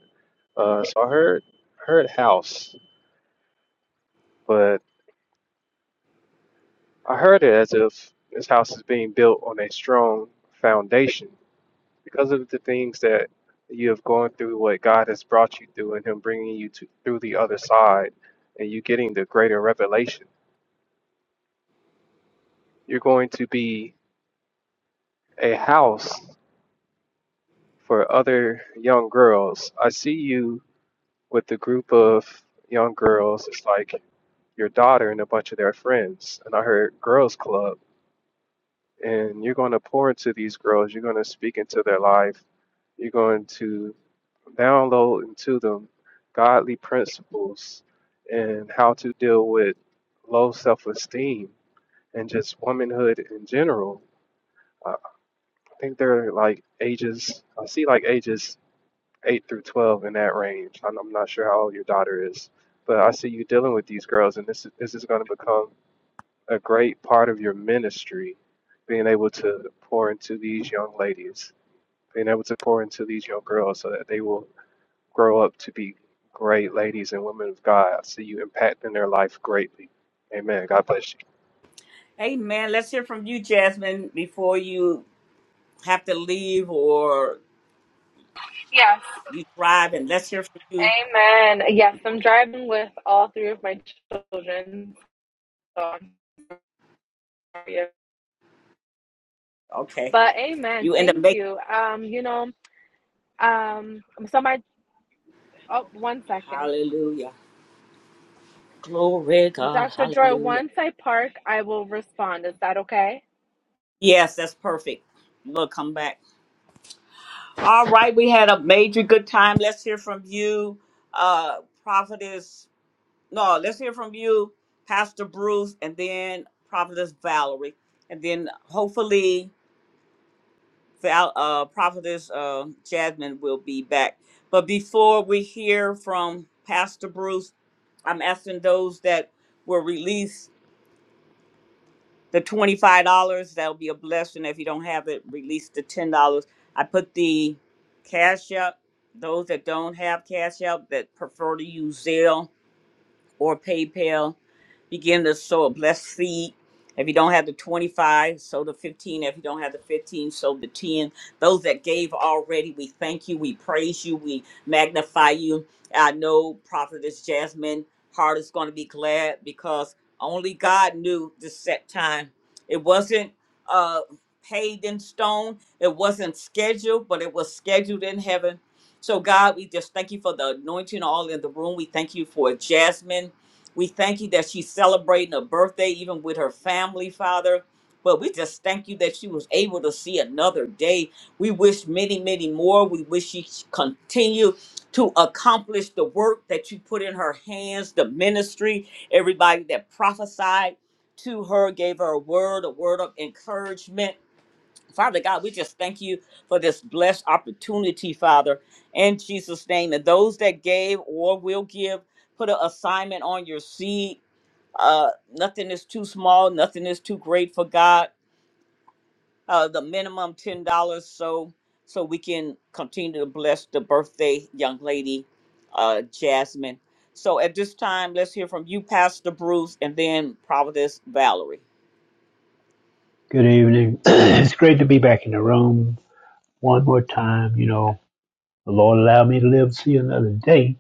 [SPEAKER 9] Uh, so I heard heard house, but I heard it as if this house is being built on a strong foundation. because of the things that you have gone through, what God has brought you through, and Him bringing you to, through the other side, and you getting the greater revelation, you're going to be a house for other young girls. I see you with a group of young girls. It's like your daughter and a bunch of their friends, and I heard girls' club. and you're going to pour into these girls. You're going to speak into their life. You're going to download into them godly principles and how to deal with low self esteem and just womanhood in general. Uh, I think they're like ages, I see like ages 8 through 12 in that range. I'm, I'm not sure how old your daughter is, but I see you dealing with these girls, and this, is- this is going to become a great part of your ministry being able to pour into these young ladies, being able to pour into these young girls so that they will grow up to be great ladies and women of God. I see you impacting their life greatly. Amen. God bless you.
[SPEAKER 1] Amen. Let's hear from you, Jasmine, before you have to leave or you drive, and let's hear from you.
[SPEAKER 6] Amen. Yes, I'm driving with all three of my children. So I'm sorry.
[SPEAKER 1] Okay.
[SPEAKER 6] But amen.
[SPEAKER 1] You end up
[SPEAKER 6] Thank
[SPEAKER 1] making.
[SPEAKER 6] you. Um, you know, um, so my, oh, one second.
[SPEAKER 1] Hallelujah. Glory God.
[SPEAKER 6] Dr. Joy,
[SPEAKER 1] Hallelujah.
[SPEAKER 6] once I park, I will respond. Is that okay?
[SPEAKER 1] Yes, that's perfect. We'll come back. All right. We had a major good time. Let's hear from you, uh, Prophetess. No, let's hear from you, Pastor Bruce, and then Prophetess Valerie. And then hopefully. Val, uh, Prophetess uh, Jasmine will be back. But before we hear from Pastor Bruce, I'm asking those that will release the $25. That'll be a blessing. If you don't have it, release the $10. I put the cash up. Those that don't have cash out that prefer to use Zelle, or PayPal. Begin to sow a blessed seed. If you don't have the 25, sow the 15. If you don't have the 15, sow the 10. Those that gave already, we thank you. We praise you. We magnify you. I know Prophetess Jasmine Hart is going to be glad because only God knew the set time. It wasn't uh, paid in stone, it wasn't scheduled, but it was scheduled in heaven so, God, we just thank you for the anointing all in the room. We thank you for Jasmine. We thank you that she's celebrating her birthday, even with her family, Father. But we just thank you that she was able to see another day. We wish many, many more. We wish she continue to accomplish the work that you put in her hands, the ministry, everybody that prophesied to her, gave her a word, a word of encouragement Father God, we just thank you for this blessed opportunity, Father, in Jesus' name. And those that gave or will give, put an assignment on your seed. Uh, nothing is too small, nothing is too great for God. Uh, the minimum ten dollars, so so we can continue to bless the birthday young lady, uh, Jasmine. So at this time, let's hear from you, Pastor Bruce, and then Providence Valerie.
[SPEAKER 13] Good evening. it's great to be back in the room one more time. You know, the Lord allowed me to live to see another day.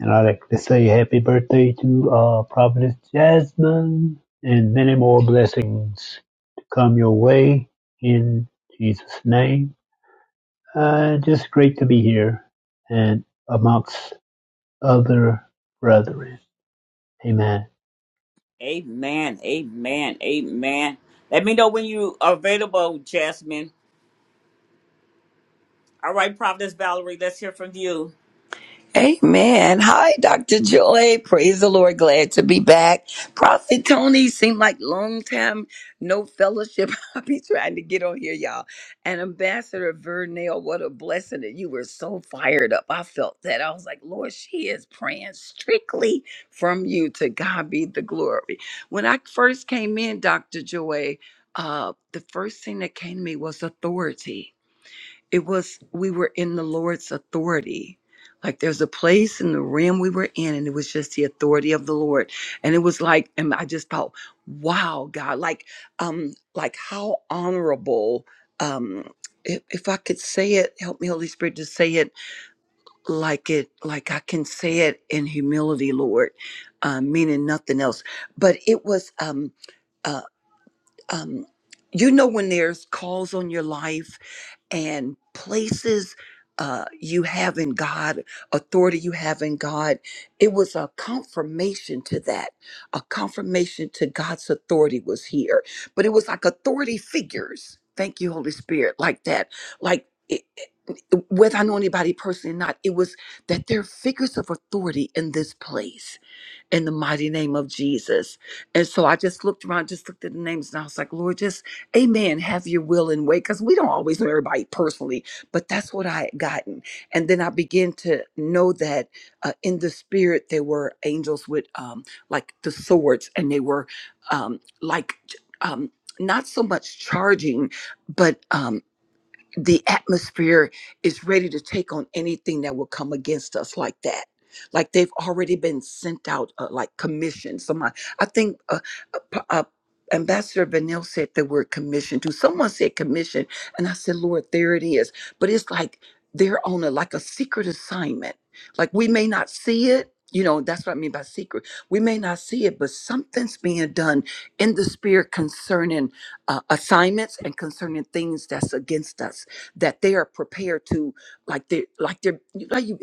[SPEAKER 13] And i like to say happy birthday to uh, Providence Jasmine and many more blessings to come your way in Jesus' name. Uh, just great to be here and amongst other brethren. Amen.
[SPEAKER 1] Amen. Amen. Amen. Let me know when you are available, Jasmine. All right, Providence Valerie, let's hear from you.
[SPEAKER 14] Amen. Hi, Dr. Joy. Praise the Lord. Glad to be back. Prophet Tony seemed like long time no fellowship. I'll be trying to get on here, y'all. And Ambassador Vernell, what a blessing that you were so fired up. I felt that. I was like, Lord, she is praying strictly from you. To God be the glory. When I first came in, Dr. Joy, uh, the first thing that came to me was authority it was we were in the lord's authority like there's a place in the realm we were in and it was just the authority of the lord and it was like and i just thought wow god like um like how honorable um if, if i could say it help me holy spirit to say it like it like i can say it in humility lord um meaning nothing else but it was um uh, um, you know when there's calls on your life and places uh, you have in God, authority you have in God, it was a confirmation to that. A confirmation to God's authority was here. But it was like authority figures. Thank you, Holy Spirit, like that. Like, it, whether I know anybody personally or not, it was that there are figures of authority in this place in the mighty name of Jesus. And so I just looked around, just looked at the names, and I was like, Lord, just amen, have your will and way. Because we don't always know everybody personally, but that's what I had gotten. And then I began to know that uh, in the spirit, there were angels with um, like the swords, and they were um, like, um, not so much charging, but um, the atmosphere is ready to take on anything that will come against us like that like they've already been sent out uh, like commissioned someone i think uh, uh, p- uh, ambassador vanille said the word commission too someone said commission and i said lord there it is but it's like they're on a like a secret assignment like we may not see it you know that's what i mean by secret we may not see it but something's being done in the spirit concerning uh, assignments and concerning things that's against us that they are prepared to like they like they're like you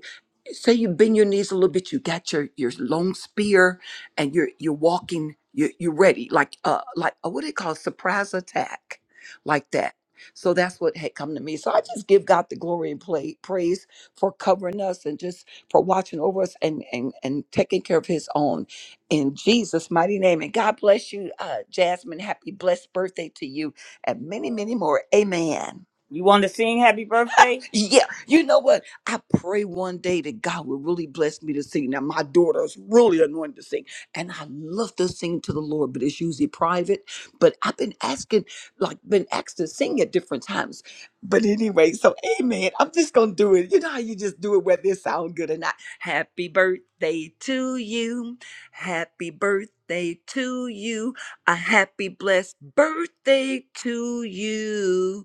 [SPEAKER 14] say you bend your knees a little bit you got your your long spear and you're you're walking you're, you're ready like uh like uh, what do they call it? surprise attack like that so that's what had come to me so i just give god the glory and play, praise for covering us and just for watching over us and and and taking care of his own in jesus mighty name and god bless you uh jasmine happy blessed birthday to you and many many more amen
[SPEAKER 1] You want to sing happy birthday?
[SPEAKER 14] yeah, you know what? I pray one day that God will really bless me to sing. Now, my daughter is really anointed to sing, and I love to sing to the Lord, but it's usually private. But I've been asking, like, been asked to sing at different times. But anyway, so amen. I'm just gonna do it. You know how you just do it whether it sounds good or not. Happy birthday to you. Happy birthday to you. A happy blessed birthday to you.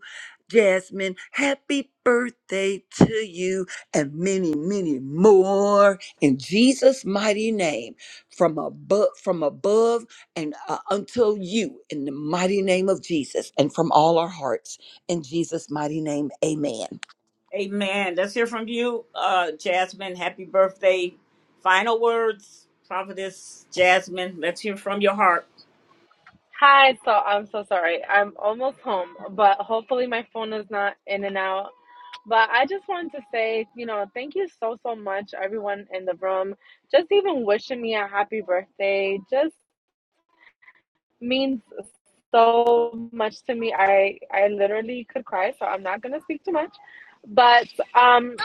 [SPEAKER 14] Jasmine, happy birthday to you and many, many more in Jesus' mighty name from above, from above and uh, until you in the mighty name of Jesus and from all our hearts in Jesus' mighty name. Amen.
[SPEAKER 1] Amen. Let's hear from you, uh, Jasmine. Happy birthday. Final words, Providence Jasmine. Let's hear from your heart.
[SPEAKER 6] Hi, so I'm so sorry. I'm almost home, but hopefully my phone is not in and out. But I just wanted to say, you know, thank you so, so much, everyone in the room. Just even wishing me a happy birthday. Just means so much to me. I I literally could cry, so I'm not gonna speak too much. But um,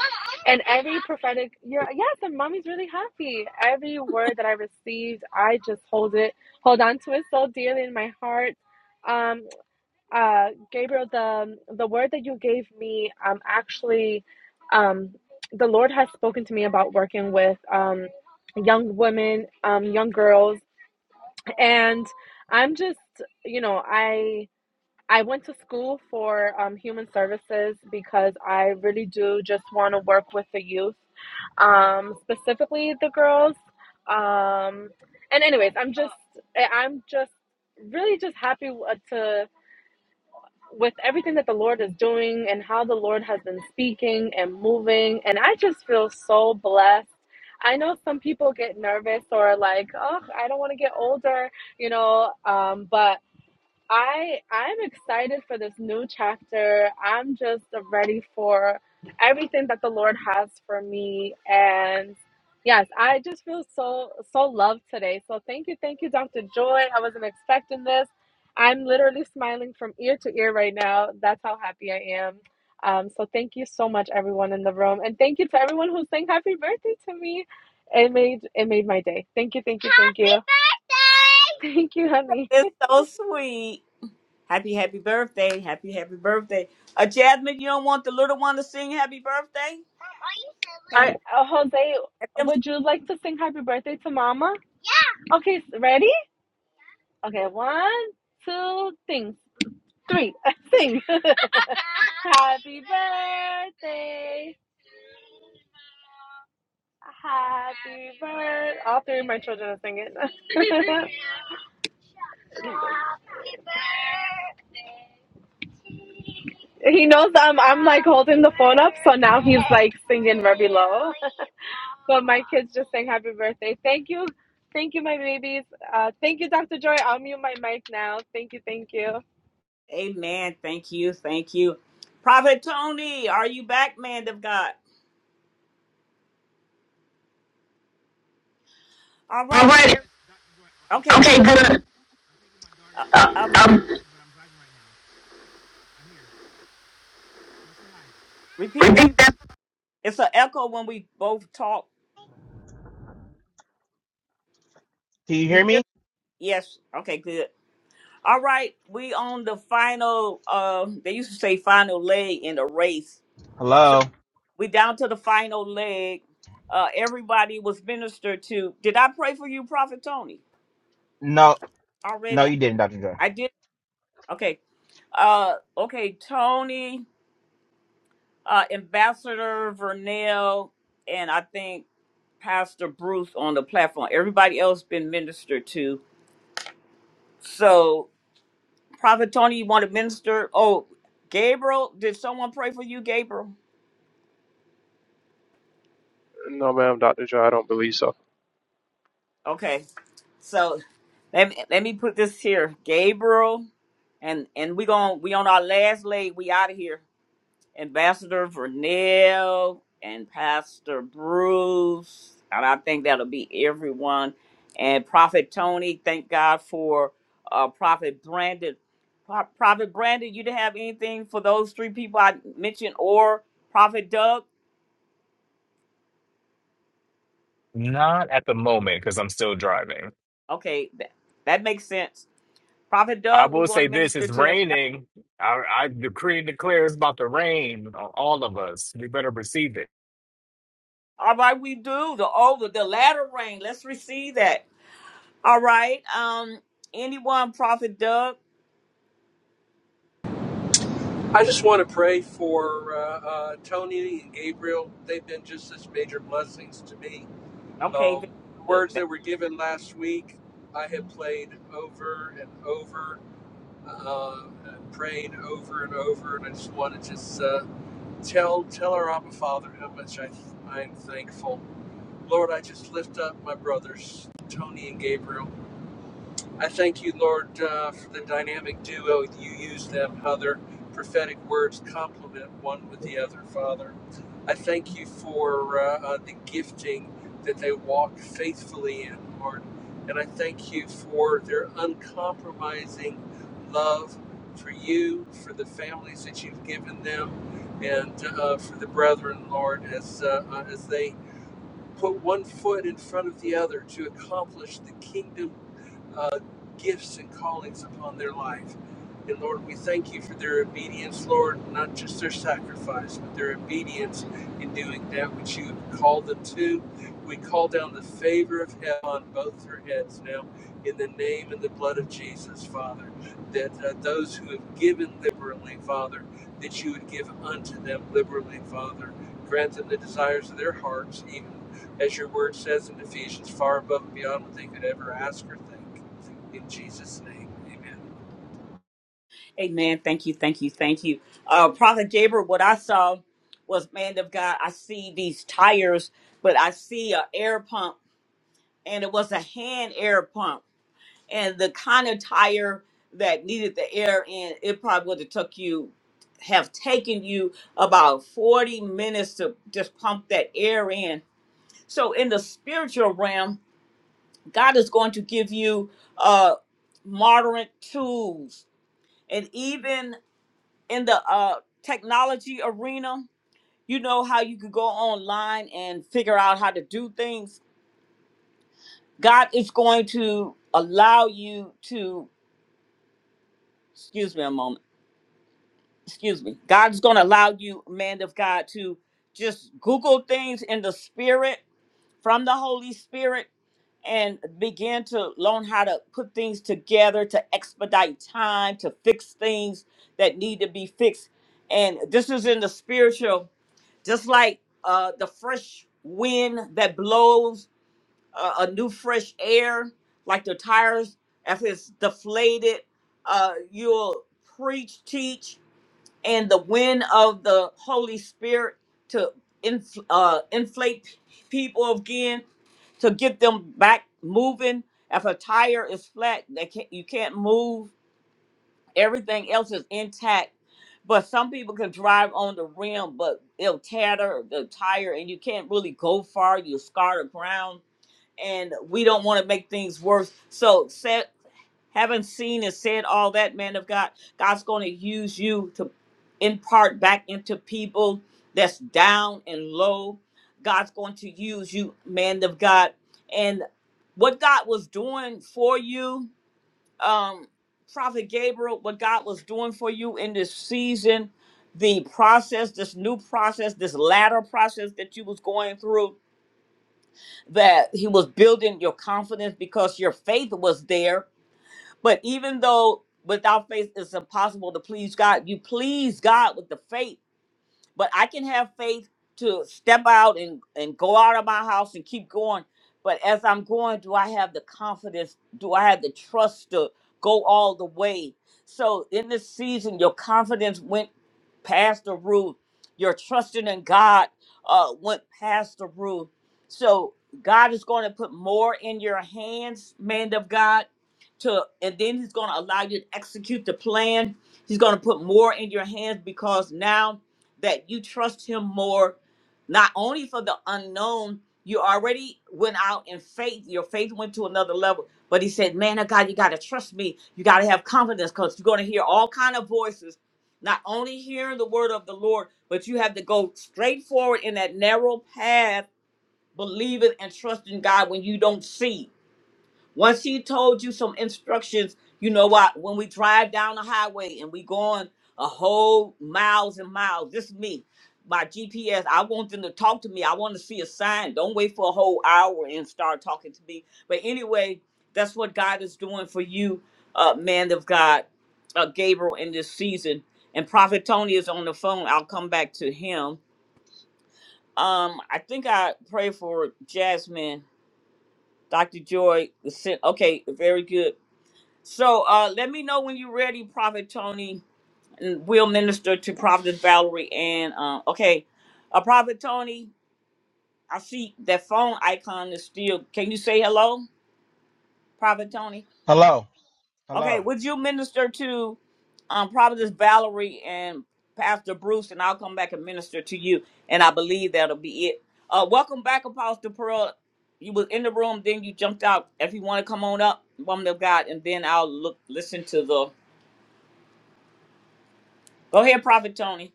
[SPEAKER 6] and every prophetic, you're yes, and mommy's really happy. Every word that I received, I just hold it, hold on to it so dearly in my heart. Um, uh, Gabriel, the the word that you gave me, um, actually, um, the Lord has spoken to me about working with um young women, um, young girls and i'm just you know i i went to school for um, human services because i really do just want to work with the youth um, specifically the girls um, and anyways i'm just I- am just really just happy uh, to with everything that the Lord is doing and how the Lord has been speaking and moving. And I just feel so blessed. I know some people get nervous or like, oh, I don't want to get older, you know, um, but I I'm excited for this new chapter. I'm just ready for everything that the Lord has for me and yes, I just feel so so loved today. So thank you, thank you Dr. Joy. I wasn't expecting this. I'm literally smiling from ear to ear right now. That's how happy I am. Um, so thank you so much everyone in the room and thank you to everyone who sang happy birthday to me. It made it made my day. Thank you, thank you, thank you. Happy birthday! Thank you, honey.
[SPEAKER 1] It's so sweet. Happy, happy birthday. Happy, happy birthday. Uh, Jasmine, you don't want the little one to sing happy birthday?
[SPEAKER 6] Are,
[SPEAKER 1] Can
[SPEAKER 6] uh, Jose,
[SPEAKER 1] you?
[SPEAKER 6] would you like to sing happy birthday to mama? Okay, s- ready? Okay, one, two, things. Three, sing. happy birthday. Happy birthday. All three of my children are singing. he knows that I'm, I'm like holding the phone up, so now he's like singing very low. But my kids just sang happy birthday. Thank you. Thank you, my babies. Uh, thank you, Dr. Joy. I'll mute my mic now. Thank you. Thank you.
[SPEAKER 1] Amen. Thank you. Thank you. Prophet Tony, are you back, man of God? All
[SPEAKER 15] All
[SPEAKER 1] right.
[SPEAKER 15] right.
[SPEAKER 1] Okay, good.
[SPEAKER 15] Okay, good.
[SPEAKER 1] Uh,
[SPEAKER 15] Uh,
[SPEAKER 1] um,
[SPEAKER 15] um,
[SPEAKER 1] repeat that.
[SPEAKER 15] repeat that.
[SPEAKER 1] It's an echo when we both talk. You hear? Yes. Okay, good. All right. We on the final, uh, they used to say final leg in the race. So we down to the final leg. Uh, everybody was ministered to. Did I pray for you, Prophet Tony? Already? I did. Okay. Uh, okay, Tony. uh, Ambassador Vernell and I think Pastor Bruce on the platform. Everybody else been ministered to. So, Prophet Tony, you want to minister? Oh, Gabriel, did someone pray for you, Gabriel?
[SPEAKER 9] No, ma'am, Dr. Joy, I don't believe so.
[SPEAKER 1] Okay, so let me, let me put this here, Gabriel, and and we going we on our last leg. We out of here. Ambassador Vernell and Pastor Bruce, and I think that'll be everyone. And Prophet Tony, thank God for uh, Prophet Brandon. Pro- Prophet Brandon, you didn't have anything for those three people I mentioned, or Prophet Doug?
[SPEAKER 10] Not at the moment because I'm still driving.
[SPEAKER 1] Okay, that, that makes sense. Prophet
[SPEAKER 10] I
[SPEAKER 1] Doug, we
[SPEAKER 10] will
[SPEAKER 1] want
[SPEAKER 10] say
[SPEAKER 1] to
[SPEAKER 10] this:
[SPEAKER 1] minister
[SPEAKER 10] it's
[SPEAKER 1] to.
[SPEAKER 10] raining. I, I decree and declare it's about to rain on all of us. We better receive it.
[SPEAKER 1] All right, we do the over the latter rain. Let's receive that. All right, um, anyone, Prophet Doug?
[SPEAKER 11] I just want to pray for uh, uh, Tony and Gabriel. They've been just such major blessings to me.
[SPEAKER 1] Okay, very
[SPEAKER 11] Um, the words
[SPEAKER 1] good.
[SPEAKER 11] that were given last week, I have played over and over, uh, and prayed over and over, and I just want to just uh, tell tell our Abba Father how much I I'm thankful. Lord, I just lift up my brothers, Tony and Gabriel. I thank you, Lord, uh, for the dynamic duo you use them, how their prophetic words complement one with the other, Father. I thank you for uh, uh, the gifting that they walk faithfully in, Lord. And I thank you for their uncompromising love for you, for the families that you've given them, and uh, uh, for the brethren, Lord, as, uh, uh, as they put one foot in front of the other to accomplish the kingdom uh, gifts and callings upon their life. And Lord, we thank you for their obedience, Lord, not just their sacrifice, but their obedience in doing that which you have called them to. We call down the favor of heaven on both their heads now, in the name and the blood of Jesus, Father, that uh, those who have given liberally, Father, that you would give unto them liberally, Father. Grant them the desires of their hearts, even as your word says in Ephesians, far above and beyond what they could ever ask or think. In Jesus' name, amen.
[SPEAKER 1] Amen. Thank you. Thank you. Thank you. Uh, Prophet Gabriel, what I saw was, man of God, I see these tires, but I see a air pump, and it was a hand air pump. And the kind of tire that needed the air in, it probably would have took you, have taken you about 40 minutes to just pump that air in. So in the spiritual realm, God is going to give you uh, moderate tools. And even in the uh, technology arena, you know how you could go online and figure out how to do things. God is going to allow you to, excuse me a moment, excuse me. God is going to allow you, man of God, to just Google things in the spirit from the Holy Spirit and begin to learn how to put things together to expedite time, to fix things that need to be fixed. And this is in the spiritual just like uh, the fresh wind that blows uh, a new fresh air, like the tires, if it's deflated, uh, you'll preach, teach, and the wind of the Holy Spirit to inf- uh, inflate people again, to get them back moving. If a tire is flat, they can't, you can't move Everything else is intact. But some people can drive on the rim, but it'll tatter the tire and you can't really go far. You scar the ground. And we don't want to make things worse. So said having seen and said all that, man of God, God's gonna use you to impart back into people that's down and low. God's going to use you, man of God. And what God was doing for you um, Prophet Gabriel, what God was doing for you in this season, the process, this new process, this latter process that you was going through, that He was building your confidence because your faith was there. But even though without faith it's impossible to please God, you please God with the faith but I can have faith to step out and, and go out of my house and keep going. But as I'm going, do I have the confidence? Do I have the trust to go all the way? So in this season, your confidence went past the roof. Your trusting in God uh, went past the roof. So God is going to put more in your hands, man of God, to and then He's going to allow you to execute the plan. He's going to put more in your hands because now that you trust him more, not only for the unknown, you already went out in faith. Your faith went to another level. But he said, Man of God, you gotta trust me. You gotta have confidence because you're gonna hear all kind of voices. Not only hearing the word of the Lord, but you have to go straight forward in that narrow path, believing and trusting God when you don't see. Once he told you some instructions, you know what? When we drive down the highway and we going a whole miles and miles, this is me. My GPS, I want them to talk to me. I want to see a sign. Don't wait for a whole hour and start talking to me. But anyway, that's what God is doing for you, uh, man of God, uh, Gabriel, in this season. And Prophet Tony is on the phone. I'll come back to him. Um, I think I pray for Jasmine, Dr. Joy. the sin- Okay, very good. So uh, let me know when you're ready, Prophet Tony, and we'll minister to Prophet Valerie. And uh, okay, uh, Prophet Tony, I see that phone icon is still. Can you say hello, Prophet Tony? Okay, would you minister to um, Prophetess Valerie and Pastor Bruce, and I'll come back and minister to you. And I believe that'll be it. Uh, welcome back, Apostle Pearl. You was in the room, then you jumped out. If you want to come on up, woman of God, and then I'll look listen to the. Go ahead, Prophet Tony.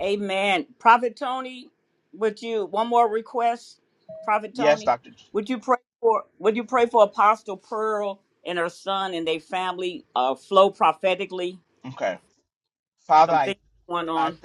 [SPEAKER 1] Amen. Prophet Tony, would you one more request? Prophet Tony, would you pray for would you pray for Apostle Pearl and her son and their family uh flow prophetically? Some things going on.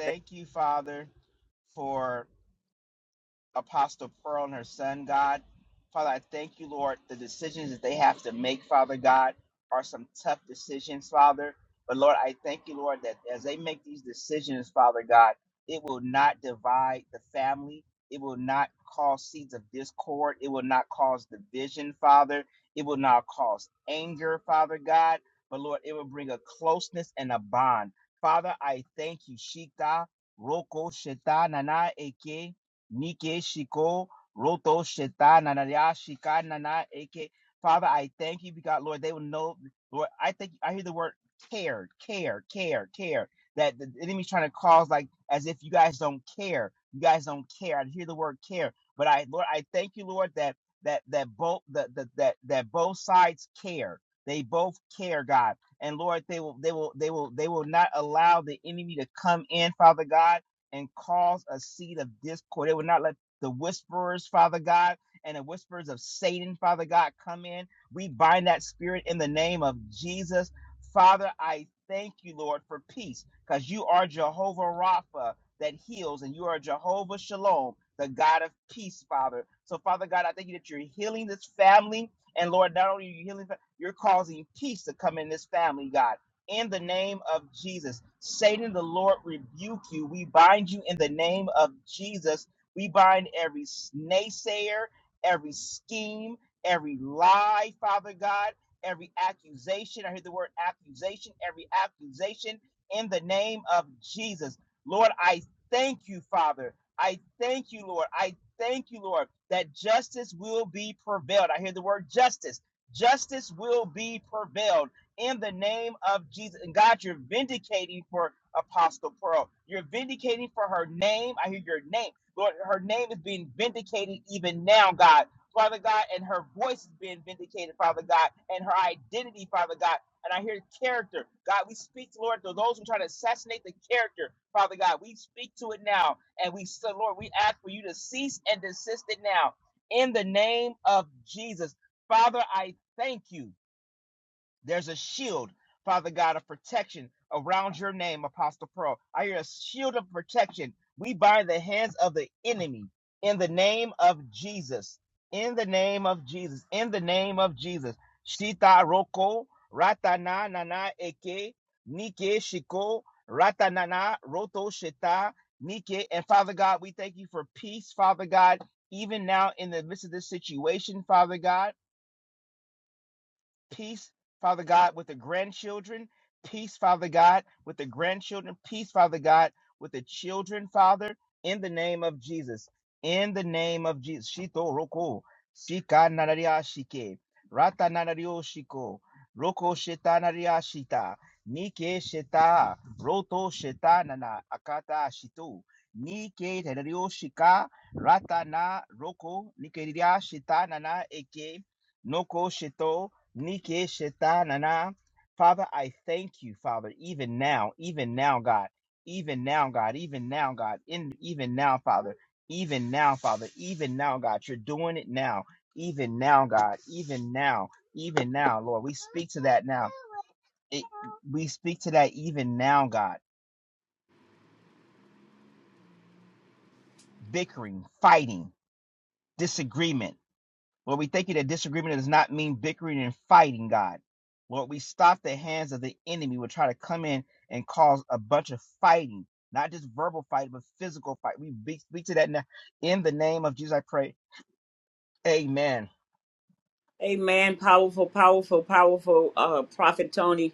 [SPEAKER 1] Amen. Powerful, powerful, powerful uh Prophet Tony.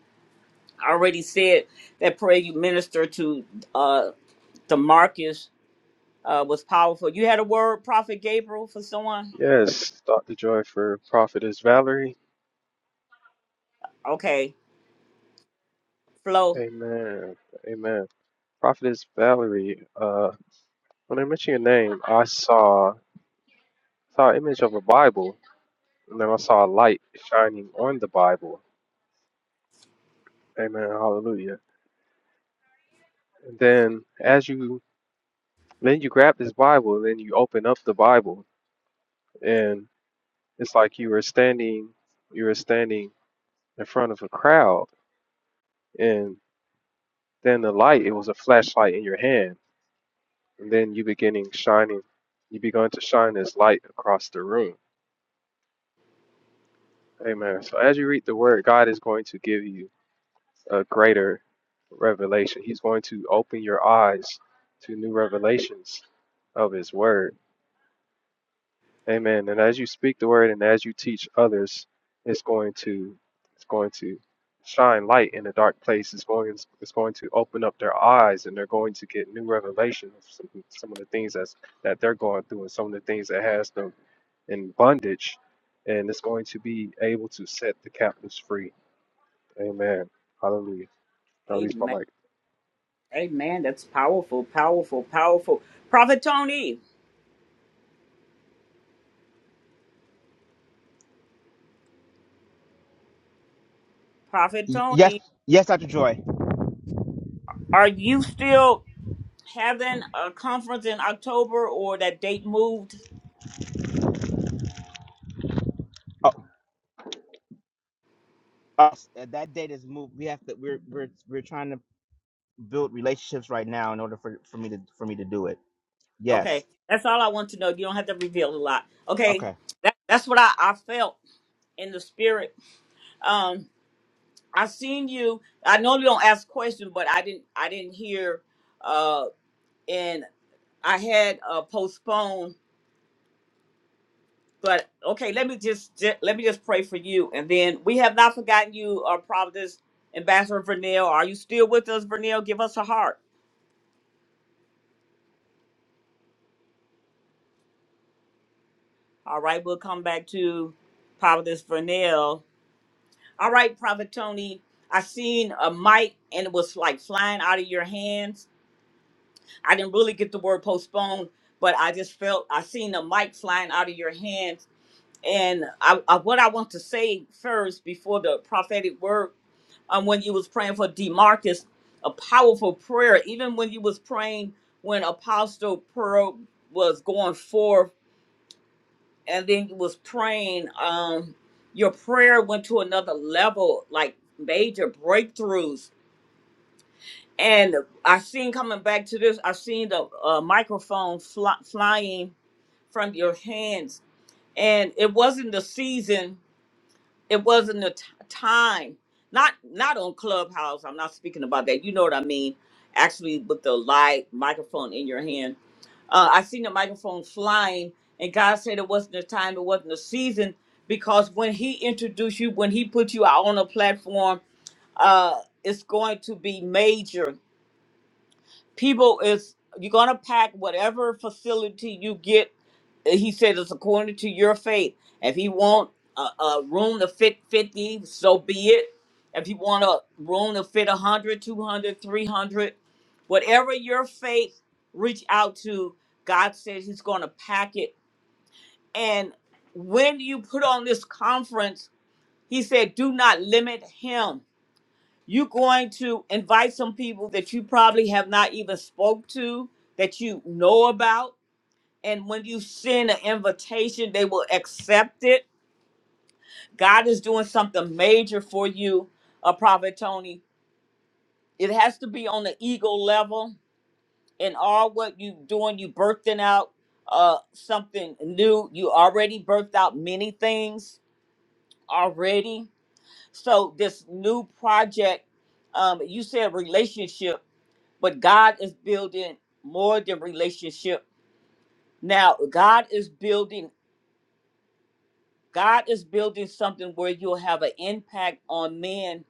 [SPEAKER 1] already said that prayer you ministered to uh Demarcus uh was powerful. You had a word, Prophet Gabriel, for someone?
[SPEAKER 9] Yes, Dr. Joy for Prophetess Valerie.
[SPEAKER 1] Okay. Flow.
[SPEAKER 9] Amen. Amen. Prophetess Valerie, uh, when I mentioned your name, I saw, saw an image of a Bible, and then I saw a light shining on the Bible Amen. Hallelujah. And then as you then you grab this Bible, and then you open up the Bible, and it's like you were standing you were standing in front of a crowd, and then the light it was a flashlight in your hand, and then you beginning shining, you begun to shine this light across the room. Amen. So as you read the Word, God is going to give you a greater revelation. He's going to open your eyes to new revelations of His Word Amen. And as you speak the word and as you teach others, it's going to it's going to shine light in a dark place. It's going it's going to open up their eyes and they're going to get new revelation of some, some of the things that's that they're going through and some of the things that has them in bondage. And it's going to be able to set the captives free. Amen. Hallelujah. I release my mic.
[SPEAKER 1] Amen. That's powerful, powerful, powerful. Prophet Tony, Prophet Tony, are you still having a conference in October or that date moved? Okay, that's all I want to know. You don't have to reveal a lot. Okay, that, that's what I, I felt in the spirit. Um, I seen you. I know you don't ask questions, but I didn't. I didn't hear. Uh, and I had uh, postponed But okay, let me just, ju- let me just pray for you, and then we have not forgotten you, our Providence Ambassador Vernell. Are you still with us, Vernell? Give us a heart. All right, we'll come back to Providence Vernell. All right, Prophet Tony. I seen a mic and it was like flying out of your hands. I didn't really get the word postponed, but I just felt I seen a mic flying out of your hands and I, I what I want to say first before the prophetic word, um, when you was praying for Demarcus, a powerful prayer. Even when you was praying when Apostle Pearl was going forth, and then you was praying, um, your prayer went to another level, like major breakthroughs. And I seen coming back to this, I seen the uh, microphone fly, flying from your hands, and it wasn't the season it wasn't a t- time not not on clubhouse i'm not speaking about that you know what i mean actually with the live microphone in your hand uh, i seen the microphone flying and god said it wasn't a time it wasn't a season because when he introduced you when he put you out on a platform uh, it's going to be major people is you're gonna pack whatever facility you get. eh, He said it's according to your faith. If he want a, a room to fit 50, so be it. If you want a room to fit 100, 200, whatever your faith reach out to, God says he's going to pack it. And when you put on this conference, he said, do not limit him you're going to invite some people that you probably have not even spoke to, that you know about. And when you send an invitation, they will accept it. God is doing something major for you, uh, Prophet Tony. It has to be on the ego level. In all what you doing, you birthing out uh, something new. You already birthed out many things already. So this new project, um, you said relationship. but God is building more than relationship. Now, God is building God is building something where you'll have an impact on men.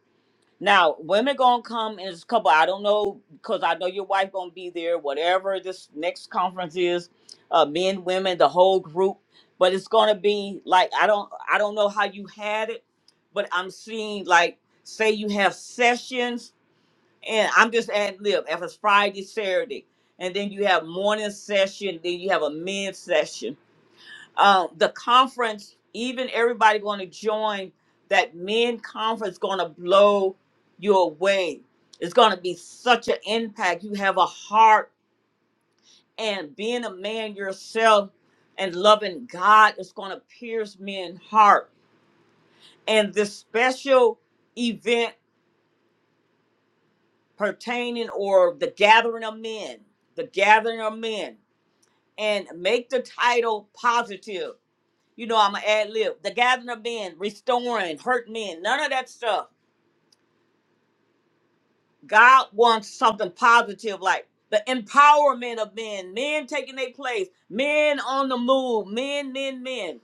[SPEAKER 1] Now, women gonna come in this couple. I don't know because I know your wife gonna be there. Whatever this next conference is, uh, men, women, the whole group. But it's gonna be like I don't I don't know how you had it, but I'm seeing like say you have sessions and I'm just ad lib. If it's Friday, Saturday, and then you have morning session, then you have a mid session. Uh, the conference, even everybody going to join that men conference, going to blow you away. It's going to be such an impact. You have a heart, and being a man yourself and loving God is going to pierce men's heart. And this special event pertaining or the gathering of men, the gathering of men. and make the title positive. You know, I'm an ad lib. The gathering of men, restoring, hurt men, none of that stuff. God wants something positive, like the empowerment of men, men taking their place, men on the move, men, men, men.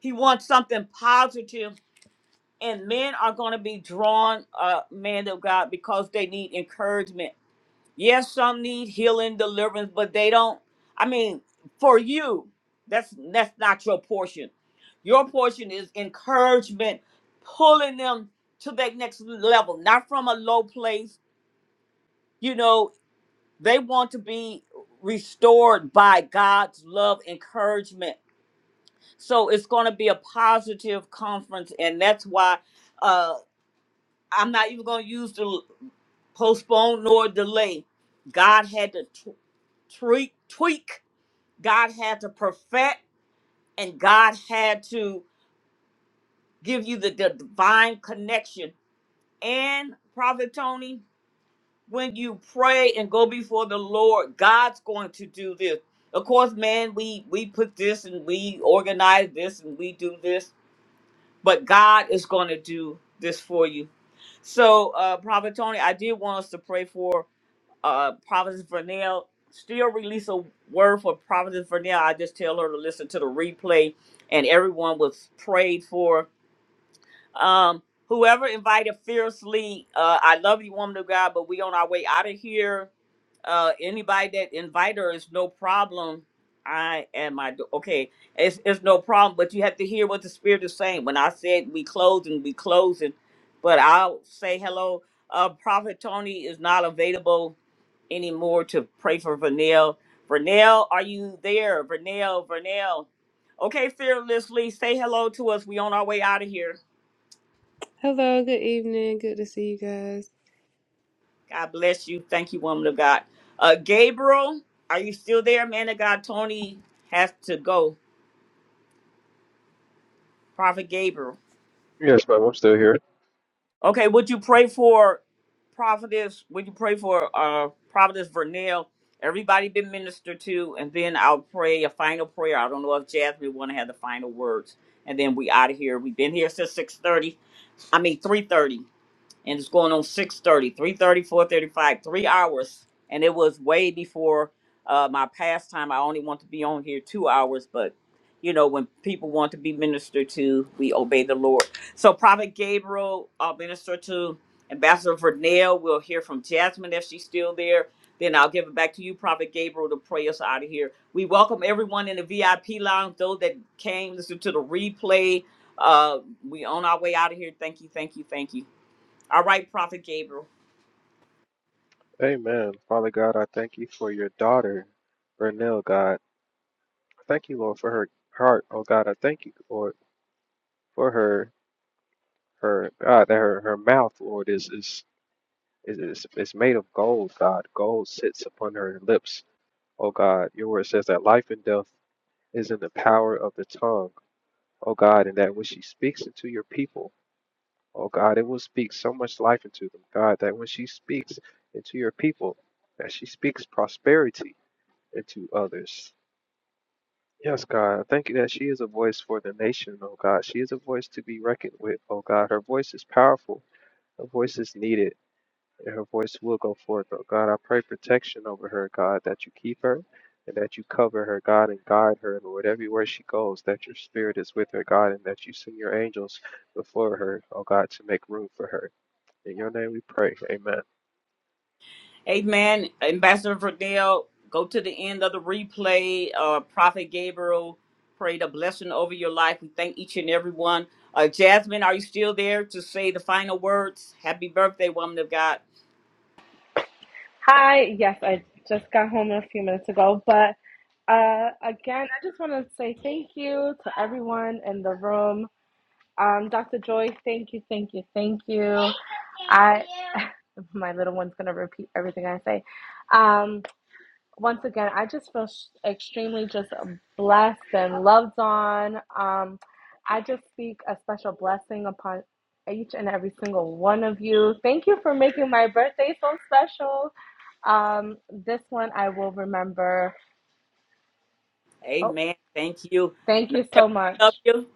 [SPEAKER 1] He wants something positive, and men are going to be drawn, uh, man of God, because they need encouragement Yes, some need healing, deliverance, but they don't. I mean, for you, that's that's not your portion. Your portion is encouragement, pulling them to that next level, not from a low place. You know, they want to be restored by God's love, encouragement. So it's going to be a positive conference, and that's why uh, I'm not even going to use the l- postpone nor delay. God had to t- tweak, tweak God had to perfect and God had to give you the, the divine connection. And Prophet Tony, when you pray and go before the Lord, God's going to do this. Of course, man, we we put this and we organize this and we do this, but God is going to do this for you. So, uh, Prophet Tony, I did want us to pray for uh Providence Vernell still release a word for Providence Vernell. I just tell her to listen to the replay and everyone was prayed for. Um whoever invited fiercely, uh I love you woman of God, but we on our way out of here. Uh anybody that invite her is no problem. I and my do- okay, it's it's no problem, but you have to hear what the spirit is saying. When I said we closing, we closing, but I'll say hello. Uh Prophet Tony is not available anymore to pray for Vernell. Vernell, are you there? Vernell, Vernell. Okay, fearlessly, say hello to us. We on our way out of here.
[SPEAKER 16] Hello, good evening. Good to see you guys.
[SPEAKER 1] God bless you. Thank you, woman of God. Uh, Gabriel, are you still there? Man of God, Tony has to go. Prophet Gabriel.
[SPEAKER 9] Yes, but I'm still here.
[SPEAKER 1] Okay, would you pray for Prophetess? Would you pray for uh Prophetess Vernell? Everybody been ministered to, and then I'll pray a final prayer. I don't know if Jasmine want to have the final words, and then we out of here. We've been here since six thirty. I mean three thirty and it's going on six thirty, three thirty, four thirty-five, three hours and it was way before uh, my past time i only want to be on here two hours but you know when people want to be ministered to we obey the lord so prophet gabriel i'll minister to ambassador vernell we'll hear from jasmine if she's still there then i'll give it back to you prophet gabriel to pray us out of here we welcome everyone in the vip lounge those that came listen to the replay uh, we on our way out of here thank you thank you thank you all right, Prophet Gabriel.
[SPEAKER 9] Amen. Father God, I thank you for your daughter, Renelle God. Thank you, Lord, for her heart. Oh God, I thank you, Lord, for her her God that her, her mouth, Lord, is is is is is made of gold, God. Gold sits upon her lips. Oh God, your word says that life and death is in the power of the tongue. Oh God, and that when she speaks into your people, oh God, it will speak so much life into them, God, that when she speaks into your people, that she speaks prosperity into others. Yes, God. Thank you that she is a voice for the nation, oh God. She is a voice to be reckoned with, oh God. Her voice is powerful. Her voice is needed, and her voice will go forth, oh God. I pray protection over her, God, that you keep her and that you cover her, God, and guide her, Lord, everywhere she goes, that your spirit is with her, God, and that you send your angels before her, oh God, to make room for her. In your name we pray. Amen.
[SPEAKER 1] Amen. Ambassador Verdell, go to the end of the replay. Uh, Prophet Gabriel, pray the blessing over your life. We thank each and every one. Uh, Jasmine, are you still there to say the final words? Happy birthday, woman of God.
[SPEAKER 6] Hi. Yes, I just got home a few minutes ago. But uh, again, I just want to say thank you to everyone in the room. Um, Dr. Joy, thank you, thank you, thank you. I, my little one's going to repeat everything I say. Um, once again, I just feel sh- extremely just blessed and loved on. Um, I just speak a special blessing upon each and every single one of you. Thank you for making my birthday so special. Um, this one I will remember. Oh,
[SPEAKER 1] Amen. Thank you.
[SPEAKER 6] thank
[SPEAKER 1] Know
[SPEAKER 6] you
[SPEAKER 1] that
[SPEAKER 6] so much.
[SPEAKER 1] we love you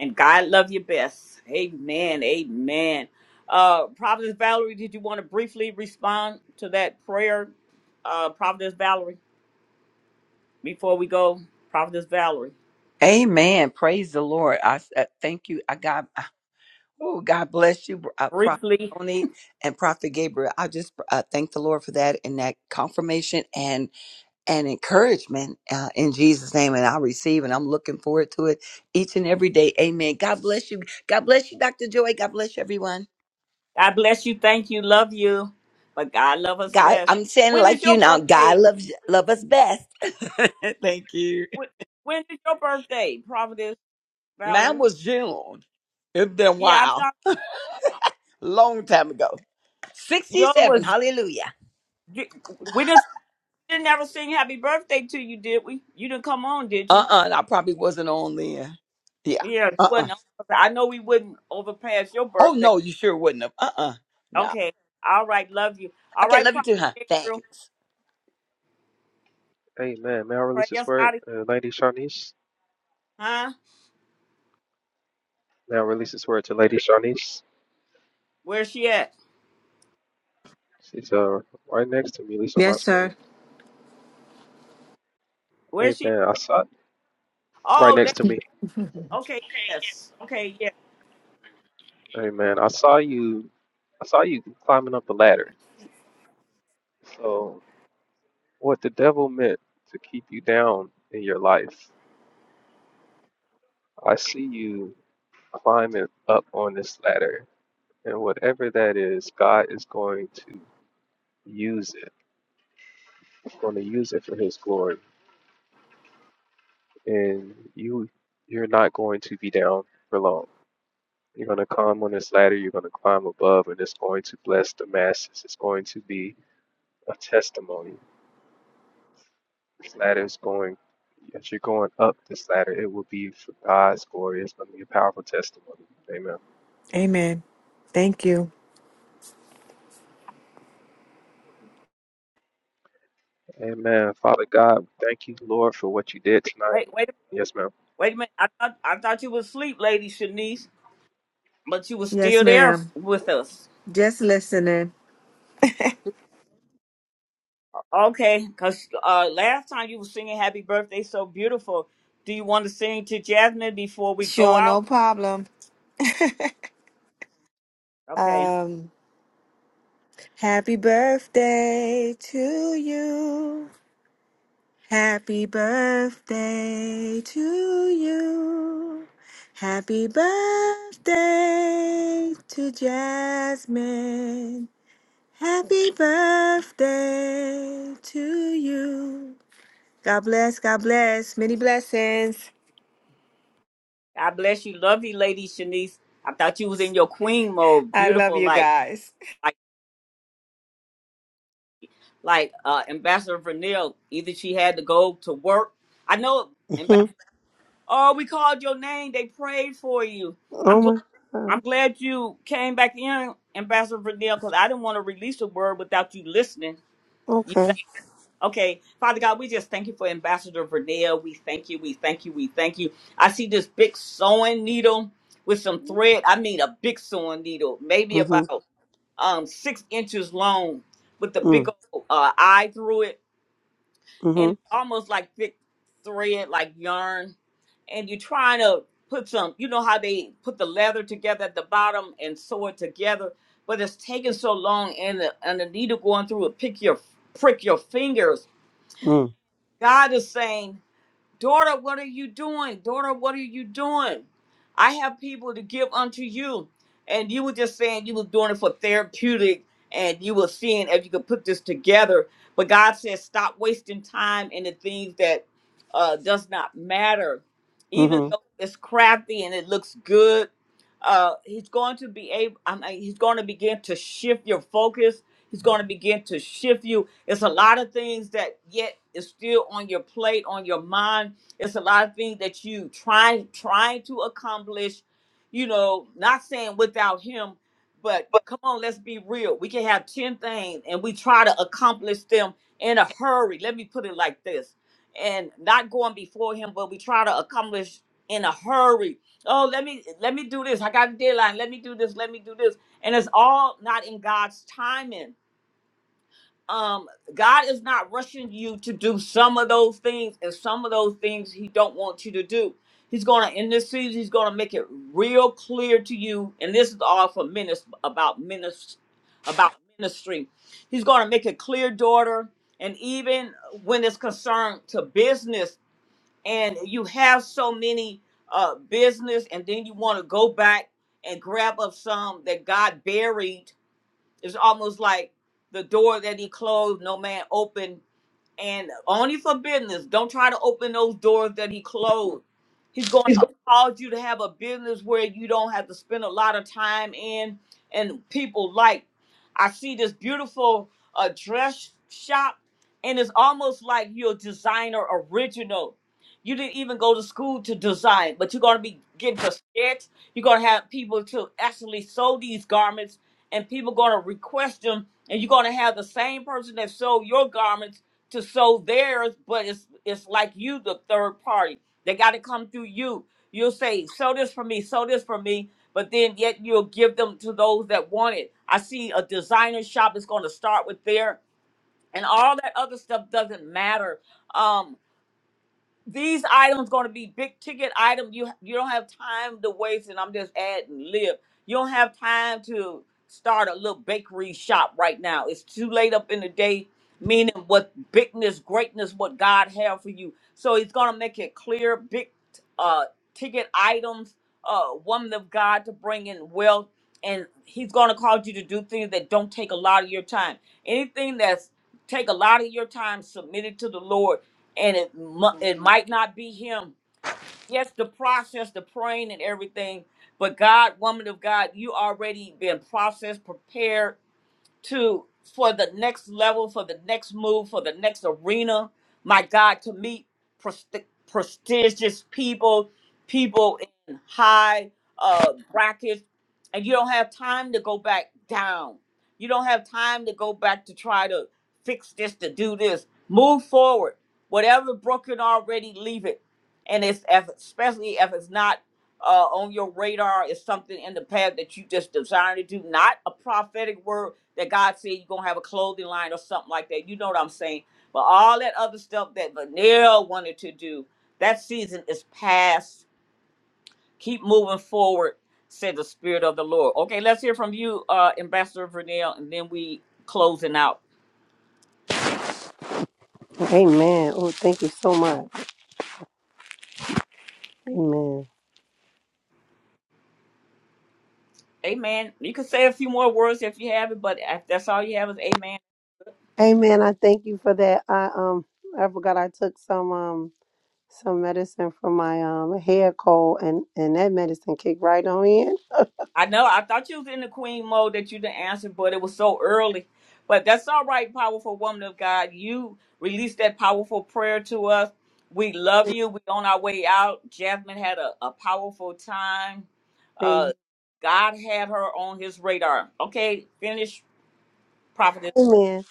[SPEAKER 1] and God love you best. Amen. Amen. Uh, Prophetess Valerie, did you want to briefly respond to that prayer? Uh, Prophetess Valerie, before we go, Prophetess Valerie.
[SPEAKER 14] Amen. Praise the Lord. I s- uh, thank you. I God, oh God bless you, uh, Prophet
[SPEAKER 1] briefly.
[SPEAKER 14] Tony and Prophet Gabriel. I just uh, thank the Lord for that and that confirmation and and encouragement uh, in Jesus' name. And I receive, and I'm looking forward to it each and every day. Amen. God bless you. God bless you, Doctor Joy. God bless you, everyone.
[SPEAKER 1] God bless you. Thank you. Love you. But God love us
[SPEAKER 14] God,
[SPEAKER 1] best.
[SPEAKER 14] I'm saying
[SPEAKER 1] When is
[SPEAKER 14] like you
[SPEAKER 1] your
[SPEAKER 14] now. God
[SPEAKER 1] birthday?
[SPEAKER 14] loves love us best. Thank you.
[SPEAKER 1] When when is your birthday, Providence
[SPEAKER 14] Mine
[SPEAKER 1] Valerie?
[SPEAKER 14] was June. It's been a
[SPEAKER 1] Yeah, I
[SPEAKER 14] while,
[SPEAKER 1] thought
[SPEAKER 14] long time ago.
[SPEAKER 1] yours
[SPEAKER 14] 67.
[SPEAKER 1] was.
[SPEAKER 14] Hallelujah.
[SPEAKER 1] di- We just didn't ever sing happy birthday to you, did we? You didn't come on, did
[SPEAKER 14] Uh
[SPEAKER 1] you?
[SPEAKER 14] uh I probably wasn't on then. Yeah.
[SPEAKER 1] Yeah, you
[SPEAKER 14] Uh uh
[SPEAKER 1] wasn't. on. I know we wouldn't overpass your
[SPEAKER 14] Oh
[SPEAKER 1] birthday.
[SPEAKER 14] no, you sure wouldn't have. Uh uh No.
[SPEAKER 1] Okay. All right. Love you. All
[SPEAKER 14] Okay,
[SPEAKER 1] right,
[SPEAKER 14] love you
[SPEAKER 1] Prophet
[SPEAKER 14] too, huh?
[SPEAKER 1] Gabriel.
[SPEAKER 14] Thanks.
[SPEAKER 9] Amen. May I
[SPEAKER 1] Pray
[SPEAKER 9] release this
[SPEAKER 1] us
[SPEAKER 9] word,
[SPEAKER 1] out of
[SPEAKER 9] uh, Lady Shawnice?
[SPEAKER 1] here. Huh?
[SPEAKER 9] May I release this word to Lady Shawnice?
[SPEAKER 1] Where's she at?
[SPEAKER 9] It's uh right next to me, Lisa my
[SPEAKER 17] Yes,
[SPEAKER 9] screen.
[SPEAKER 17] sir.
[SPEAKER 9] Hey
[SPEAKER 1] Where's she at?
[SPEAKER 9] man, I saw right
[SPEAKER 1] Oh,
[SPEAKER 9] next to
[SPEAKER 1] la-
[SPEAKER 9] me.
[SPEAKER 1] okay. Yes. Okay. Yeah.
[SPEAKER 9] Hey man, I saw you. I saw you climbing up the ladder. So what the devil meant to keep you down in your life? I see you climbing up on this ladder, and whatever that is, God is going to use it. He's going to use it for His glory, and you you're not going to be down for long. You're going to come on this ladder, you're going to climb above, and it's going to bless the masses. It's going to be a testimony. This ladder is going, as you're going up this ladder, it will be for God's glory. It's going to be a powerful testimony. Amen.
[SPEAKER 17] Amen. Thank you.
[SPEAKER 9] Amen. Father God, thank you, Lord, for what you did
[SPEAKER 1] Wait, wait a
[SPEAKER 9] tonight. Yes, ma'am.
[SPEAKER 1] Wait a minute. I thought I thought you was asleep, Lady Shanice, but you was
[SPEAKER 17] Yes,
[SPEAKER 1] still there
[SPEAKER 17] ma'am.
[SPEAKER 1] with us.
[SPEAKER 17] Just listening.
[SPEAKER 1] Okay, because uh, last time you were singing "Happy Birthday" so beautiful. Do you want to sing to Jasmine before we go
[SPEAKER 17] Sure, no
[SPEAKER 1] out?
[SPEAKER 17] problem.
[SPEAKER 1] Okay.
[SPEAKER 17] um, happy birthday to you. Happy birthday to you. Happy birthday to Jasmine. Happy birthday to you. God bless, God bless. Many blessings.
[SPEAKER 1] God bless you, love you, Lady Shanice. I thought you was in your queen mode,
[SPEAKER 17] I love
[SPEAKER 1] beautiful,
[SPEAKER 17] you
[SPEAKER 1] like
[SPEAKER 17] guys.
[SPEAKER 1] like like uh, Ambassador Vernell. Either she had to go to work. I know
[SPEAKER 12] Mhm.
[SPEAKER 1] Ambassador. Oh, we called your name. They prayed for you. I'm
[SPEAKER 12] Oh
[SPEAKER 1] glad.
[SPEAKER 12] my
[SPEAKER 1] I'm
[SPEAKER 12] God.
[SPEAKER 1] glad you came back in, Ambassador Vernell, because I didn't want to release a word without you listening. You,
[SPEAKER 12] Okay.
[SPEAKER 1] okay, Father God, we just thank you for Ambassador Vernell. We thank you, we thank you, we thank you. I see this big sewing needle with some thread. I mean, a big sewing needle, maybe
[SPEAKER 12] Mhm.
[SPEAKER 1] about um six inches long, with the big
[SPEAKER 12] Mm.
[SPEAKER 1] old uh, eye through it and
[SPEAKER 12] Mhm.
[SPEAKER 1] it's almost like thick thread, like yarn. And you're trying to put some, you know how they put the leather together at the bottom and sew it together, but it's taking so long, and the and the needle going through it, pick your prick your fingers.
[SPEAKER 12] Mm.
[SPEAKER 1] God is saying Daughter, what are you doing? Daughter, what are you doing? I have people to give unto you. And you were just saying you was doing it for therapeutic and you were seeing if you could put this together. But God says, stop wasting time in the things that uh, does not matter. Even
[SPEAKER 12] Mhm.
[SPEAKER 1] though it's crafty and it looks good, uh, he's going to be able, I mean, he's going to begin to shift your focus. He's going to begin to shift you it's a lot of things that yet is still on your plate, on your mind. It's a lot of things that you trying trying to accomplish. You know, not saying without him, but come on, let's be real. We can have 10 things and we try to accomplish them in a hurry. Let me put it like this. And not going before him, but we try to accomplish in a hurry. Oh, let me let me do this. I got a deadline. Let me do this. Let me do this. And it's all not in God's timing um god is not rushing you to do some of those things and some of those things he don't want you to do he's going to in this season he's going to make it real clear to you and this is all for minister about minister about ministry he's going to make it clear daughter and even when it's concerned to business and you have so many uh business and then you want to go back and grab up some that god buried it's almost like the door that he closed, no man opened and only for business. Don't try to open those doors that he closed. He's going to cause you to have a business where you don't have to spend a lot of time in, and people like. I see this beautiful uh, dress shop, and it's almost like you're a designer original. You didn't even go to school to design, but you're going to be getting to sketch. You're going to have people to actually sew these garments, and people going to request them, and you're going to have the same person that sold your garments to sow theirs, but it's it's like you, the third party. They got to come through you. You'll say, "Sow this for me, sow this for me," but then yet you'll give them to those that want it. I see a designer shop is going to start with there, and all that other stuff doesn't matter. Um, these items going to be big ticket items. You you don't have time to waste, and I'm just adding live. You don't have time to start a little bakery shop right now. It's too late up in the day. Meaning, what bigness, greatness, what God have for you. So He's going to make it clear. Big uh, ticket items. Uh, woman of God to bring in wealth, and He's going to cause you to do things that don't take a lot of your time. Anything that's take a lot of your time, submit it to the Lord and it mu- it might not be him. Yes, the process, the praying and everything, but God, woman of God, you already been processed, prepared, to for the next level, for the next move, for the next arena. My God, to meet presti- prestigious people, people in high uh, brackets, and you don't have time to go back down. You don't have time to go back to try to fix this, to do this. Move forward. Whatever broken already, leave it. And it's if, especially if it's not uh, on your radar, it's something in the past that you just desire to do, not a prophetic word that God said you're gonna have a clothing line or something like that. You know what I'm saying? But all that other stuff that Vanilla wanted to do, that season is past. Keep moving forward, said the Spirit of the Lord. Okay, let's hear from you, uh, Ambassador Vernell, and then we closing out.
[SPEAKER 12] Amen. Oh, thank you so much. Amen.
[SPEAKER 1] Amen. You can say a few more words if you have it, but if that's all you have is amen.
[SPEAKER 12] Amen. I thank you for that. I um I forgot I took some um some medicine for my um hair cold and and that medicine kicked right on in.
[SPEAKER 1] I know. I thought you was in the queen mode that you didn't answer, but it was so early. But that's all right, powerful woman of God. You released that powerful prayer to us. We love you. we on our way out. Jasmine had a, a powerful time. Uh,
[SPEAKER 12] Amen.
[SPEAKER 1] God had her on his radar. Okay, finish, prophetess
[SPEAKER 12] Amen.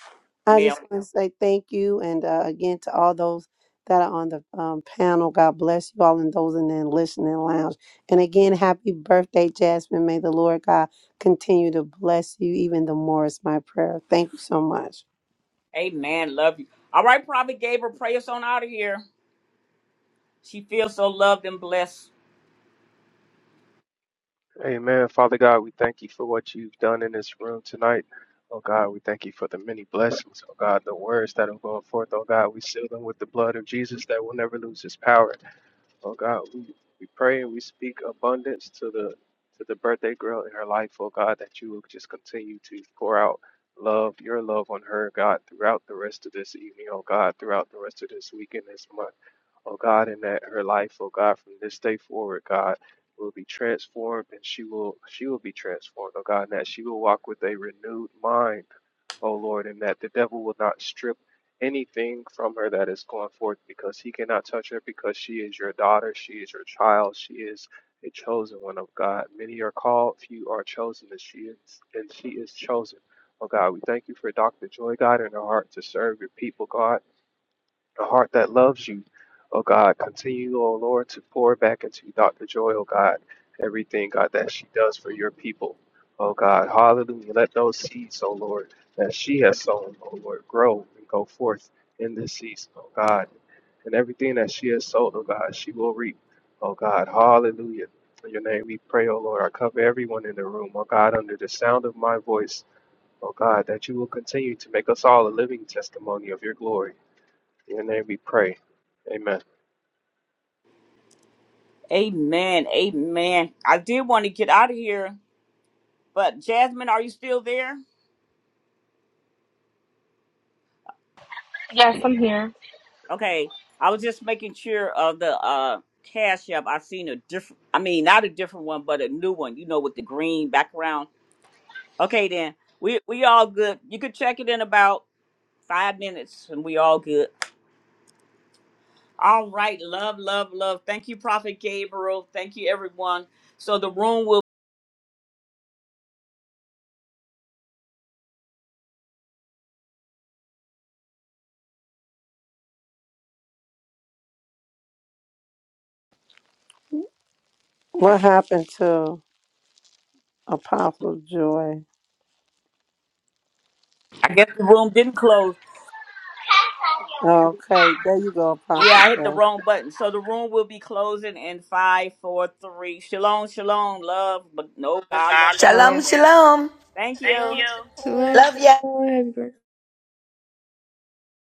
[SPEAKER 12] I
[SPEAKER 1] Pernell.
[SPEAKER 12] just want to say thank you, and uh, again to all those that are on the um, panel. God bless you all, and those in the listening lounge. And again, happy birthday, Jasmine. May the Lord God continue to bless you even the more. Is my prayer. Thank you so much.
[SPEAKER 1] Amen. Love you. All right, prophet Gabriel, pray us on out of here. She feels so loved and blessed.
[SPEAKER 9] Amen. Father God, we thank you for what you've done in this room tonight. Oh God, we thank you for the many blessings. Oh God, the words that are going forth. Oh God, we seal them with the blood of Jesus that will never lose its power. Oh God, we, we pray and we speak abundance to the to the birthday girl in her life, oh God, that you will just continue to pour out love, your love on her, God, throughout the rest of this evening, oh God, throughout the rest of this weekend, this month oh God, and that her life, oh God, from this day forward, God, will be transformed and she will she will be transformed, oh God, and that she will walk with a renewed mind, oh Lord, and that the devil will not strip anything from her that is going forth because he cannot touch her because she is your daughter, she is your child, she is a chosen one of God. Many are called, few are chosen, and she is and she is chosen. Oh God, we thank you for Dr. Joy, God, in her heart to serve your people, God a heart that loves you. Oh God, continue, oh Lord, to pour back into Dr. Joy, oh God, everything, God, that she does for your people. Oh God, hallelujah. Let those seeds, oh Lord, that she has sown, oh Lord, grow and go forth in this season, oh God. And everything that she has sown, oh God, she will reap. Oh God, hallelujah. In your name we pray, oh Lord. I cover everyone in the room, oh God, under the sound of my voice, oh God, that you will continue to make us all a living testimony of your glory. In your name we pray. Amen.
[SPEAKER 1] Amen. Amen. I did want to get out of here But Jasmine, are you still there?
[SPEAKER 6] Yes, I'm here.
[SPEAKER 1] Okay, I was just making sure of the uh cash app. I seen a different, I mean, not a different one, but a new one. You know, with the green background. Okay, then we we all good. You could check it in about five minutes, and we all good. All right, love, love, love. Thank you, Prophet Gabriel. Thank you, everyone. So the room will.
[SPEAKER 12] What happened to Apostle Joy?
[SPEAKER 1] I guess the room didn't close.
[SPEAKER 12] Okay, there you go,
[SPEAKER 1] Yeah,
[SPEAKER 12] Apostle
[SPEAKER 1] I hit the wrong button. So the room will be closing in five, four, three. Shalom, shalom, love, but no God love us.
[SPEAKER 12] Joy.
[SPEAKER 14] Shalom,
[SPEAKER 1] better.
[SPEAKER 14] shalom.
[SPEAKER 1] Thank you.
[SPEAKER 14] Thank you.
[SPEAKER 16] Shalom,
[SPEAKER 14] Love ya.
[SPEAKER 16] shalom. Happy birthday.